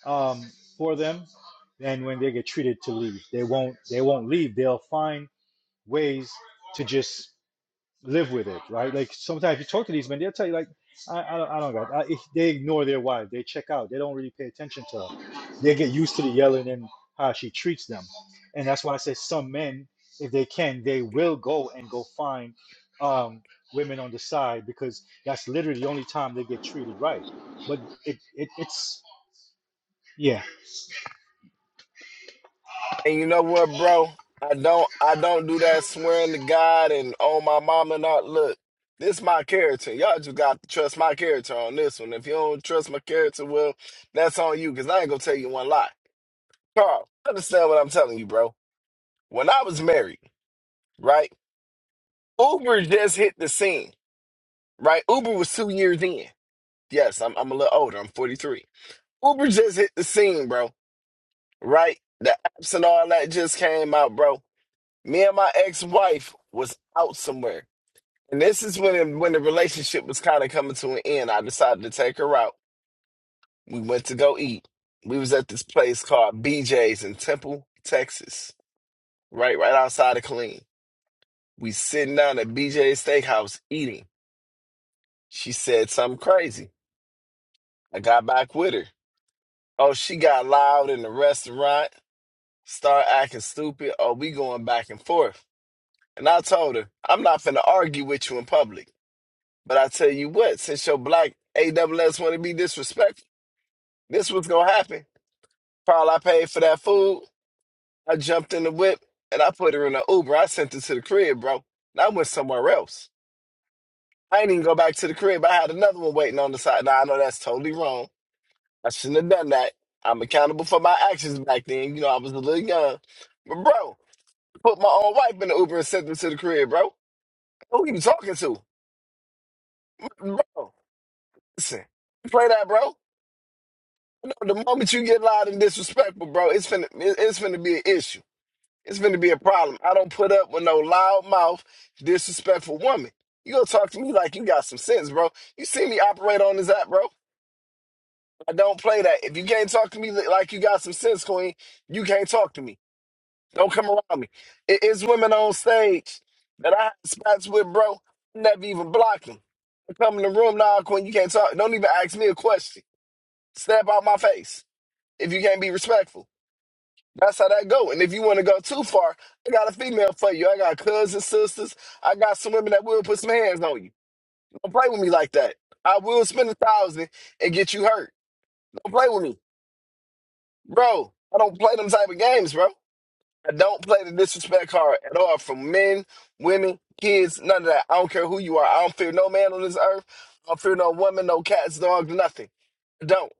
Speaker 3: um, for them, and when they get treated to leave, they won't they won't leave. They'll find ways to just live with it, right? Like sometimes you talk to these men, they'll tell you like, I, I don't, I don't got. I, if they ignore their wife. They check out. They don't really pay attention to her. They get used to the yelling and how she treats them, and that's why I say some men, if they can, they will go and go find um, women on the side because that's literally the only time they get treated right. But it, it it's yeah.
Speaker 11: And you know what, bro? I don't I don't do that swearing to God and oh my mama. and all. Look, this my character. Y'all just got to trust my character on this one. If you don't trust my character, well, that's on you because I ain't gonna tell you one lie. Carl, understand what I'm telling you, bro. When I was married, right? Uber just hit the scene, right? Uber was two years in. Yes, I'm I'm a little older. I'm 43. Uber just hit the scene, bro. Right? The apps and all that just came out, bro me and my ex-wife was out somewhere and this is when it, when the relationship was kind of coming to an end i decided to take her out we went to go eat we was at this place called bj's in temple texas right right outside of killeen we sitting down at bj's steakhouse eating she said something crazy i got back with her oh she got loud in the restaurant start acting stupid oh we going back and forth and i told her i'm not finna argue with you in public But I tell you what, since your black AWS want to be disrespectful, this was gonna happen. Carl, I paid for that food. I jumped in the whip and I put her in an Uber. I sent her to the crib, bro. And I went somewhere else. I ain't even go back to the crib. I had another one waiting on the side. Now I know that's totally wrong. I shouldn't have done that. I'm accountable for my actions back then. You know, I was a little young. But bro, put my own wife in the Uber and sent her to the crib, bro. Who you talking to? Bro, listen, play that, bro. No, the moment you get loud and disrespectful, bro, it's finna it- it's finna be an issue. It's finna be a problem. I don't put up with no loud mouth, disrespectful woman. You gonna talk to me like you got some sense, bro. You see me operate on this app, bro. I don't play that. If you can't talk to me li- like you got some sense, Queen, you can't talk to me. Don't come around me. It- It's women on stage that I have spats with, bro. Never even block them. I come in the room now, Queen. You can't talk. Don't even ask me a question. Step out my face if you can't be respectful. That's how that go. And if you want to go too far, I got a female for you. I got cousins, sisters. I got some women that will put some hands on you. Don't play with me like that. I will spend a thousand and get you hurt. Don't play with me, bro. I don't play them type of games, bro. I don't play the disrespect card at all from men, women, kids, none of that. I don't care who you are. I don't fear no man on this earth. I don't fear no woman, no cats, dog, nothing. I don't.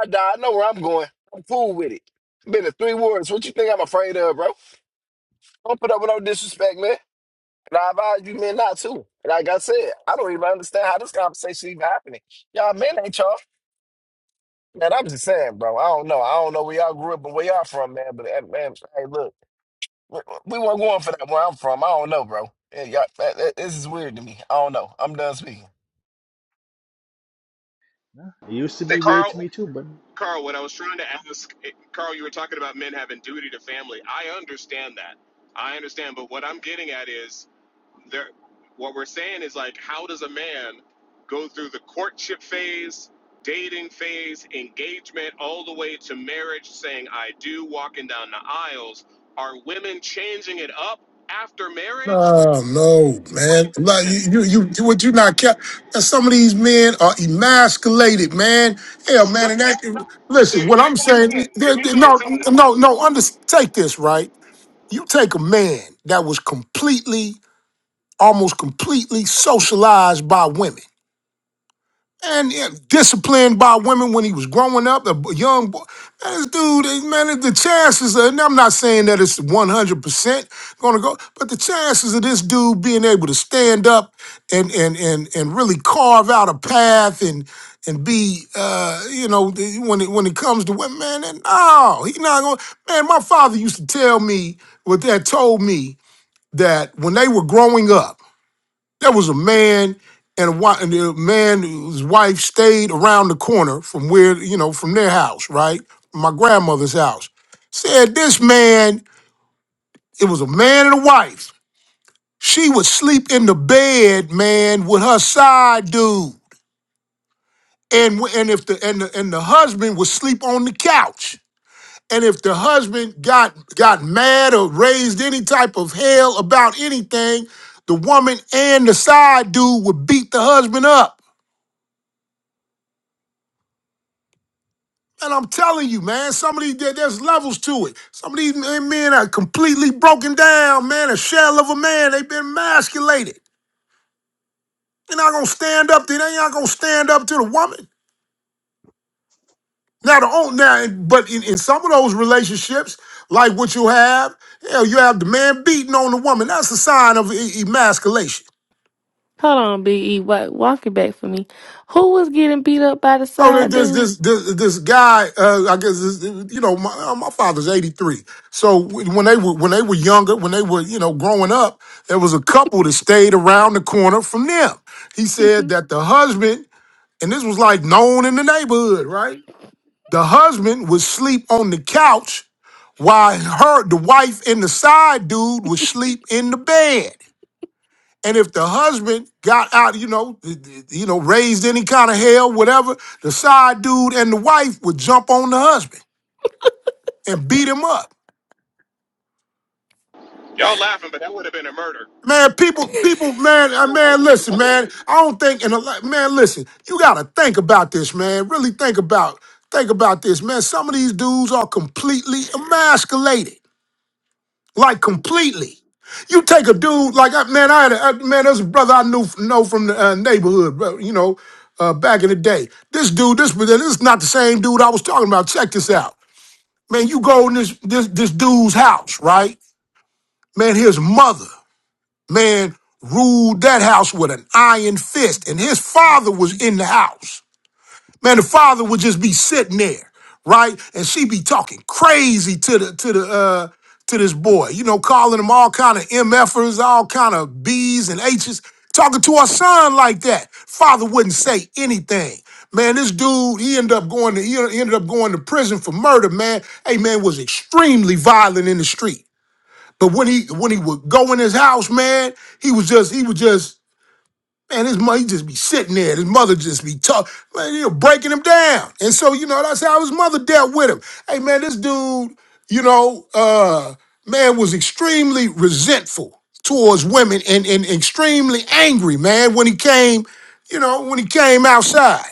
Speaker 11: I die. I know where I'm going. I'm cool with it. Been to three wars. What you think I'm afraid of, bro? Don't put up with no disrespect, man. And I advise you men not to. And like I said, I don't even understand how this conversation even happening. Y'all men ain't y'all. Man, I'm just saying, bro. I don't know. I don't know where y'all grew up and where y'all from, man. But eh, man, hey, look, we, we weren't going for that where I'm from. I don't know, bro. Yeah, y'all, that, that- this is weird to me. I don't know. I'm done speaking.
Speaker 3: Yeah, It used to
Speaker 12: That
Speaker 3: be weird to
Speaker 12: Carl,
Speaker 3: me too, but
Speaker 12: Carl, what I was trying to ask, eh, Carl, you were talking about men having duty to family. I understand that. I understand, but what I'm getting at is there what we're saying is like how does a man go through the courtship phase dating phase engagement all the way to marriage saying i do walking down the aisles are women changing it up after marriage
Speaker 10: No, no, man. Like you, you, you you- what you not care? that Some of these men are emasculated, man. Hell, man.
Speaker 12: No,
Speaker 10: And
Speaker 12: no,
Speaker 10: that,
Speaker 12: no. You're
Speaker 10: listen, what I'm
Speaker 12: missing what I'm
Speaker 10: saying,
Speaker 12: saying.
Speaker 10: there-
Speaker 12: You're
Speaker 10: there-
Speaker 12: missing what I'm
Speaker 10: no,
Speaker 12: saying.
Speaker 10: no, no. Under, take this right. You take a man that was completely, almost completely socialized by women and yeah, disciplined by women when he was growing up, a b- young boy. Man, this dude, eh, man, the chances are, and I'm not saying that it's 100% going to go, but the chances of this dude being able to stand up and and and and really carve out a path and and be, uh, you know, the- when it when it comes to women, man, that- no, he not going. to Man, my father used to tell me what that told me that when they were growing up. There was a man and a, wi- and a man whose wife stayed around the corner from where, you know, from their house, right? My grandmother's house. Said this man, it was a man and a wife. She would sleep in the bed, man, with her side dude. And w- and if the and the, and the husband would sleep on the couch. And if the husband got got mad or raised any type of hell about anything, the woman and the side dude would beat the husband up. And I'm telling you, man, some of these there- there's levels to it. Some of these men are completely broken down, man, a shell of a man. They've been emasculated. They're not gonna stand up. to- They ain't not gonna stand up to the woman. Now the own now, but in, in some of those relationships, like what you have, hell, you have the man beating on the woman. That's a sign of e- emasculation.
Speaker 2: Hold on, Big E. Walk, walk it back for me. Who was getting beat up by the
Speaker 10: So there-
Speaker 2: side
Speaker 10: this
Speaker 2: dude?
Speaker 10: this this this guy, uh, I guess this, you know, my, uh, my father's eighty three. So when they were when they were younger, when they were you know growing up, there was a couple that stayed around the corner from them. He said that the husband, and this was like known in the neighborhood, right? The husband would sleep on the couch while her, the wife, and the side dude would sleep in the bed. And if the husband got out, you know, th- th- you know, raised any kind of hell, whatever, the side dude and the wife would jump on the husband and beat him up.
Speaker 12: Y'all laughing, but that would have been a murder.
Speaker 10: Man, people, people, man, uh, man, listen, man. I don't think, and a lot- man, listen, you gotta think about this, man. Really think about, think about this, man. Some of these dudes are completely emasculated. like completely. You take a dude like I- man, I had a, I- man, there's a brother I knew know from the uh, neighborhood, bro, you know, uh, back in the day. This dude, this this is not the same dude I was talking about. Check this out, man. You go in this this this dude's house, right? Man, his mother, man, ruled that house with an iron fist, and his father was in the house. Man, the father would just be sitting there, right? And she be talking crazy to the to the uh to this boy, you know, calling him all kind of MFers, all kind of B's and H's, talking to our son like that. Father wouldn't say anything. Man, this dude, he ended up going to he ended up going to prison for murder, man. Hey man was extremely violent in the street. But when he when he would go in his house, man, he was just he was just Man, his mother he just be sitting there. His mother just be talking, Man, you know, breaking him down. And so, you know, that's how his mother dealt with him. Hey, man, this dude, you know, uh, man, was extremely resentful towards women and, and extremely angry, man, when he came, you know, when he came outside.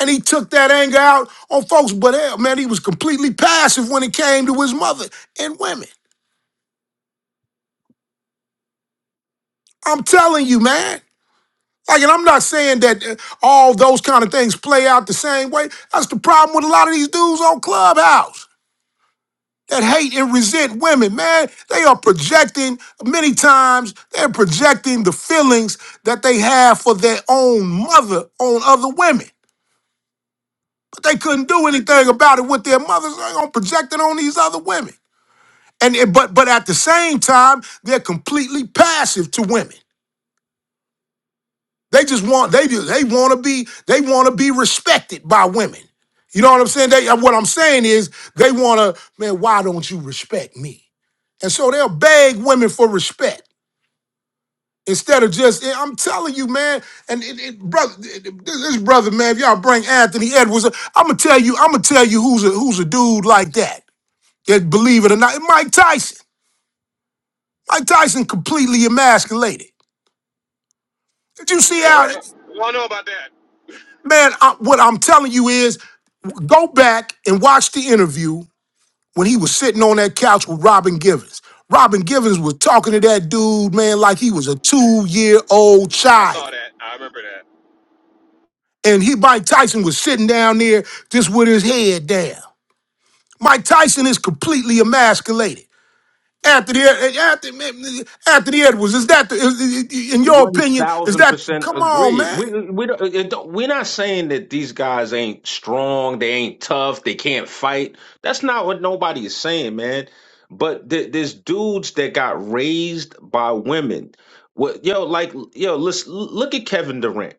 Speaker 10: And he took that anger out on folks, but hell, man, he was completely passive when it came to his mother and women. I'm telling you, man. Like, and I'm not saying that uh, all those kind of things play out the same way. That's the problem with a lot of these dudes on Clubhouse that hate and resent women, man. They are projecting, many times, they're projecting the feelings that they have for their own mother on other women. But they couldn't do anything about it with their mothers. They're going to project it on these other women. And it- but but at the same time, they're completely passive to women. They just want they just they want to be they want to be respected by women. You know what I'm saying? They uh, what I'm saying is they want to man. Why don't you respect me? And so they'll beg women for respect instead of just. "Yeah, I'm telling you, man. And it, it, brother, it- this this brother, man. If y'all bring Anthony Edwards, I'm gonna tell you. I'm gonna tell you who's a who's a dude like that. That believe it or not, Mike Tyson. Mike Tyson completely emasculated. Did you see
Speaker 12: We
Speaker 10: how?
Speaker 12: all, we all know about that.
Speaker 10: Man, I, what I'm telling you is go back and watch the interview when he was sitting on that couch with Robin Givens. Robin Givens was talking to that dude, man, like he was a two year old
Speaker 12: I
Speaker 10: child.
Speaker 12: saw that. I remember that.
Speaker 10: And he, Mike Tyson, was sitting down there just with his head down. Mike Tyson is completely emasculated. Anthony, Ed- Anthony, Anthony Edwards, is that, the, is- is- in your
Speaker 14: One
Speaker 10: opinion, is
Speaker 14: thousand
Speaker 10: that,
Speaker 14: percent
Speaker 10: come on,
Speaker 14: agree.
Speaker 10: man.
Speaker 14: We we don't, it don't- we're not saying that these guys ain't strong, they ain't tough, they can't fight. That's not what nobody is saying, man. But th- there's dudes that got raised by women. What yo like yo? Let's look at Kevin Durant.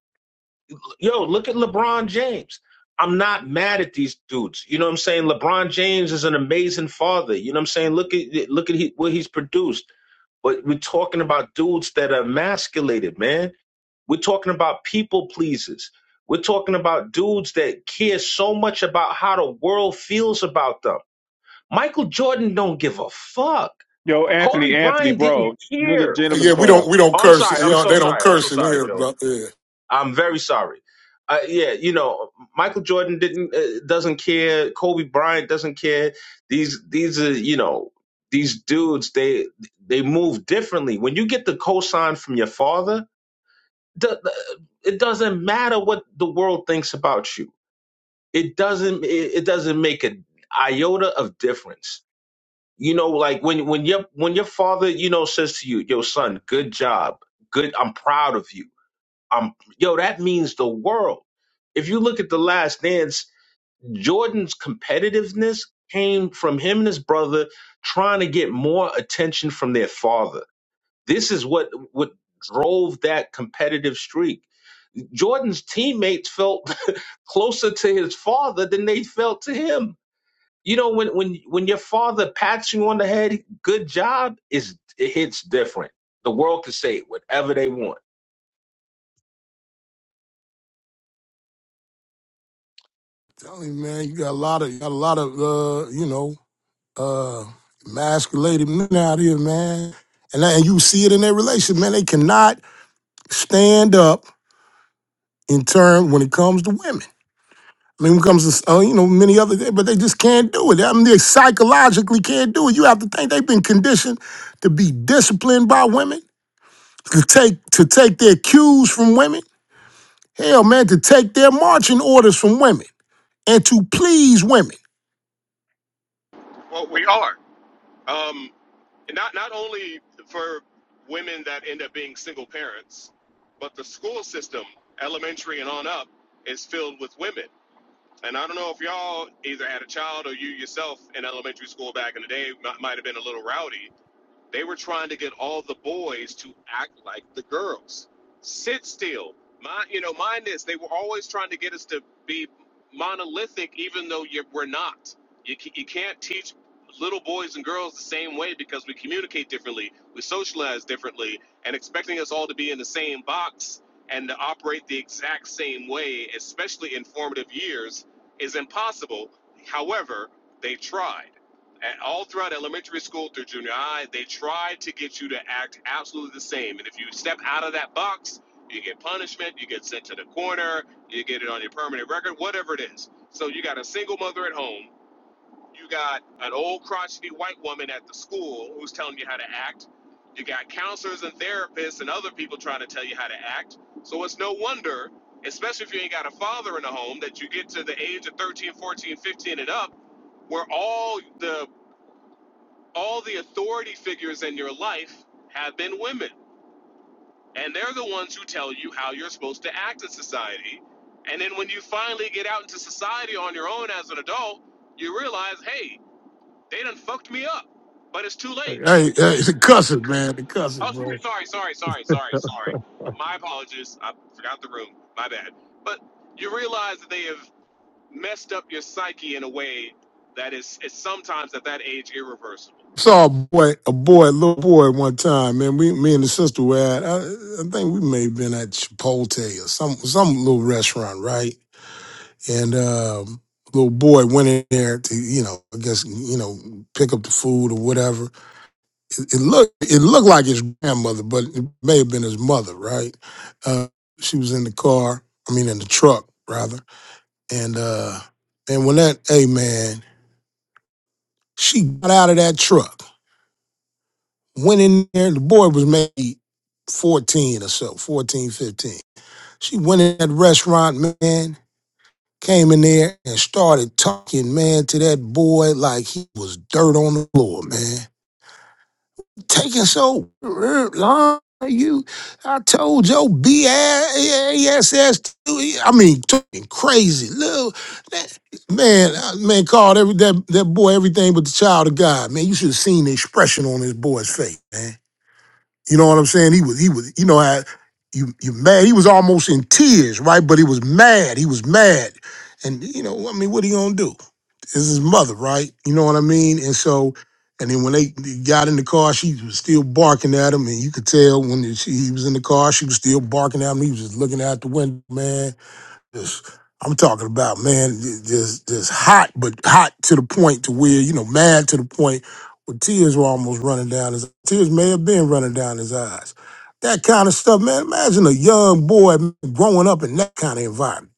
Speaker 14: Yo, look at LeBron James. I'm not mad at these dudes. You know what I'm saying? LeBron James is an amazing father. You know what I'm saying? Look at look at he, what he's produced. But we're talking about dudes that are emasculated, man we're talking about people pleasers. We're talking about dudes that care so much about how the world feels about them. Michael Jordan don't give a fuck.
Speaker 1: Yo,
Speaker 14: Kobe
Speaker 1: Anthony, Anthony,
Speaker 14: Bryant didn't
Speaker 1: bro, you in the
Speaker 14: care.
Speaker 1: gentleman's
Speaker 10: Yeah, we
Speaker 1: club.
Speaker 10: don't, we don't
Speaker 14: Oh, I'm
Speaker 10: curse.
Speaker 14: sorry.
Speaker 10: You
Speaker 14: I'm
Speaker 10: know,
Speaker 14: so
Speaker 10: they don't
Speaker 14: sorry. I'm so
Speaker 10: curse in
Speaker 14: sorry,
Speaker 10: here,
Speaker 14: Joe.
Speaker 10: bro.
Speaker 14: I'm very sorry. Uh, yeah, you know, Michael Jordan didn't uh, doesn't care. Kobe Bryant doesn't care. These these are you know these dudes they they move differently. When you get the cosign from your father, the, the- it doesn't matter what the world thinks about you. It doesn't it, it doesn't make an iota of difference. You know, like when when your when your father, you know, says to you, "Yo, son, good job, good. I'm proud of you. I'm yo." That means the world. If you look at the Last Dance, Jordan's competitiveness came from him and his brother trying to get more attention from their father. This is what what drove that competitive streak Jordan's teammates felt closer to his father than they felt to him. You know, when when when your father pats you on the head, good job is it hits different. The world can say whatever they want.
Speaker 10: telling you, man, you got a lot of, you got a lot of, uh, you know, uh, masculated men out here, man. And, that- and you see it in their relationship, man. They cannot stand up in turn when it comes to women. I mean, when it comes to, uh, you know, many other things, but they just can't do it. I mean, they psychologically can't do it. You have to think they've been conditioned to be disciplined by women, to take, to take their cues from women. Hell, man, to take their marching orders from women and to please women.
Speaker 12: Well, we are. Um, not not only for women that end up being single parents, but the school system, elementary and on up, is filled with women. And I don't know if y'all either had a child or you yourself in elementary school back in the day might might have been a little rowdy They were trying to get all the boys to act like the girls. Sit still. Mind, you know, mind this. They were always trying to get us to be monolithic, even though you, we're not. You, ca- you can't teach little boys and girls the same way because we communicate differently, we socialize differently, and expecting us all to be in the same box and to operate the exact same way, especially in formative years, is impossible. However, they tried. And all throughout elementary school through junior high, they try to get you to act absolutely the same. And if you step out of that box, you get punishment, you get sent to the corner, you get it on your permanent record, whatever it is. So you got a single mother at home, you got an old crotchety white woman at the school who's telling you how to act, you got counselors and therapists and other people trying to tell you how to act. So it's no wonder, especially if you ain't got a father in the home, that you get to the age of 13, 14, 15, and up where all the all the authority figures in your life have been women. And they're the ones who tell you how you're supposed to act in society. And then when you finally get out into society on your own as an adult, you realize, hey, they done fucked me up. But it's too late.
Speaker 10: Hey, hey, the cussing, man, the cussing,
Speaker 12: Oh,
Speaker 10: bro.
Speaker 12: sorry, sorry, sorry, sorry, sorry. My apologies. I forgot the room. My bad. But you realize that they have messed up your psyche in a way that is, is sometimes at that age irreversible.
Speaker 10: Saw a boy, a boy, a little boy, one time, man. We, me and the sister were at. I, I think we may have been at Chipotle or some some little restaurant, right? And um, little boy went in there to, you know, I guess, you know, pick up the food or whatever. It, it looked, it looked like his grandmother, but it may have been his mother, right? Uh, she was in the car. I mean, in the truck rather. And uh, and when that, hey, man. She got out of that truck, went in there. The boy was maybe 14 or so, 14, 15. She went in that restaurant, man, came in there and started talking, man, to that boy like he was dirt on the floor, man. taking so er, long. You, I told your BASS, I mean, talking crazy, little that- man, uh, man called every that, that boy everything but the child of God. Man, you should have seen the expression on this boy's face, man. You know what I'm saying? He was, he was, you know how you you mad. He was almost in tears, right? But he was mad. He was mad. And you know, I mean, what he gonna do? This is his mother, right? You know what I mean? And so, and then when they got in the car, she was still barking at him, and you could tell when she, he was in the car, she was still barking at him. He was just looking out the window, man. Just, I'm talking about man, j- just just hot, but hot to the point to where you know, mad to the point where tears were almost running down his tears may have been running down his eyes. That kind of stuff, man. Imagine a young boy growing up in that kind of environment.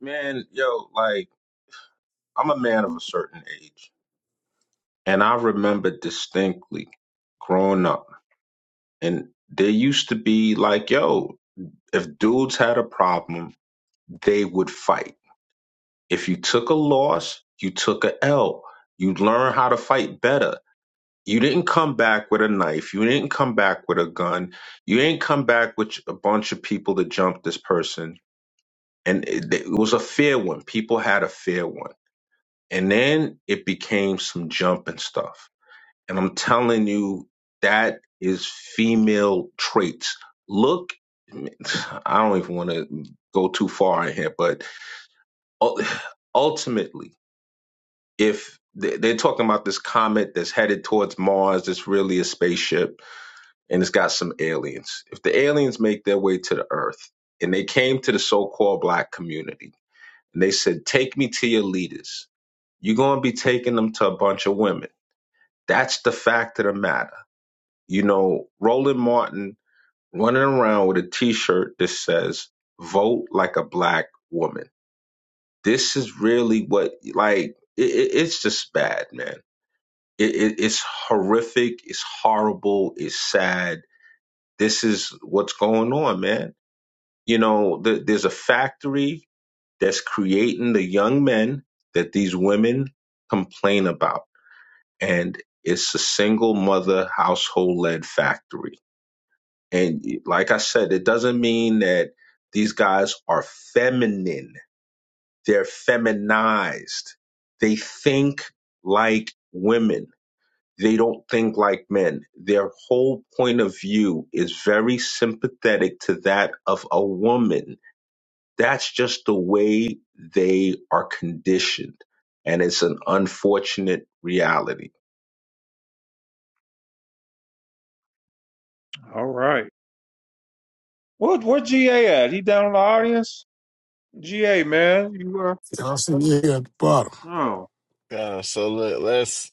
Speaker 14: Man, yo, like I'm a man of a certain age, and I remember distinctly growing up, and there used to be like, yo, if dudes had a problem, they would fight. If you took a loss, you took a L. You learn how to fight better. You didn't come back with a knife. You didn't come back with a gun. You didn't come back with a bunch of people to jump this person. And it, it was a fair one. People had a fair one. And then it became some jumping stuff. And I'm telling you, that is female traits. Look, I don't even want to go too far in here, but ul- ultimately, if they- they're talking about this comet that's headed towards Mars, it's really a spaceship and it's got some aliens. If the aliens make their way to the earth and they came to the so called black community and they said, Take me to your leaders, you're going to be taking them to a bunch of women. That's the fact of the matter. You know, Roland Martin running around with a t shirt that says, Vote like a black woman. This is really what, like, it, it, it's just bad, man. It, it, it's horrific. It's horrible. It's sad. This is what's going on, man You know, th- there's a factory that's creating the young men that these women complain about. And it's a single mother household led factory. And like I said, it doesn't mean that these guys are feminine, they're feminized. They think like women. They don't think like men. Their whole point of view is very sympathetic to that of a woman That's just the way they are conditioned. And it's an unfortunate reality.
Speaker 1: All right. What where GA at? He down in the audience? GA, man. You were
Speaker 10: You know, I'm sitting here at the
Speaker 1: oh.
Speaker 11: Uh, so look, let's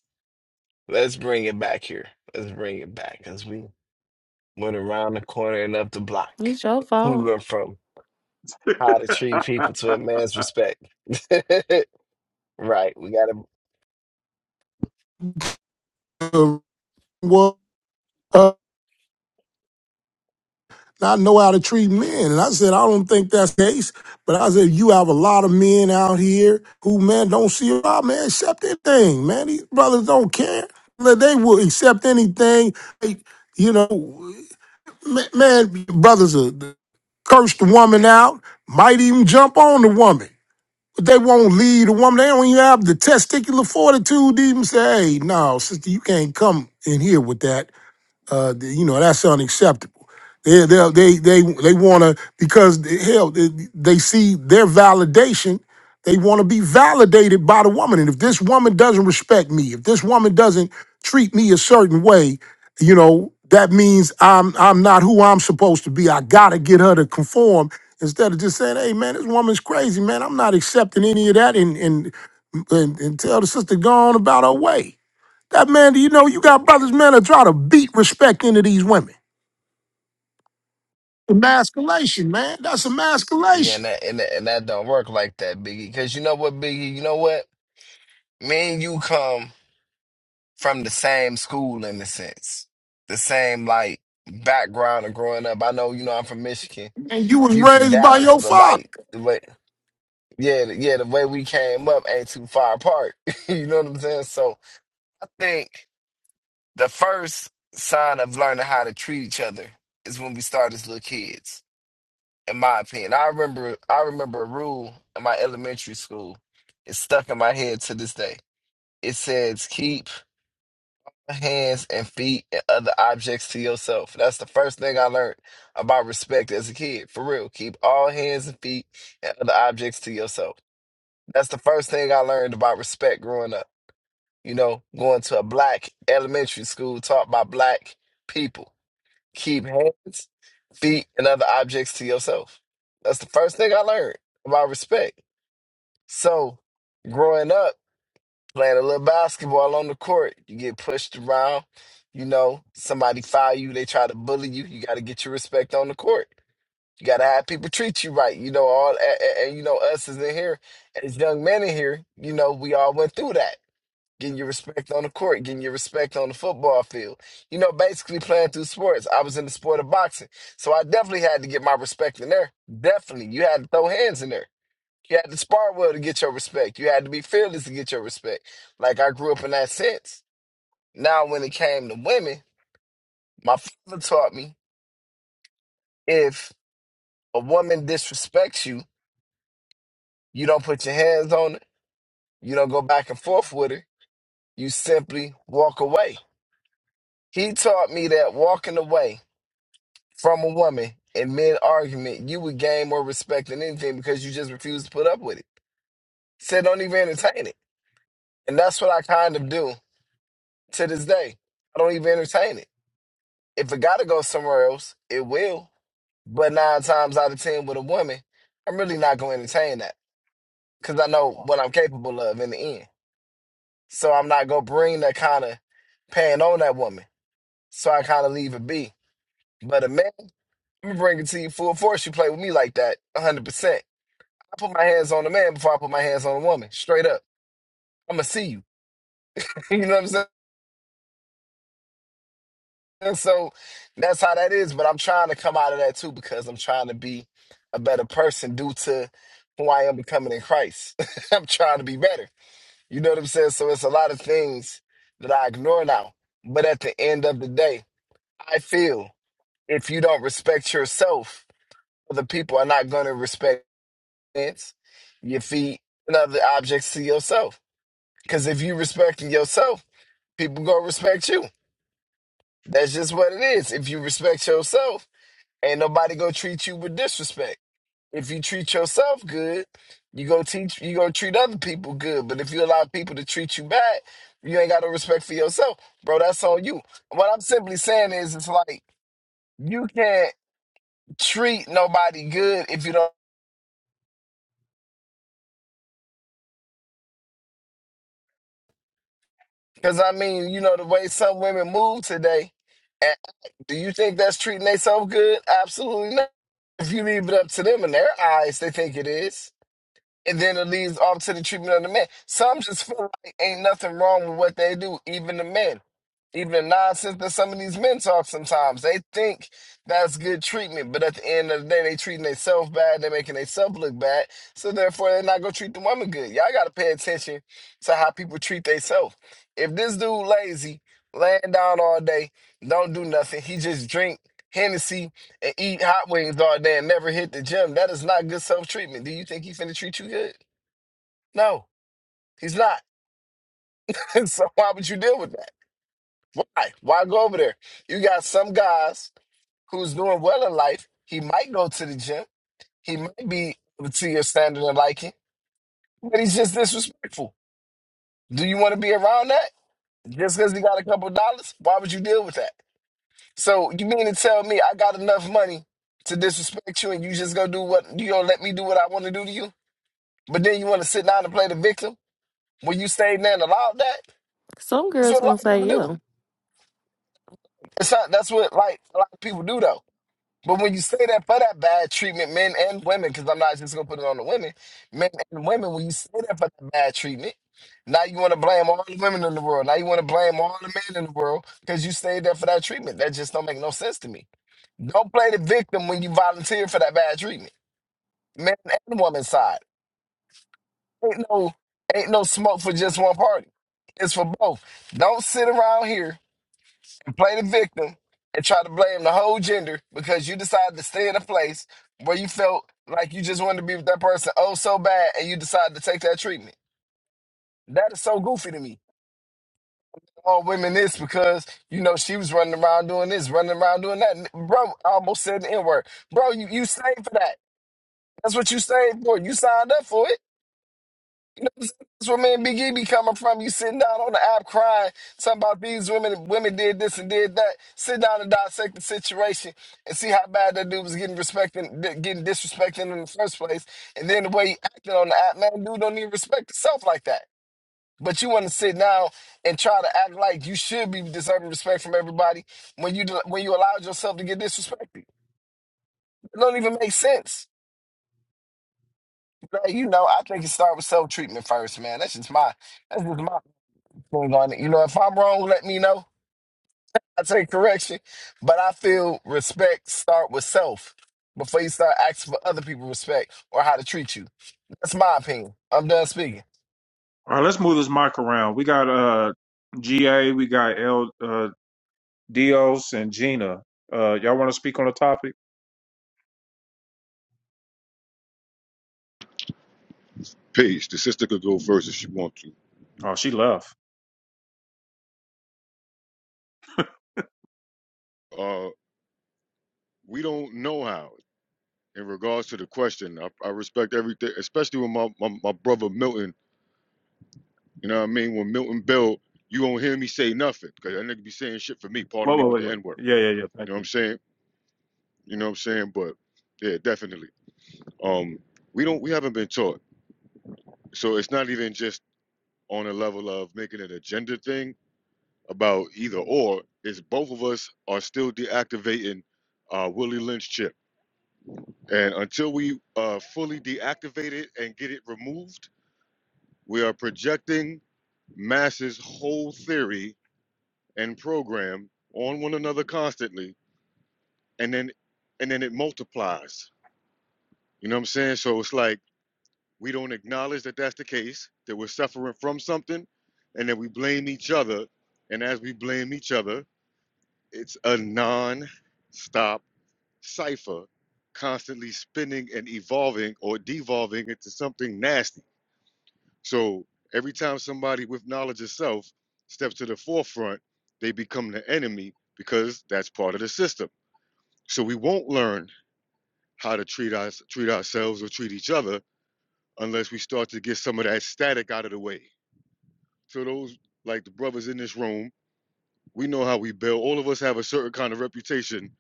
Speaker 11: let's bring it back here. Let's bring it back because we went around the corner and up the block.
Speaker 2: it's your
Speaker 11: We
Speaker 2: fault.
Speaker 11: went from how to treat
Speaker 1: All
Speaker 11: people to a man's respect. Right. We gotta
Speaker 10: bottom. Well, uh, I know how to treat men. And I said, I don't think that's the case. But I said, you have a lot of men out here who, man, don't see about, man, accept anything, man. These brothers don't care. Like, They will accept anything. Like, you know, ma- man, brothers are, curse the woman out, might even jump on the woman. But they won't lead the woman. They don't even have the testicular fortitude to even say, hey, no, sister, you can't come in here with that. Uh, th- you know that's unacceptable. They they they they, they want to because the- hell they, they see their validation. They want to be validated by the woman, and if this woman doesn't respect me, if this woman doesn't treat me a certain way, you know that means I'm I'm not who I'm supposed to be. I gotta get her to conform instead of just saying, "Hey man, this woman's crazy, man. I'm not accepting any of that," and and and, and tell the sister go on about her way. That man, do you know you got brothers, man, that try to beat respect into these women? Emasculation, man. That's
Speaker 11: Yeah,
Speaker 10: emasculation.
Speaker 11: and that, and that and that don't work like that, Biggie. Cause you know what, Biggie, you know what? Me and you come from the same school in a sense. The same like background of growing up. I know, you know, I'm from Michigan.
Speaker 10: And you was
Speaker 11: You from
Speaker 10: raised by
Speaker 11: Dallas,
Speaker 10: your
Speaker 11: but
Speaker 10: father.
Speaker 11: like the way yeah, the- yeah, the way we came up ain't too far apart. you know what I'm saying? So I think the first sign of learning how to treat each other is when we start as little kids. in my opinion. I remember I remember a rule in my elementary school. It's stuck in my head to this day. It says keep hands and feet and other objects to yourself. That's the first thing I learned about respect as a kid. For real. Keep all hands and feet and other objects to yourself. That's the first thing I learned about respect growing up. You know, going to a black elementary school taught by black people. Keep hands, feet, and other objects to yourself. That's the first thing I learned about respect. So, growing up, playing a little basketball on the court, you get pushed around. You know, somebody foul you, they try to bully you. You got to get your respect on the court. You got to have people treat you right. You know, all, and, and you know, us is in here, as young men in here, you know, we all went through that getting your respect on the court, getting your respect on the football field. You know, basically playing through sports. I was in the sport of boxing, so I definitely had to get my respect in there. Definitely, you had to throw hands in there. You had to spar well to get your respect. You had to be fearless to get your respect. Like I grew up in that sense. Now, when it came to women, my father taught me if a woman disrespects you, you don't put your hands on her. You don't go back and forth with her. You simply walk away. He taught me that walking away from a woman in mid argument, you would gain more respect than anything because you just refuse to put up with it. Said don't even entertain it. And that's what I kind of do to this day. I don't even entertain it. If it gotta go somewhere else, it will. But nine times out of ten with a woman, I'm really not gonna entertain that. Cause I know what I'm capable of in the end. So I'm not gonna bring that kind of pain on that woman. So I kind of leave it be. But a man, I'm gonna bring it to you full force. You play with me like that, 100%. I put my hands on a man before I put my hands on a woman. Straight up. I'm gonna see you. you know what I'm saying? So that's how that is. But I'm trying to come out of that too because I'm trying to be a better person due to who I am becoming in Christ. I'm trying to be better. You know what I'm saying? So it's a lot of things that I ignore now. But at the end of the day, I feel if you don't respect yourself, other people are not gonna respect your hands, your feet and other objects to yourself. Because if you respecting yourself, people gonna respect you. That's just what it is. If you respect yourself, ain't nobody gonna treat you with disrespect. If you treat yourself good, you go teach you gonna treat other people good. But if you allow people to treat you bad, you ain't got no respect for yourself. Bro, that's on you. What I'm simply saying is it's like you can't treat nobody good if you don't Because I mean, you know, the way some women move today, and do you think that's treating themselves good? Absolutely not. If you leave it up to them in their eyes, they think it is. And then it leads off to the treatment of the men. Some just feel like ain't nothing wrong with what they do, even the men even the nonsense that some of these men talk sometimes. They think that's good treatment, but at the end of the day, they treating themselves bad. They're making themselves look bad. So therefore, they're not gonna treat the woman good. Y'all gotta pay attention to how people treat themselves. If this dude lazy, laying down all day, don't do nothing, he just drink Hennessy and eat hot wings all day and never hit the gym. That is not good self treatment. Do you think he finna treat you good? No, he's not. so why would you deal with that? Why? Why go over there? You got some guys who's doing well in life. He might go to the gym. He might be to your standard and liking, but he's just disrespectful. Do you want to be around that? Just because he got a couple dollars, why would you deal with that? So you mean to tell me I got enough money to disrespect you, and you just go do what you don't let me do what I want to do to you? But then you want to sit down and play the victim when you stayed there and allowed that?
Speaker 2: Some
Speaker 11: That's
Speaker 2: girls
Speaker 11: what a
Speaker 2: gonna
Speaker 11: lot of
Speaker 2: say
Speaker 11: people do.
Speaker 2: yeah.
Speaker 11: It's not, that's what like a lot of people do though. But when you say that for that bad treatment, men and women, because I'm not just gonna put it on the women, men and women, when you say that for that bad treatment, now you want to blame all the women in the world. Now you want to blame all the men in the world because you stayed there for that treatment. That just don't make no sense to me. Don't play the victim when you volunteer for that bad treatment, men and woman side. Ain't no, ain't no smoke for just one party. It's for both. Don't sit around here play the victim and try to blame the whole gender because you decided to stay in a place where you felt like you just wanted to be with that person oh so bad and you decided to take that treatment. That is so goofy to me. All women this because you know she was running around doing this, running around doing that. Bro, I almost said the N word. Bro, you, you saved for that. That's what you saved for. You signed up for it. That's where me and Big E be coming from. You sitting down on the app crying, something about these women, women did this and did that. Sit down and dissect the situation and see how bad that dude was getting respected, getting disrespected in the first place. And then the way he acted on the app, man, dude don't even respect himself like that. But you want to sit down and try to act like you should be deserving respect from everybody when you when you allowed yourself to get disrespected. It don't even make sense. Like, you know, I think it starts with self treatment first, man. That's just my that's just my we going to- You know, if I'm wrong, let me know. I take correction. But I feel respect start with self before you start asking for other people respect or how to treat you. That's my opinion. I'm done speaking.
Speaker 1: right, let's move this mic around. We got uh GA, we got L uh Dios and Gina. Uh, y'all want to speak on the topic?
Speaker 15: Peace. The sister could go first if she wants to.
Speaker 1: Oh, she left.
Speaker 15: Uh, we don't know how. In regards to the question, I, I respect everything, especially when my, my, my brother Milton, you know what I mean? When Milton Bell, you won't hear me say nothing because that nigga be saying shit for me, part
Speaker 1: Whoa,
Speaker 15: me
Speaker 1: whoa, whoa.
Speaker 15: with the
Speaker 1: Yeah,
Speaker 15: N word.
Speaker 1: yeah, yeah. yeah, Thank
Speaker 15: You know what I'm
Speaker 1: you.
Speaker 15: saying? You know what I'm saying? But yeah, definitely. Um, we don't, we haven't been taught. So it's not even just on a level of making an agenda thing about either or. It's both of us are still deactivating uh, Willie Lynch chip. And until we uh, fully deactivate it and get it removed, we are projecting masses' whole theory and program on one another constantly, and then and then it multiplies. You know what I'm saying? So it's like we don't acknowledge that that's the case, that we're suffering from something, and then we blame each other. And as we blame each other, it's a non-stop cipher, constantly spinning and evolving or devolving into something nasty So every time somebody with knowledge of self steps to the forefront, they become the enemy because that's part of the system. So we won't learn how to treat us treat ourselves or treat each other unless we start to get some of that static out of the way. So those like the brothers in this room, we know how we build. All of us have a certain kind of reputation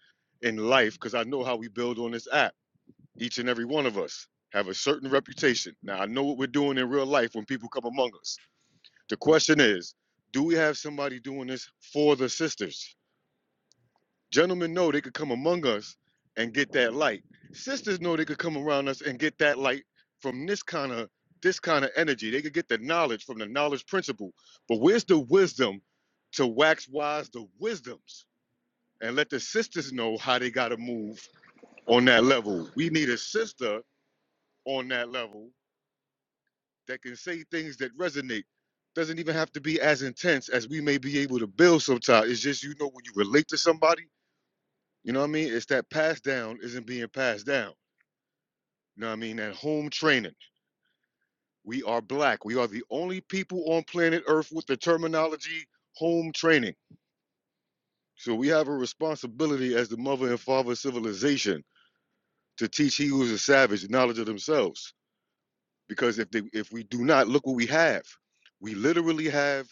Speaker 15: in life because I know how we build on this app. Each and every one of us have a certain reputation. Now I know what we're doing in real life when people come among us The question is, do we have somebody doing this for the sisters? Gentlemen know they could come among us and get that light. Sisters know they could come around us and get that light from this kind of this kind of energy. They could get the knowledge from the knowledge principle. But where's the wisdom to wax wise the wisdoms and let the sisters know how they gotta move on that level? We need a sister on that level that can say things that resonate. Doesn't even have to be as intense as we may be able to build sometimes. It's just, you know, when you relate to somebody, you know what I mean? It's that pass down isn't being passed down. You know what I mean? That home training. We are black. We are the only people on planet Earth with the terminology home training. So we have a responsibility as the mother and father of civilization to teach he who is a savage knowledge of themselves. Because if they if we do not, look what we have. We literally have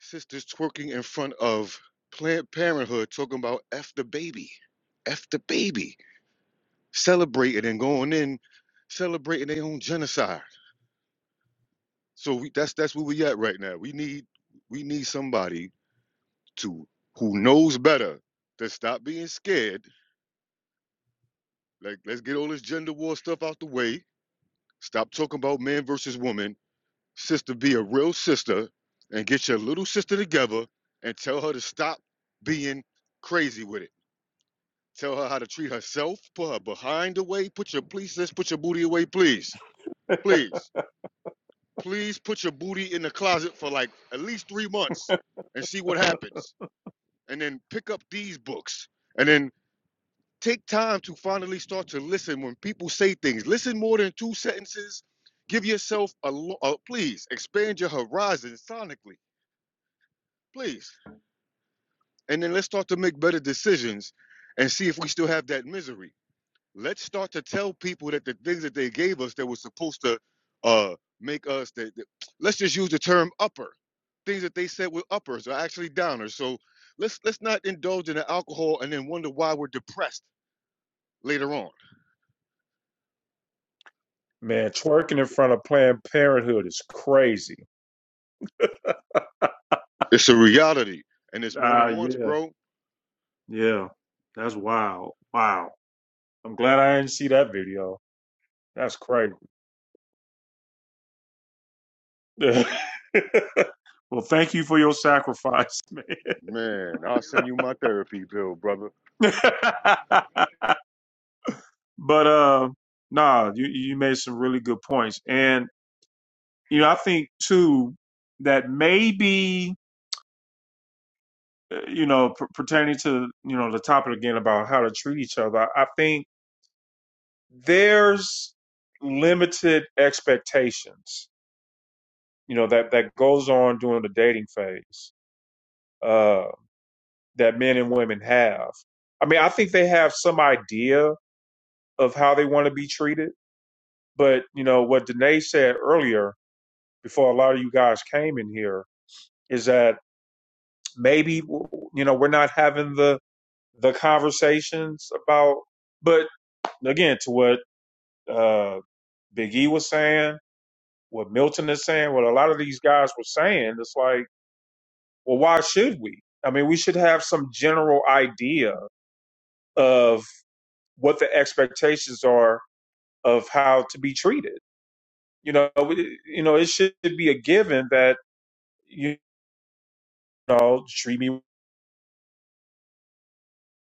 Speaker 15: sisters twerking in front of Planned Parenthood talking about F the baby, F the baby, celebrating and going in, celebrating their own genocide. So we, that's that's where we at right now. We need we need somebody to who knows better to stop being scared. Like let's get all this gender war stuff out the way. Stop talking about man versus woman. Sister, be a real sister and get your little sister together and tell her to stop being crazy with it Tell her how to treat herself. Put her behind away. Put your please, sis, put your booty away, please. Please. Please put your booty in the closet for like at least three months and see what happens. And then pick up these books. And then take time to finally start to listen when people say things. Listen more than two sentences. Give yourself a, lo- uh, please expand your horizon sonically, please. And then let's start to make better decisions and see if we still have that misery. let's start to tell people that the things that they gave us that was supposed to uh make us that, that- let's just use the term upper things that they said were uppers are actually downers so let's let's not indulge in the alcohol and then wonder why we're depressed later on
Speaker 1: Man, twerking in front of Planned Parenthood is crazy.
Speaker 15: it's a reality and it's more
Speaker 1: Ah,
Speaker 15: than once
Speaker 1: yeah,
Speaker 15: bro
Speaker 1: yeah. That's wild. Wow. I'm glad I didn't see that video. That's crazy. well, thank you for your sacrifice, man.
Speaker 15: man i'll send you my therapy bill brother
Speaker 1: but uh, nah, you you made some really good points, and you know I think too that maybe uh, you know, p- pertaining to you know the topic again about how to treat each other, I I think there's limited expectations, you know, that that goes on during the dating phase uh, that men and women have. I mean, I think they have some idea of how they want to be treated, but you know what Danae said earlier before a lot of you guys came in here is that maybe you know we're not having the the conversations about, but again, to what uh, Big E was saying, what Milton is saying, what a lot of these guys were saying. It's like, well, why should we? I mean, we should have some general idea of what the expectations are of how to be treated. You know, we- you know, it should be a given that you know treat me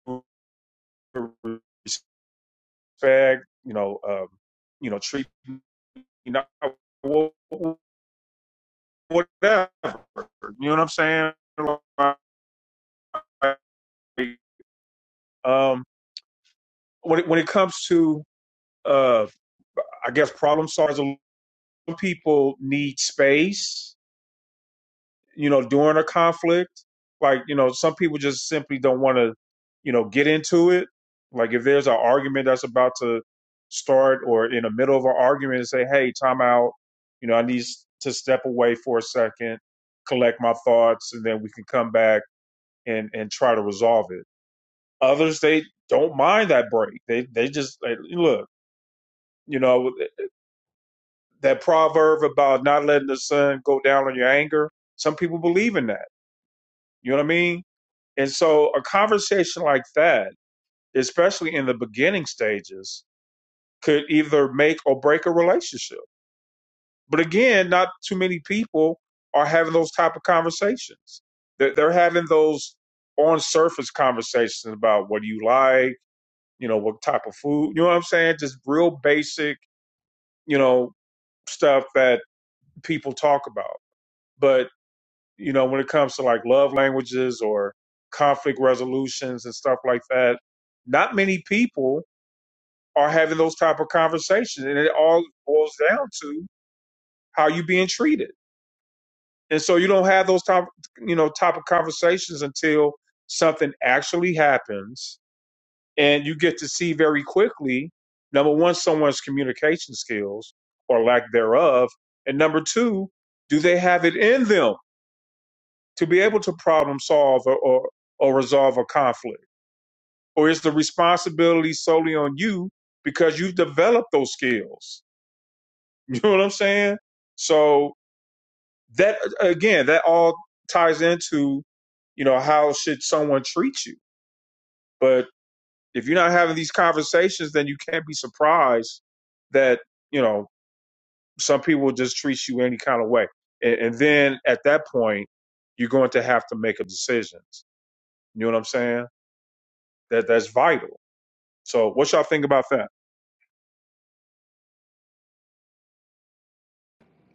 Speaker 1: with respect. You know, um, you know, treat me not wha- wha- whatever. You know what I'm saying? Like, um, when it, when it comes to uh i guess problem solvers some people need space you know during a conflict like you know some people just simply don't want to you know get into it like if there's an argument that's about to start or in the middle of an argument and say hey time out you know i need to step away for a second collect my thoughts and then we can come back and and try to resolve it others they don't mind that break they they just like, look you know that proverb about not letting the sun go down on your anger, some people believe in that. You know what I mean? And so a conversation like that, especially in the beginning stages, could either make or break a relationship. But again, not too many people are having those type of conversations. They're, they're having those on surface conversations about what do you like, you know, what type of food, you know what I'm saying? Just real basic, you know, stuff that people talk about. But you know, when it comes to like love languages or conflict resolutions and stuff like that, not many people are having those type of conversations, and it all boils down to how you are being treated. And so you don't have those type, you know, type of conversations until something actually happens, and you get to see very quickly number one someone's communication skills or lack thereof, and number two, do they have it in them? to be able to problem solve or, or, or resolve a conflict? Or is the responsibility solely on you because you've developed those skills? You know what I'm saying? So that again, that all ties into, you know, how should someone treat you? But if you're not having these conversations, then you can't be surprised that, you know, some people just treat you any kind of way. And, and then at that point, you're going to have to make a decision. You know what I'm saying? that that's vital. So what y'all think about that?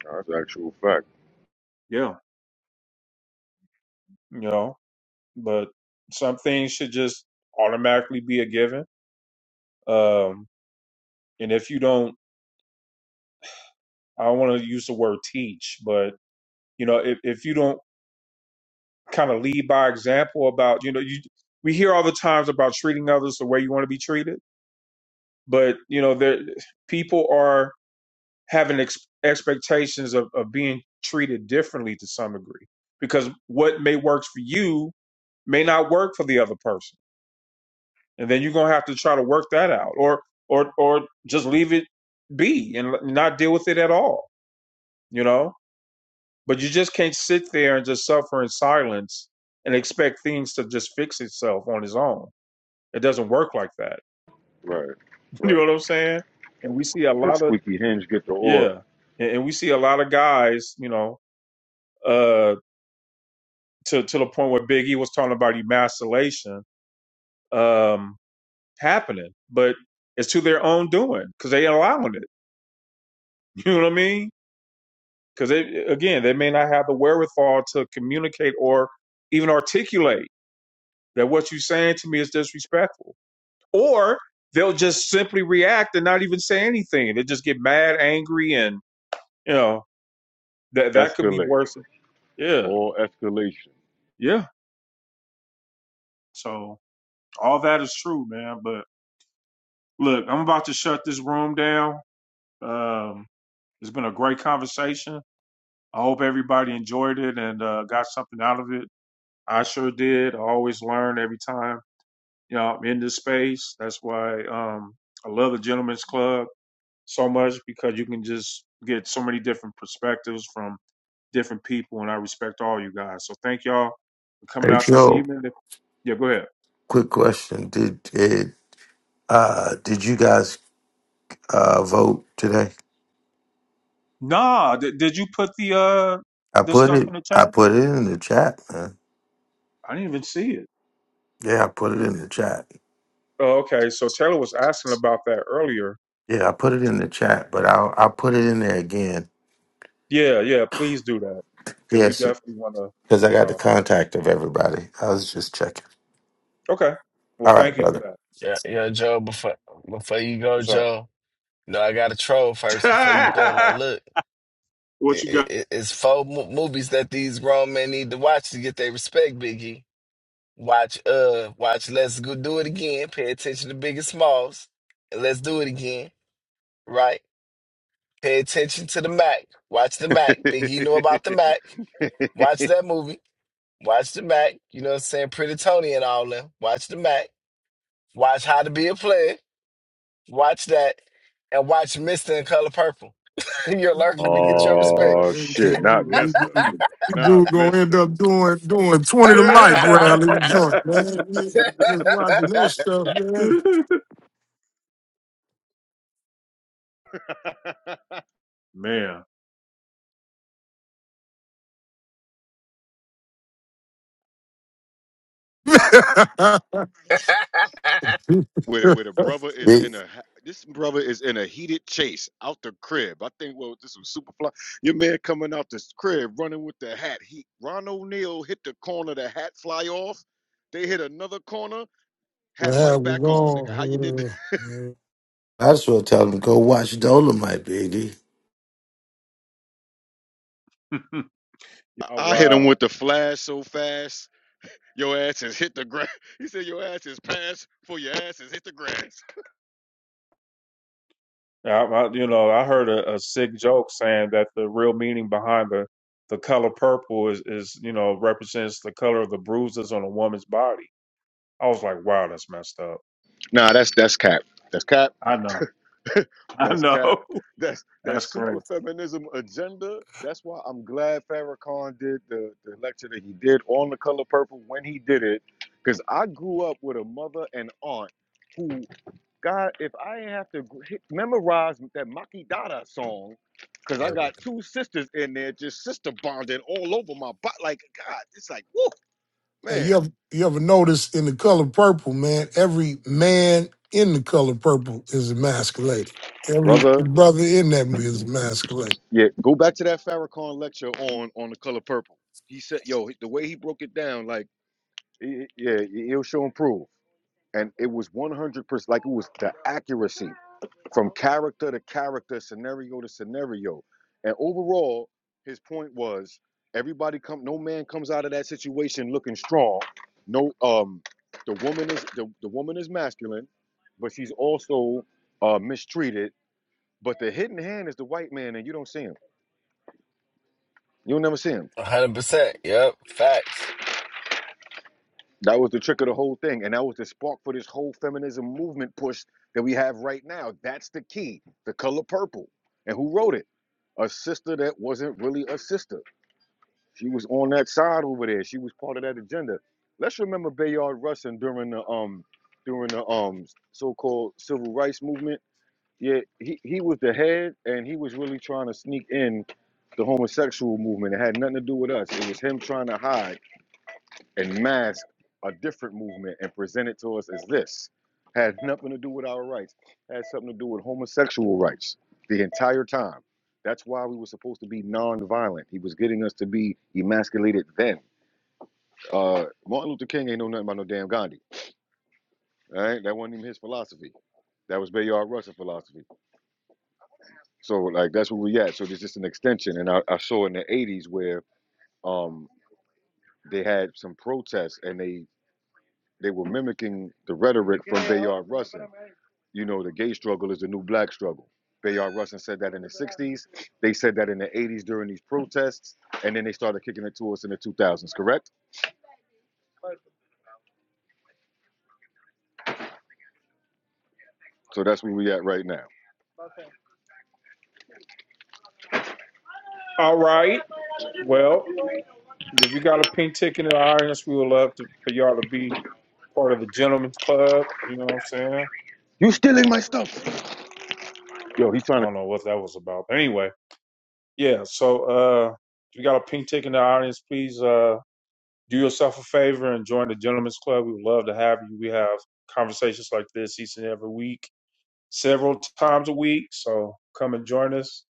Speaker 15: that's actual fact
Speaker 1: Yeah, you know, but some things should just automatically be a given. Um, and if you don't, I don't want to use the word teach, but you know, if if you don't kind of lead by example about, you know, you we hear all the times about treating others the way you want to be treated, but you know, there people are having ex- expectations of, of being treated differently to some degree because what may work for you may not work for the other person and then you're gonna have to try to work that out, or or or just leave it be and not deal with it at all, you know. But you just can't sit there and just suffer in silence and expect things to just fix itself on its own. It doesn't work like that.
Speaker 15: right
Speaker 1: you know
Speaker 15: right
Speaker 1: what I'm saying? And we see a
Speaker 15: the
Speaker 1: lot of
Speaker 15: squeaky hinge get the oil
Speaker 1: yeah, and, and we see a lot of guys, you know, uh, to to the point where Big E was talking about emasculation um happening, but it's to their own doing because they allowing it. You know what I mean? because again they may not have the wherewithal to communicate or even articulate that what you're saying to me is disrespectful or they'll just simply react and not even say anything they just get mad angry and you know that that could be
Speaker 15: escalate
Speaker 1: worse yeah
Speaker 15: all escalation
Speaker 1: yeah so all that is true man but look i'm about to shut this room down um it's been a great conversation i hope everybody enjoyed it and uh, got something out of it i sure did i always learn every time you know, in this space. That's why um, I love the Gentlemen's Club so much because you can just get so many different perspectives from different people, and I respect all you guys. So thank y'all for coming
Speaker 16: Hey
Speaker 1: out this
Speaker 16: Joe,
Speaker 1: evening. Yeah, go ahead.
Speaker 16: quick question. Did it uh did you guys uh vote today?
Speaker 1: Nah, did, did you put the uh
Speaker 16: I
Speaker 1: the
Speaker 16: put
Speaker 1: stuff
Speaker 16: it
Speaker 1: in the
Speaker 16: I
Speaker 1: chat?
Speaker 16: put it in the chat, man.
Speaker 1: I didn't even see it.
Speaker 16: Yeah, I put it
Speaker 1: it.
Speaker 16: in the chat.
Speaker 1: Oh, okay. So Taylor was asking about that earlier.
Speaker 16: Yeah, I put it in
Speaker 1: So,
Speaker 16: the chat, but I'll I'll put it in there again.
Speaker 1: yeah, yeah. Please do that because we
Speaker 16: Yes,
Speaker 1: definitely want to,
Speaker 16: because I
Speaker 1: you
Speaker 16: got the
Speaker 1: know.
Speaker 16: contact of everybody. I was just checking.
Speaker 1: Okay. Well,
Speaker 16: All right,
Speaker 1: thank you for
Speaker 16: brother.
Speaker 1: that.
Speaker 11: Yeah, yeah, Joe. Before before you go,
Speaker 1: What's up?
Speaker 11: Joe. No, I got to troll first before you go. Now look,
Speaker 1: what you got?
Speaker 11: it, it- it's four mo- movies that these grown men need to watch to get their respect, Biggie. Watch, uh, watch. Let's go do it again. Pay attention to Big and Smalls, and let's do it again, right? Pay attention to the Mac. Watch the Mac. Biggie knew about the Mac. Watch that movie. Watch the Mac. You know what I'm saying? Pretty Tony and all them. Watch the Mac. Watch How to Be a Player. Watch that. And watch Mr. in Color Purple. You'll learn how to get your
Speaker 10: Man,
Speaker 15: Oh
Speaker 11: respect.
Speaker 10: this
Speaker 15: shit! Not
Speaker 10: dude this
Speaker 15: Mister,
Speaker 10: dude- this
Speaker 15: not
Speaker 10: dude gonna end
Speaker 15: Mister.
Speaker 10: up doing doing 20 to life round in the joint, man. You- you Watching that stuff, man.
Speaker 1: Man.
Speaker 15: Where the- where the brother is
Speaker 16: Big
Speaker 15: in a ha- this brother is in a heated chase out the crib. I think well this was Superfly. Your man coming out this crib running with the hat. He Ron O'Neal hit the corner. The hat fly off. They hit another corner. Hat right
Speaker 10: man, we
Speaker 15: back on. Nigga, how you did? that?
Speaker 10: on.
Speaker 16: I just want to tell them go watch Dolomite, Biggie.
Speaker 1: Oh,
Speaker 15: I I hit him
Speaker 1: wow.
Speaker 15: with the flash so fast. Your ass is hit the grass. He said your ass is passed for your ass is hit the grass.
Speaker 1: I, I, you know, I heard a, a sick joke saying that the real meaning behind the, the color purple is, is, you know, represents the color of the bruises on a woman's body. I was like, wow, that's messed up.
Speaker 15: Nah, that's that's cap. That's cap.
Speaker 1: I know. I
Speaker 15: That's cap.
Speaker 1: know.
Speaker 15: That's that
Speaker 1: That's
Speaker 15: super
Speaker 1: crazy.
Speaker 15: feminism agenda. That's why I'm glad Farrakhan did the, the lecture that he did on the color purple when he did it. Because I grew up with a mother and aunt who, God, if I ain't have to gr- hit, memorize that Maki Dada song, because I got two sisters in there just sister bonding all over my butt. Like, God, it's like, woo,
Speaker 10: And
Speaker 15: man.
Speaker 10: you ever you ever notice in the color purple, man, every man in the color purple is emasculated. Every
Speaker 15: Brother,
Speaker 10: brother in that movie is emasculated.
Speaker 15: yeah, go back to that Farrakhan lecture on on the color purple. He said, yo, the way he broke it down, like, It- yeah, he'll show improve. And it was 100%, like it was the accuracy from character to character, scenario to scenario. And overall, his point was everybody come, no man comes out of that situation looking strong. No, um, the woman is the, the woman is masculine, but she's also uh, mistreated. But the hidden hand is the white man, and you don't see him. You'll never see him.
Speaker 11: 100%. Yep. Facts.
Speaker 15: That was the trick of the whole thing, and that was the spark for this whole feminism movement push that we have right now. That's the key. The color purple, and who wrote it? A sister that wasn't really a sister. She was on that side over there. She was part of that agenda. Let's remember Bayard Rustin during the um during the um so-called civil rights movement. Yeah, he, he was the head, and he was really trying to sneak in the homosexual movement. It had nothing to do with us. It was him trying to hide and mask a different movement and present it to us as this. Had nothing to do with our rights, had something to do with homosexual rights the entire time. That's why we were supposed to be nonviolent. He was getting us to be emasculated then. Uh, Martin Luther King ain't know nothing about no damn Gandhi. All right, that wasn't even his philosophy. That was Bayard Russell philosophy. So like that's where we at. So there's just an extension. And I, I saw in the '80s where um, they had some protests and they They were mimicking the rhetoric from Bayard Rustin. You know, the gay struggle is the new black struggle. Bayard Rustin said that in the 60s. They said that in the 80s during these protests. And then they started kicking it to us in the 2000s, correct? So that's where we at right now.
Speaker 1: All right. Well, if you got a pink ticket in the audience, we would love to, for y'all to be part of the Gentlemen's club. You know what I'm saying?
Speaker 15: You stealing my stuff. Yo, he's trying
Speaker 1: I
Speaker 15: to
Speaker 1: don't know what that was about. But anyway. Yeah, so uh, if you got a pink ticket in the audience, please uh, do yourself a favor and join the Gentlemen's Club. We would love to have you. We have conversations like this each and every week, several times a week. So come and join us.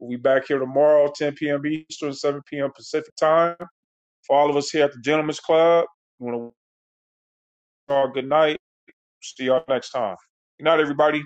Speaker 1: We'll be back here tomorrow, 10 p.m. Eastern, 7 p.m. Pacific time. For all of us here at the Gentlemen's Club, we want to wish y'all good night. See y'all next time. Good night, everybody.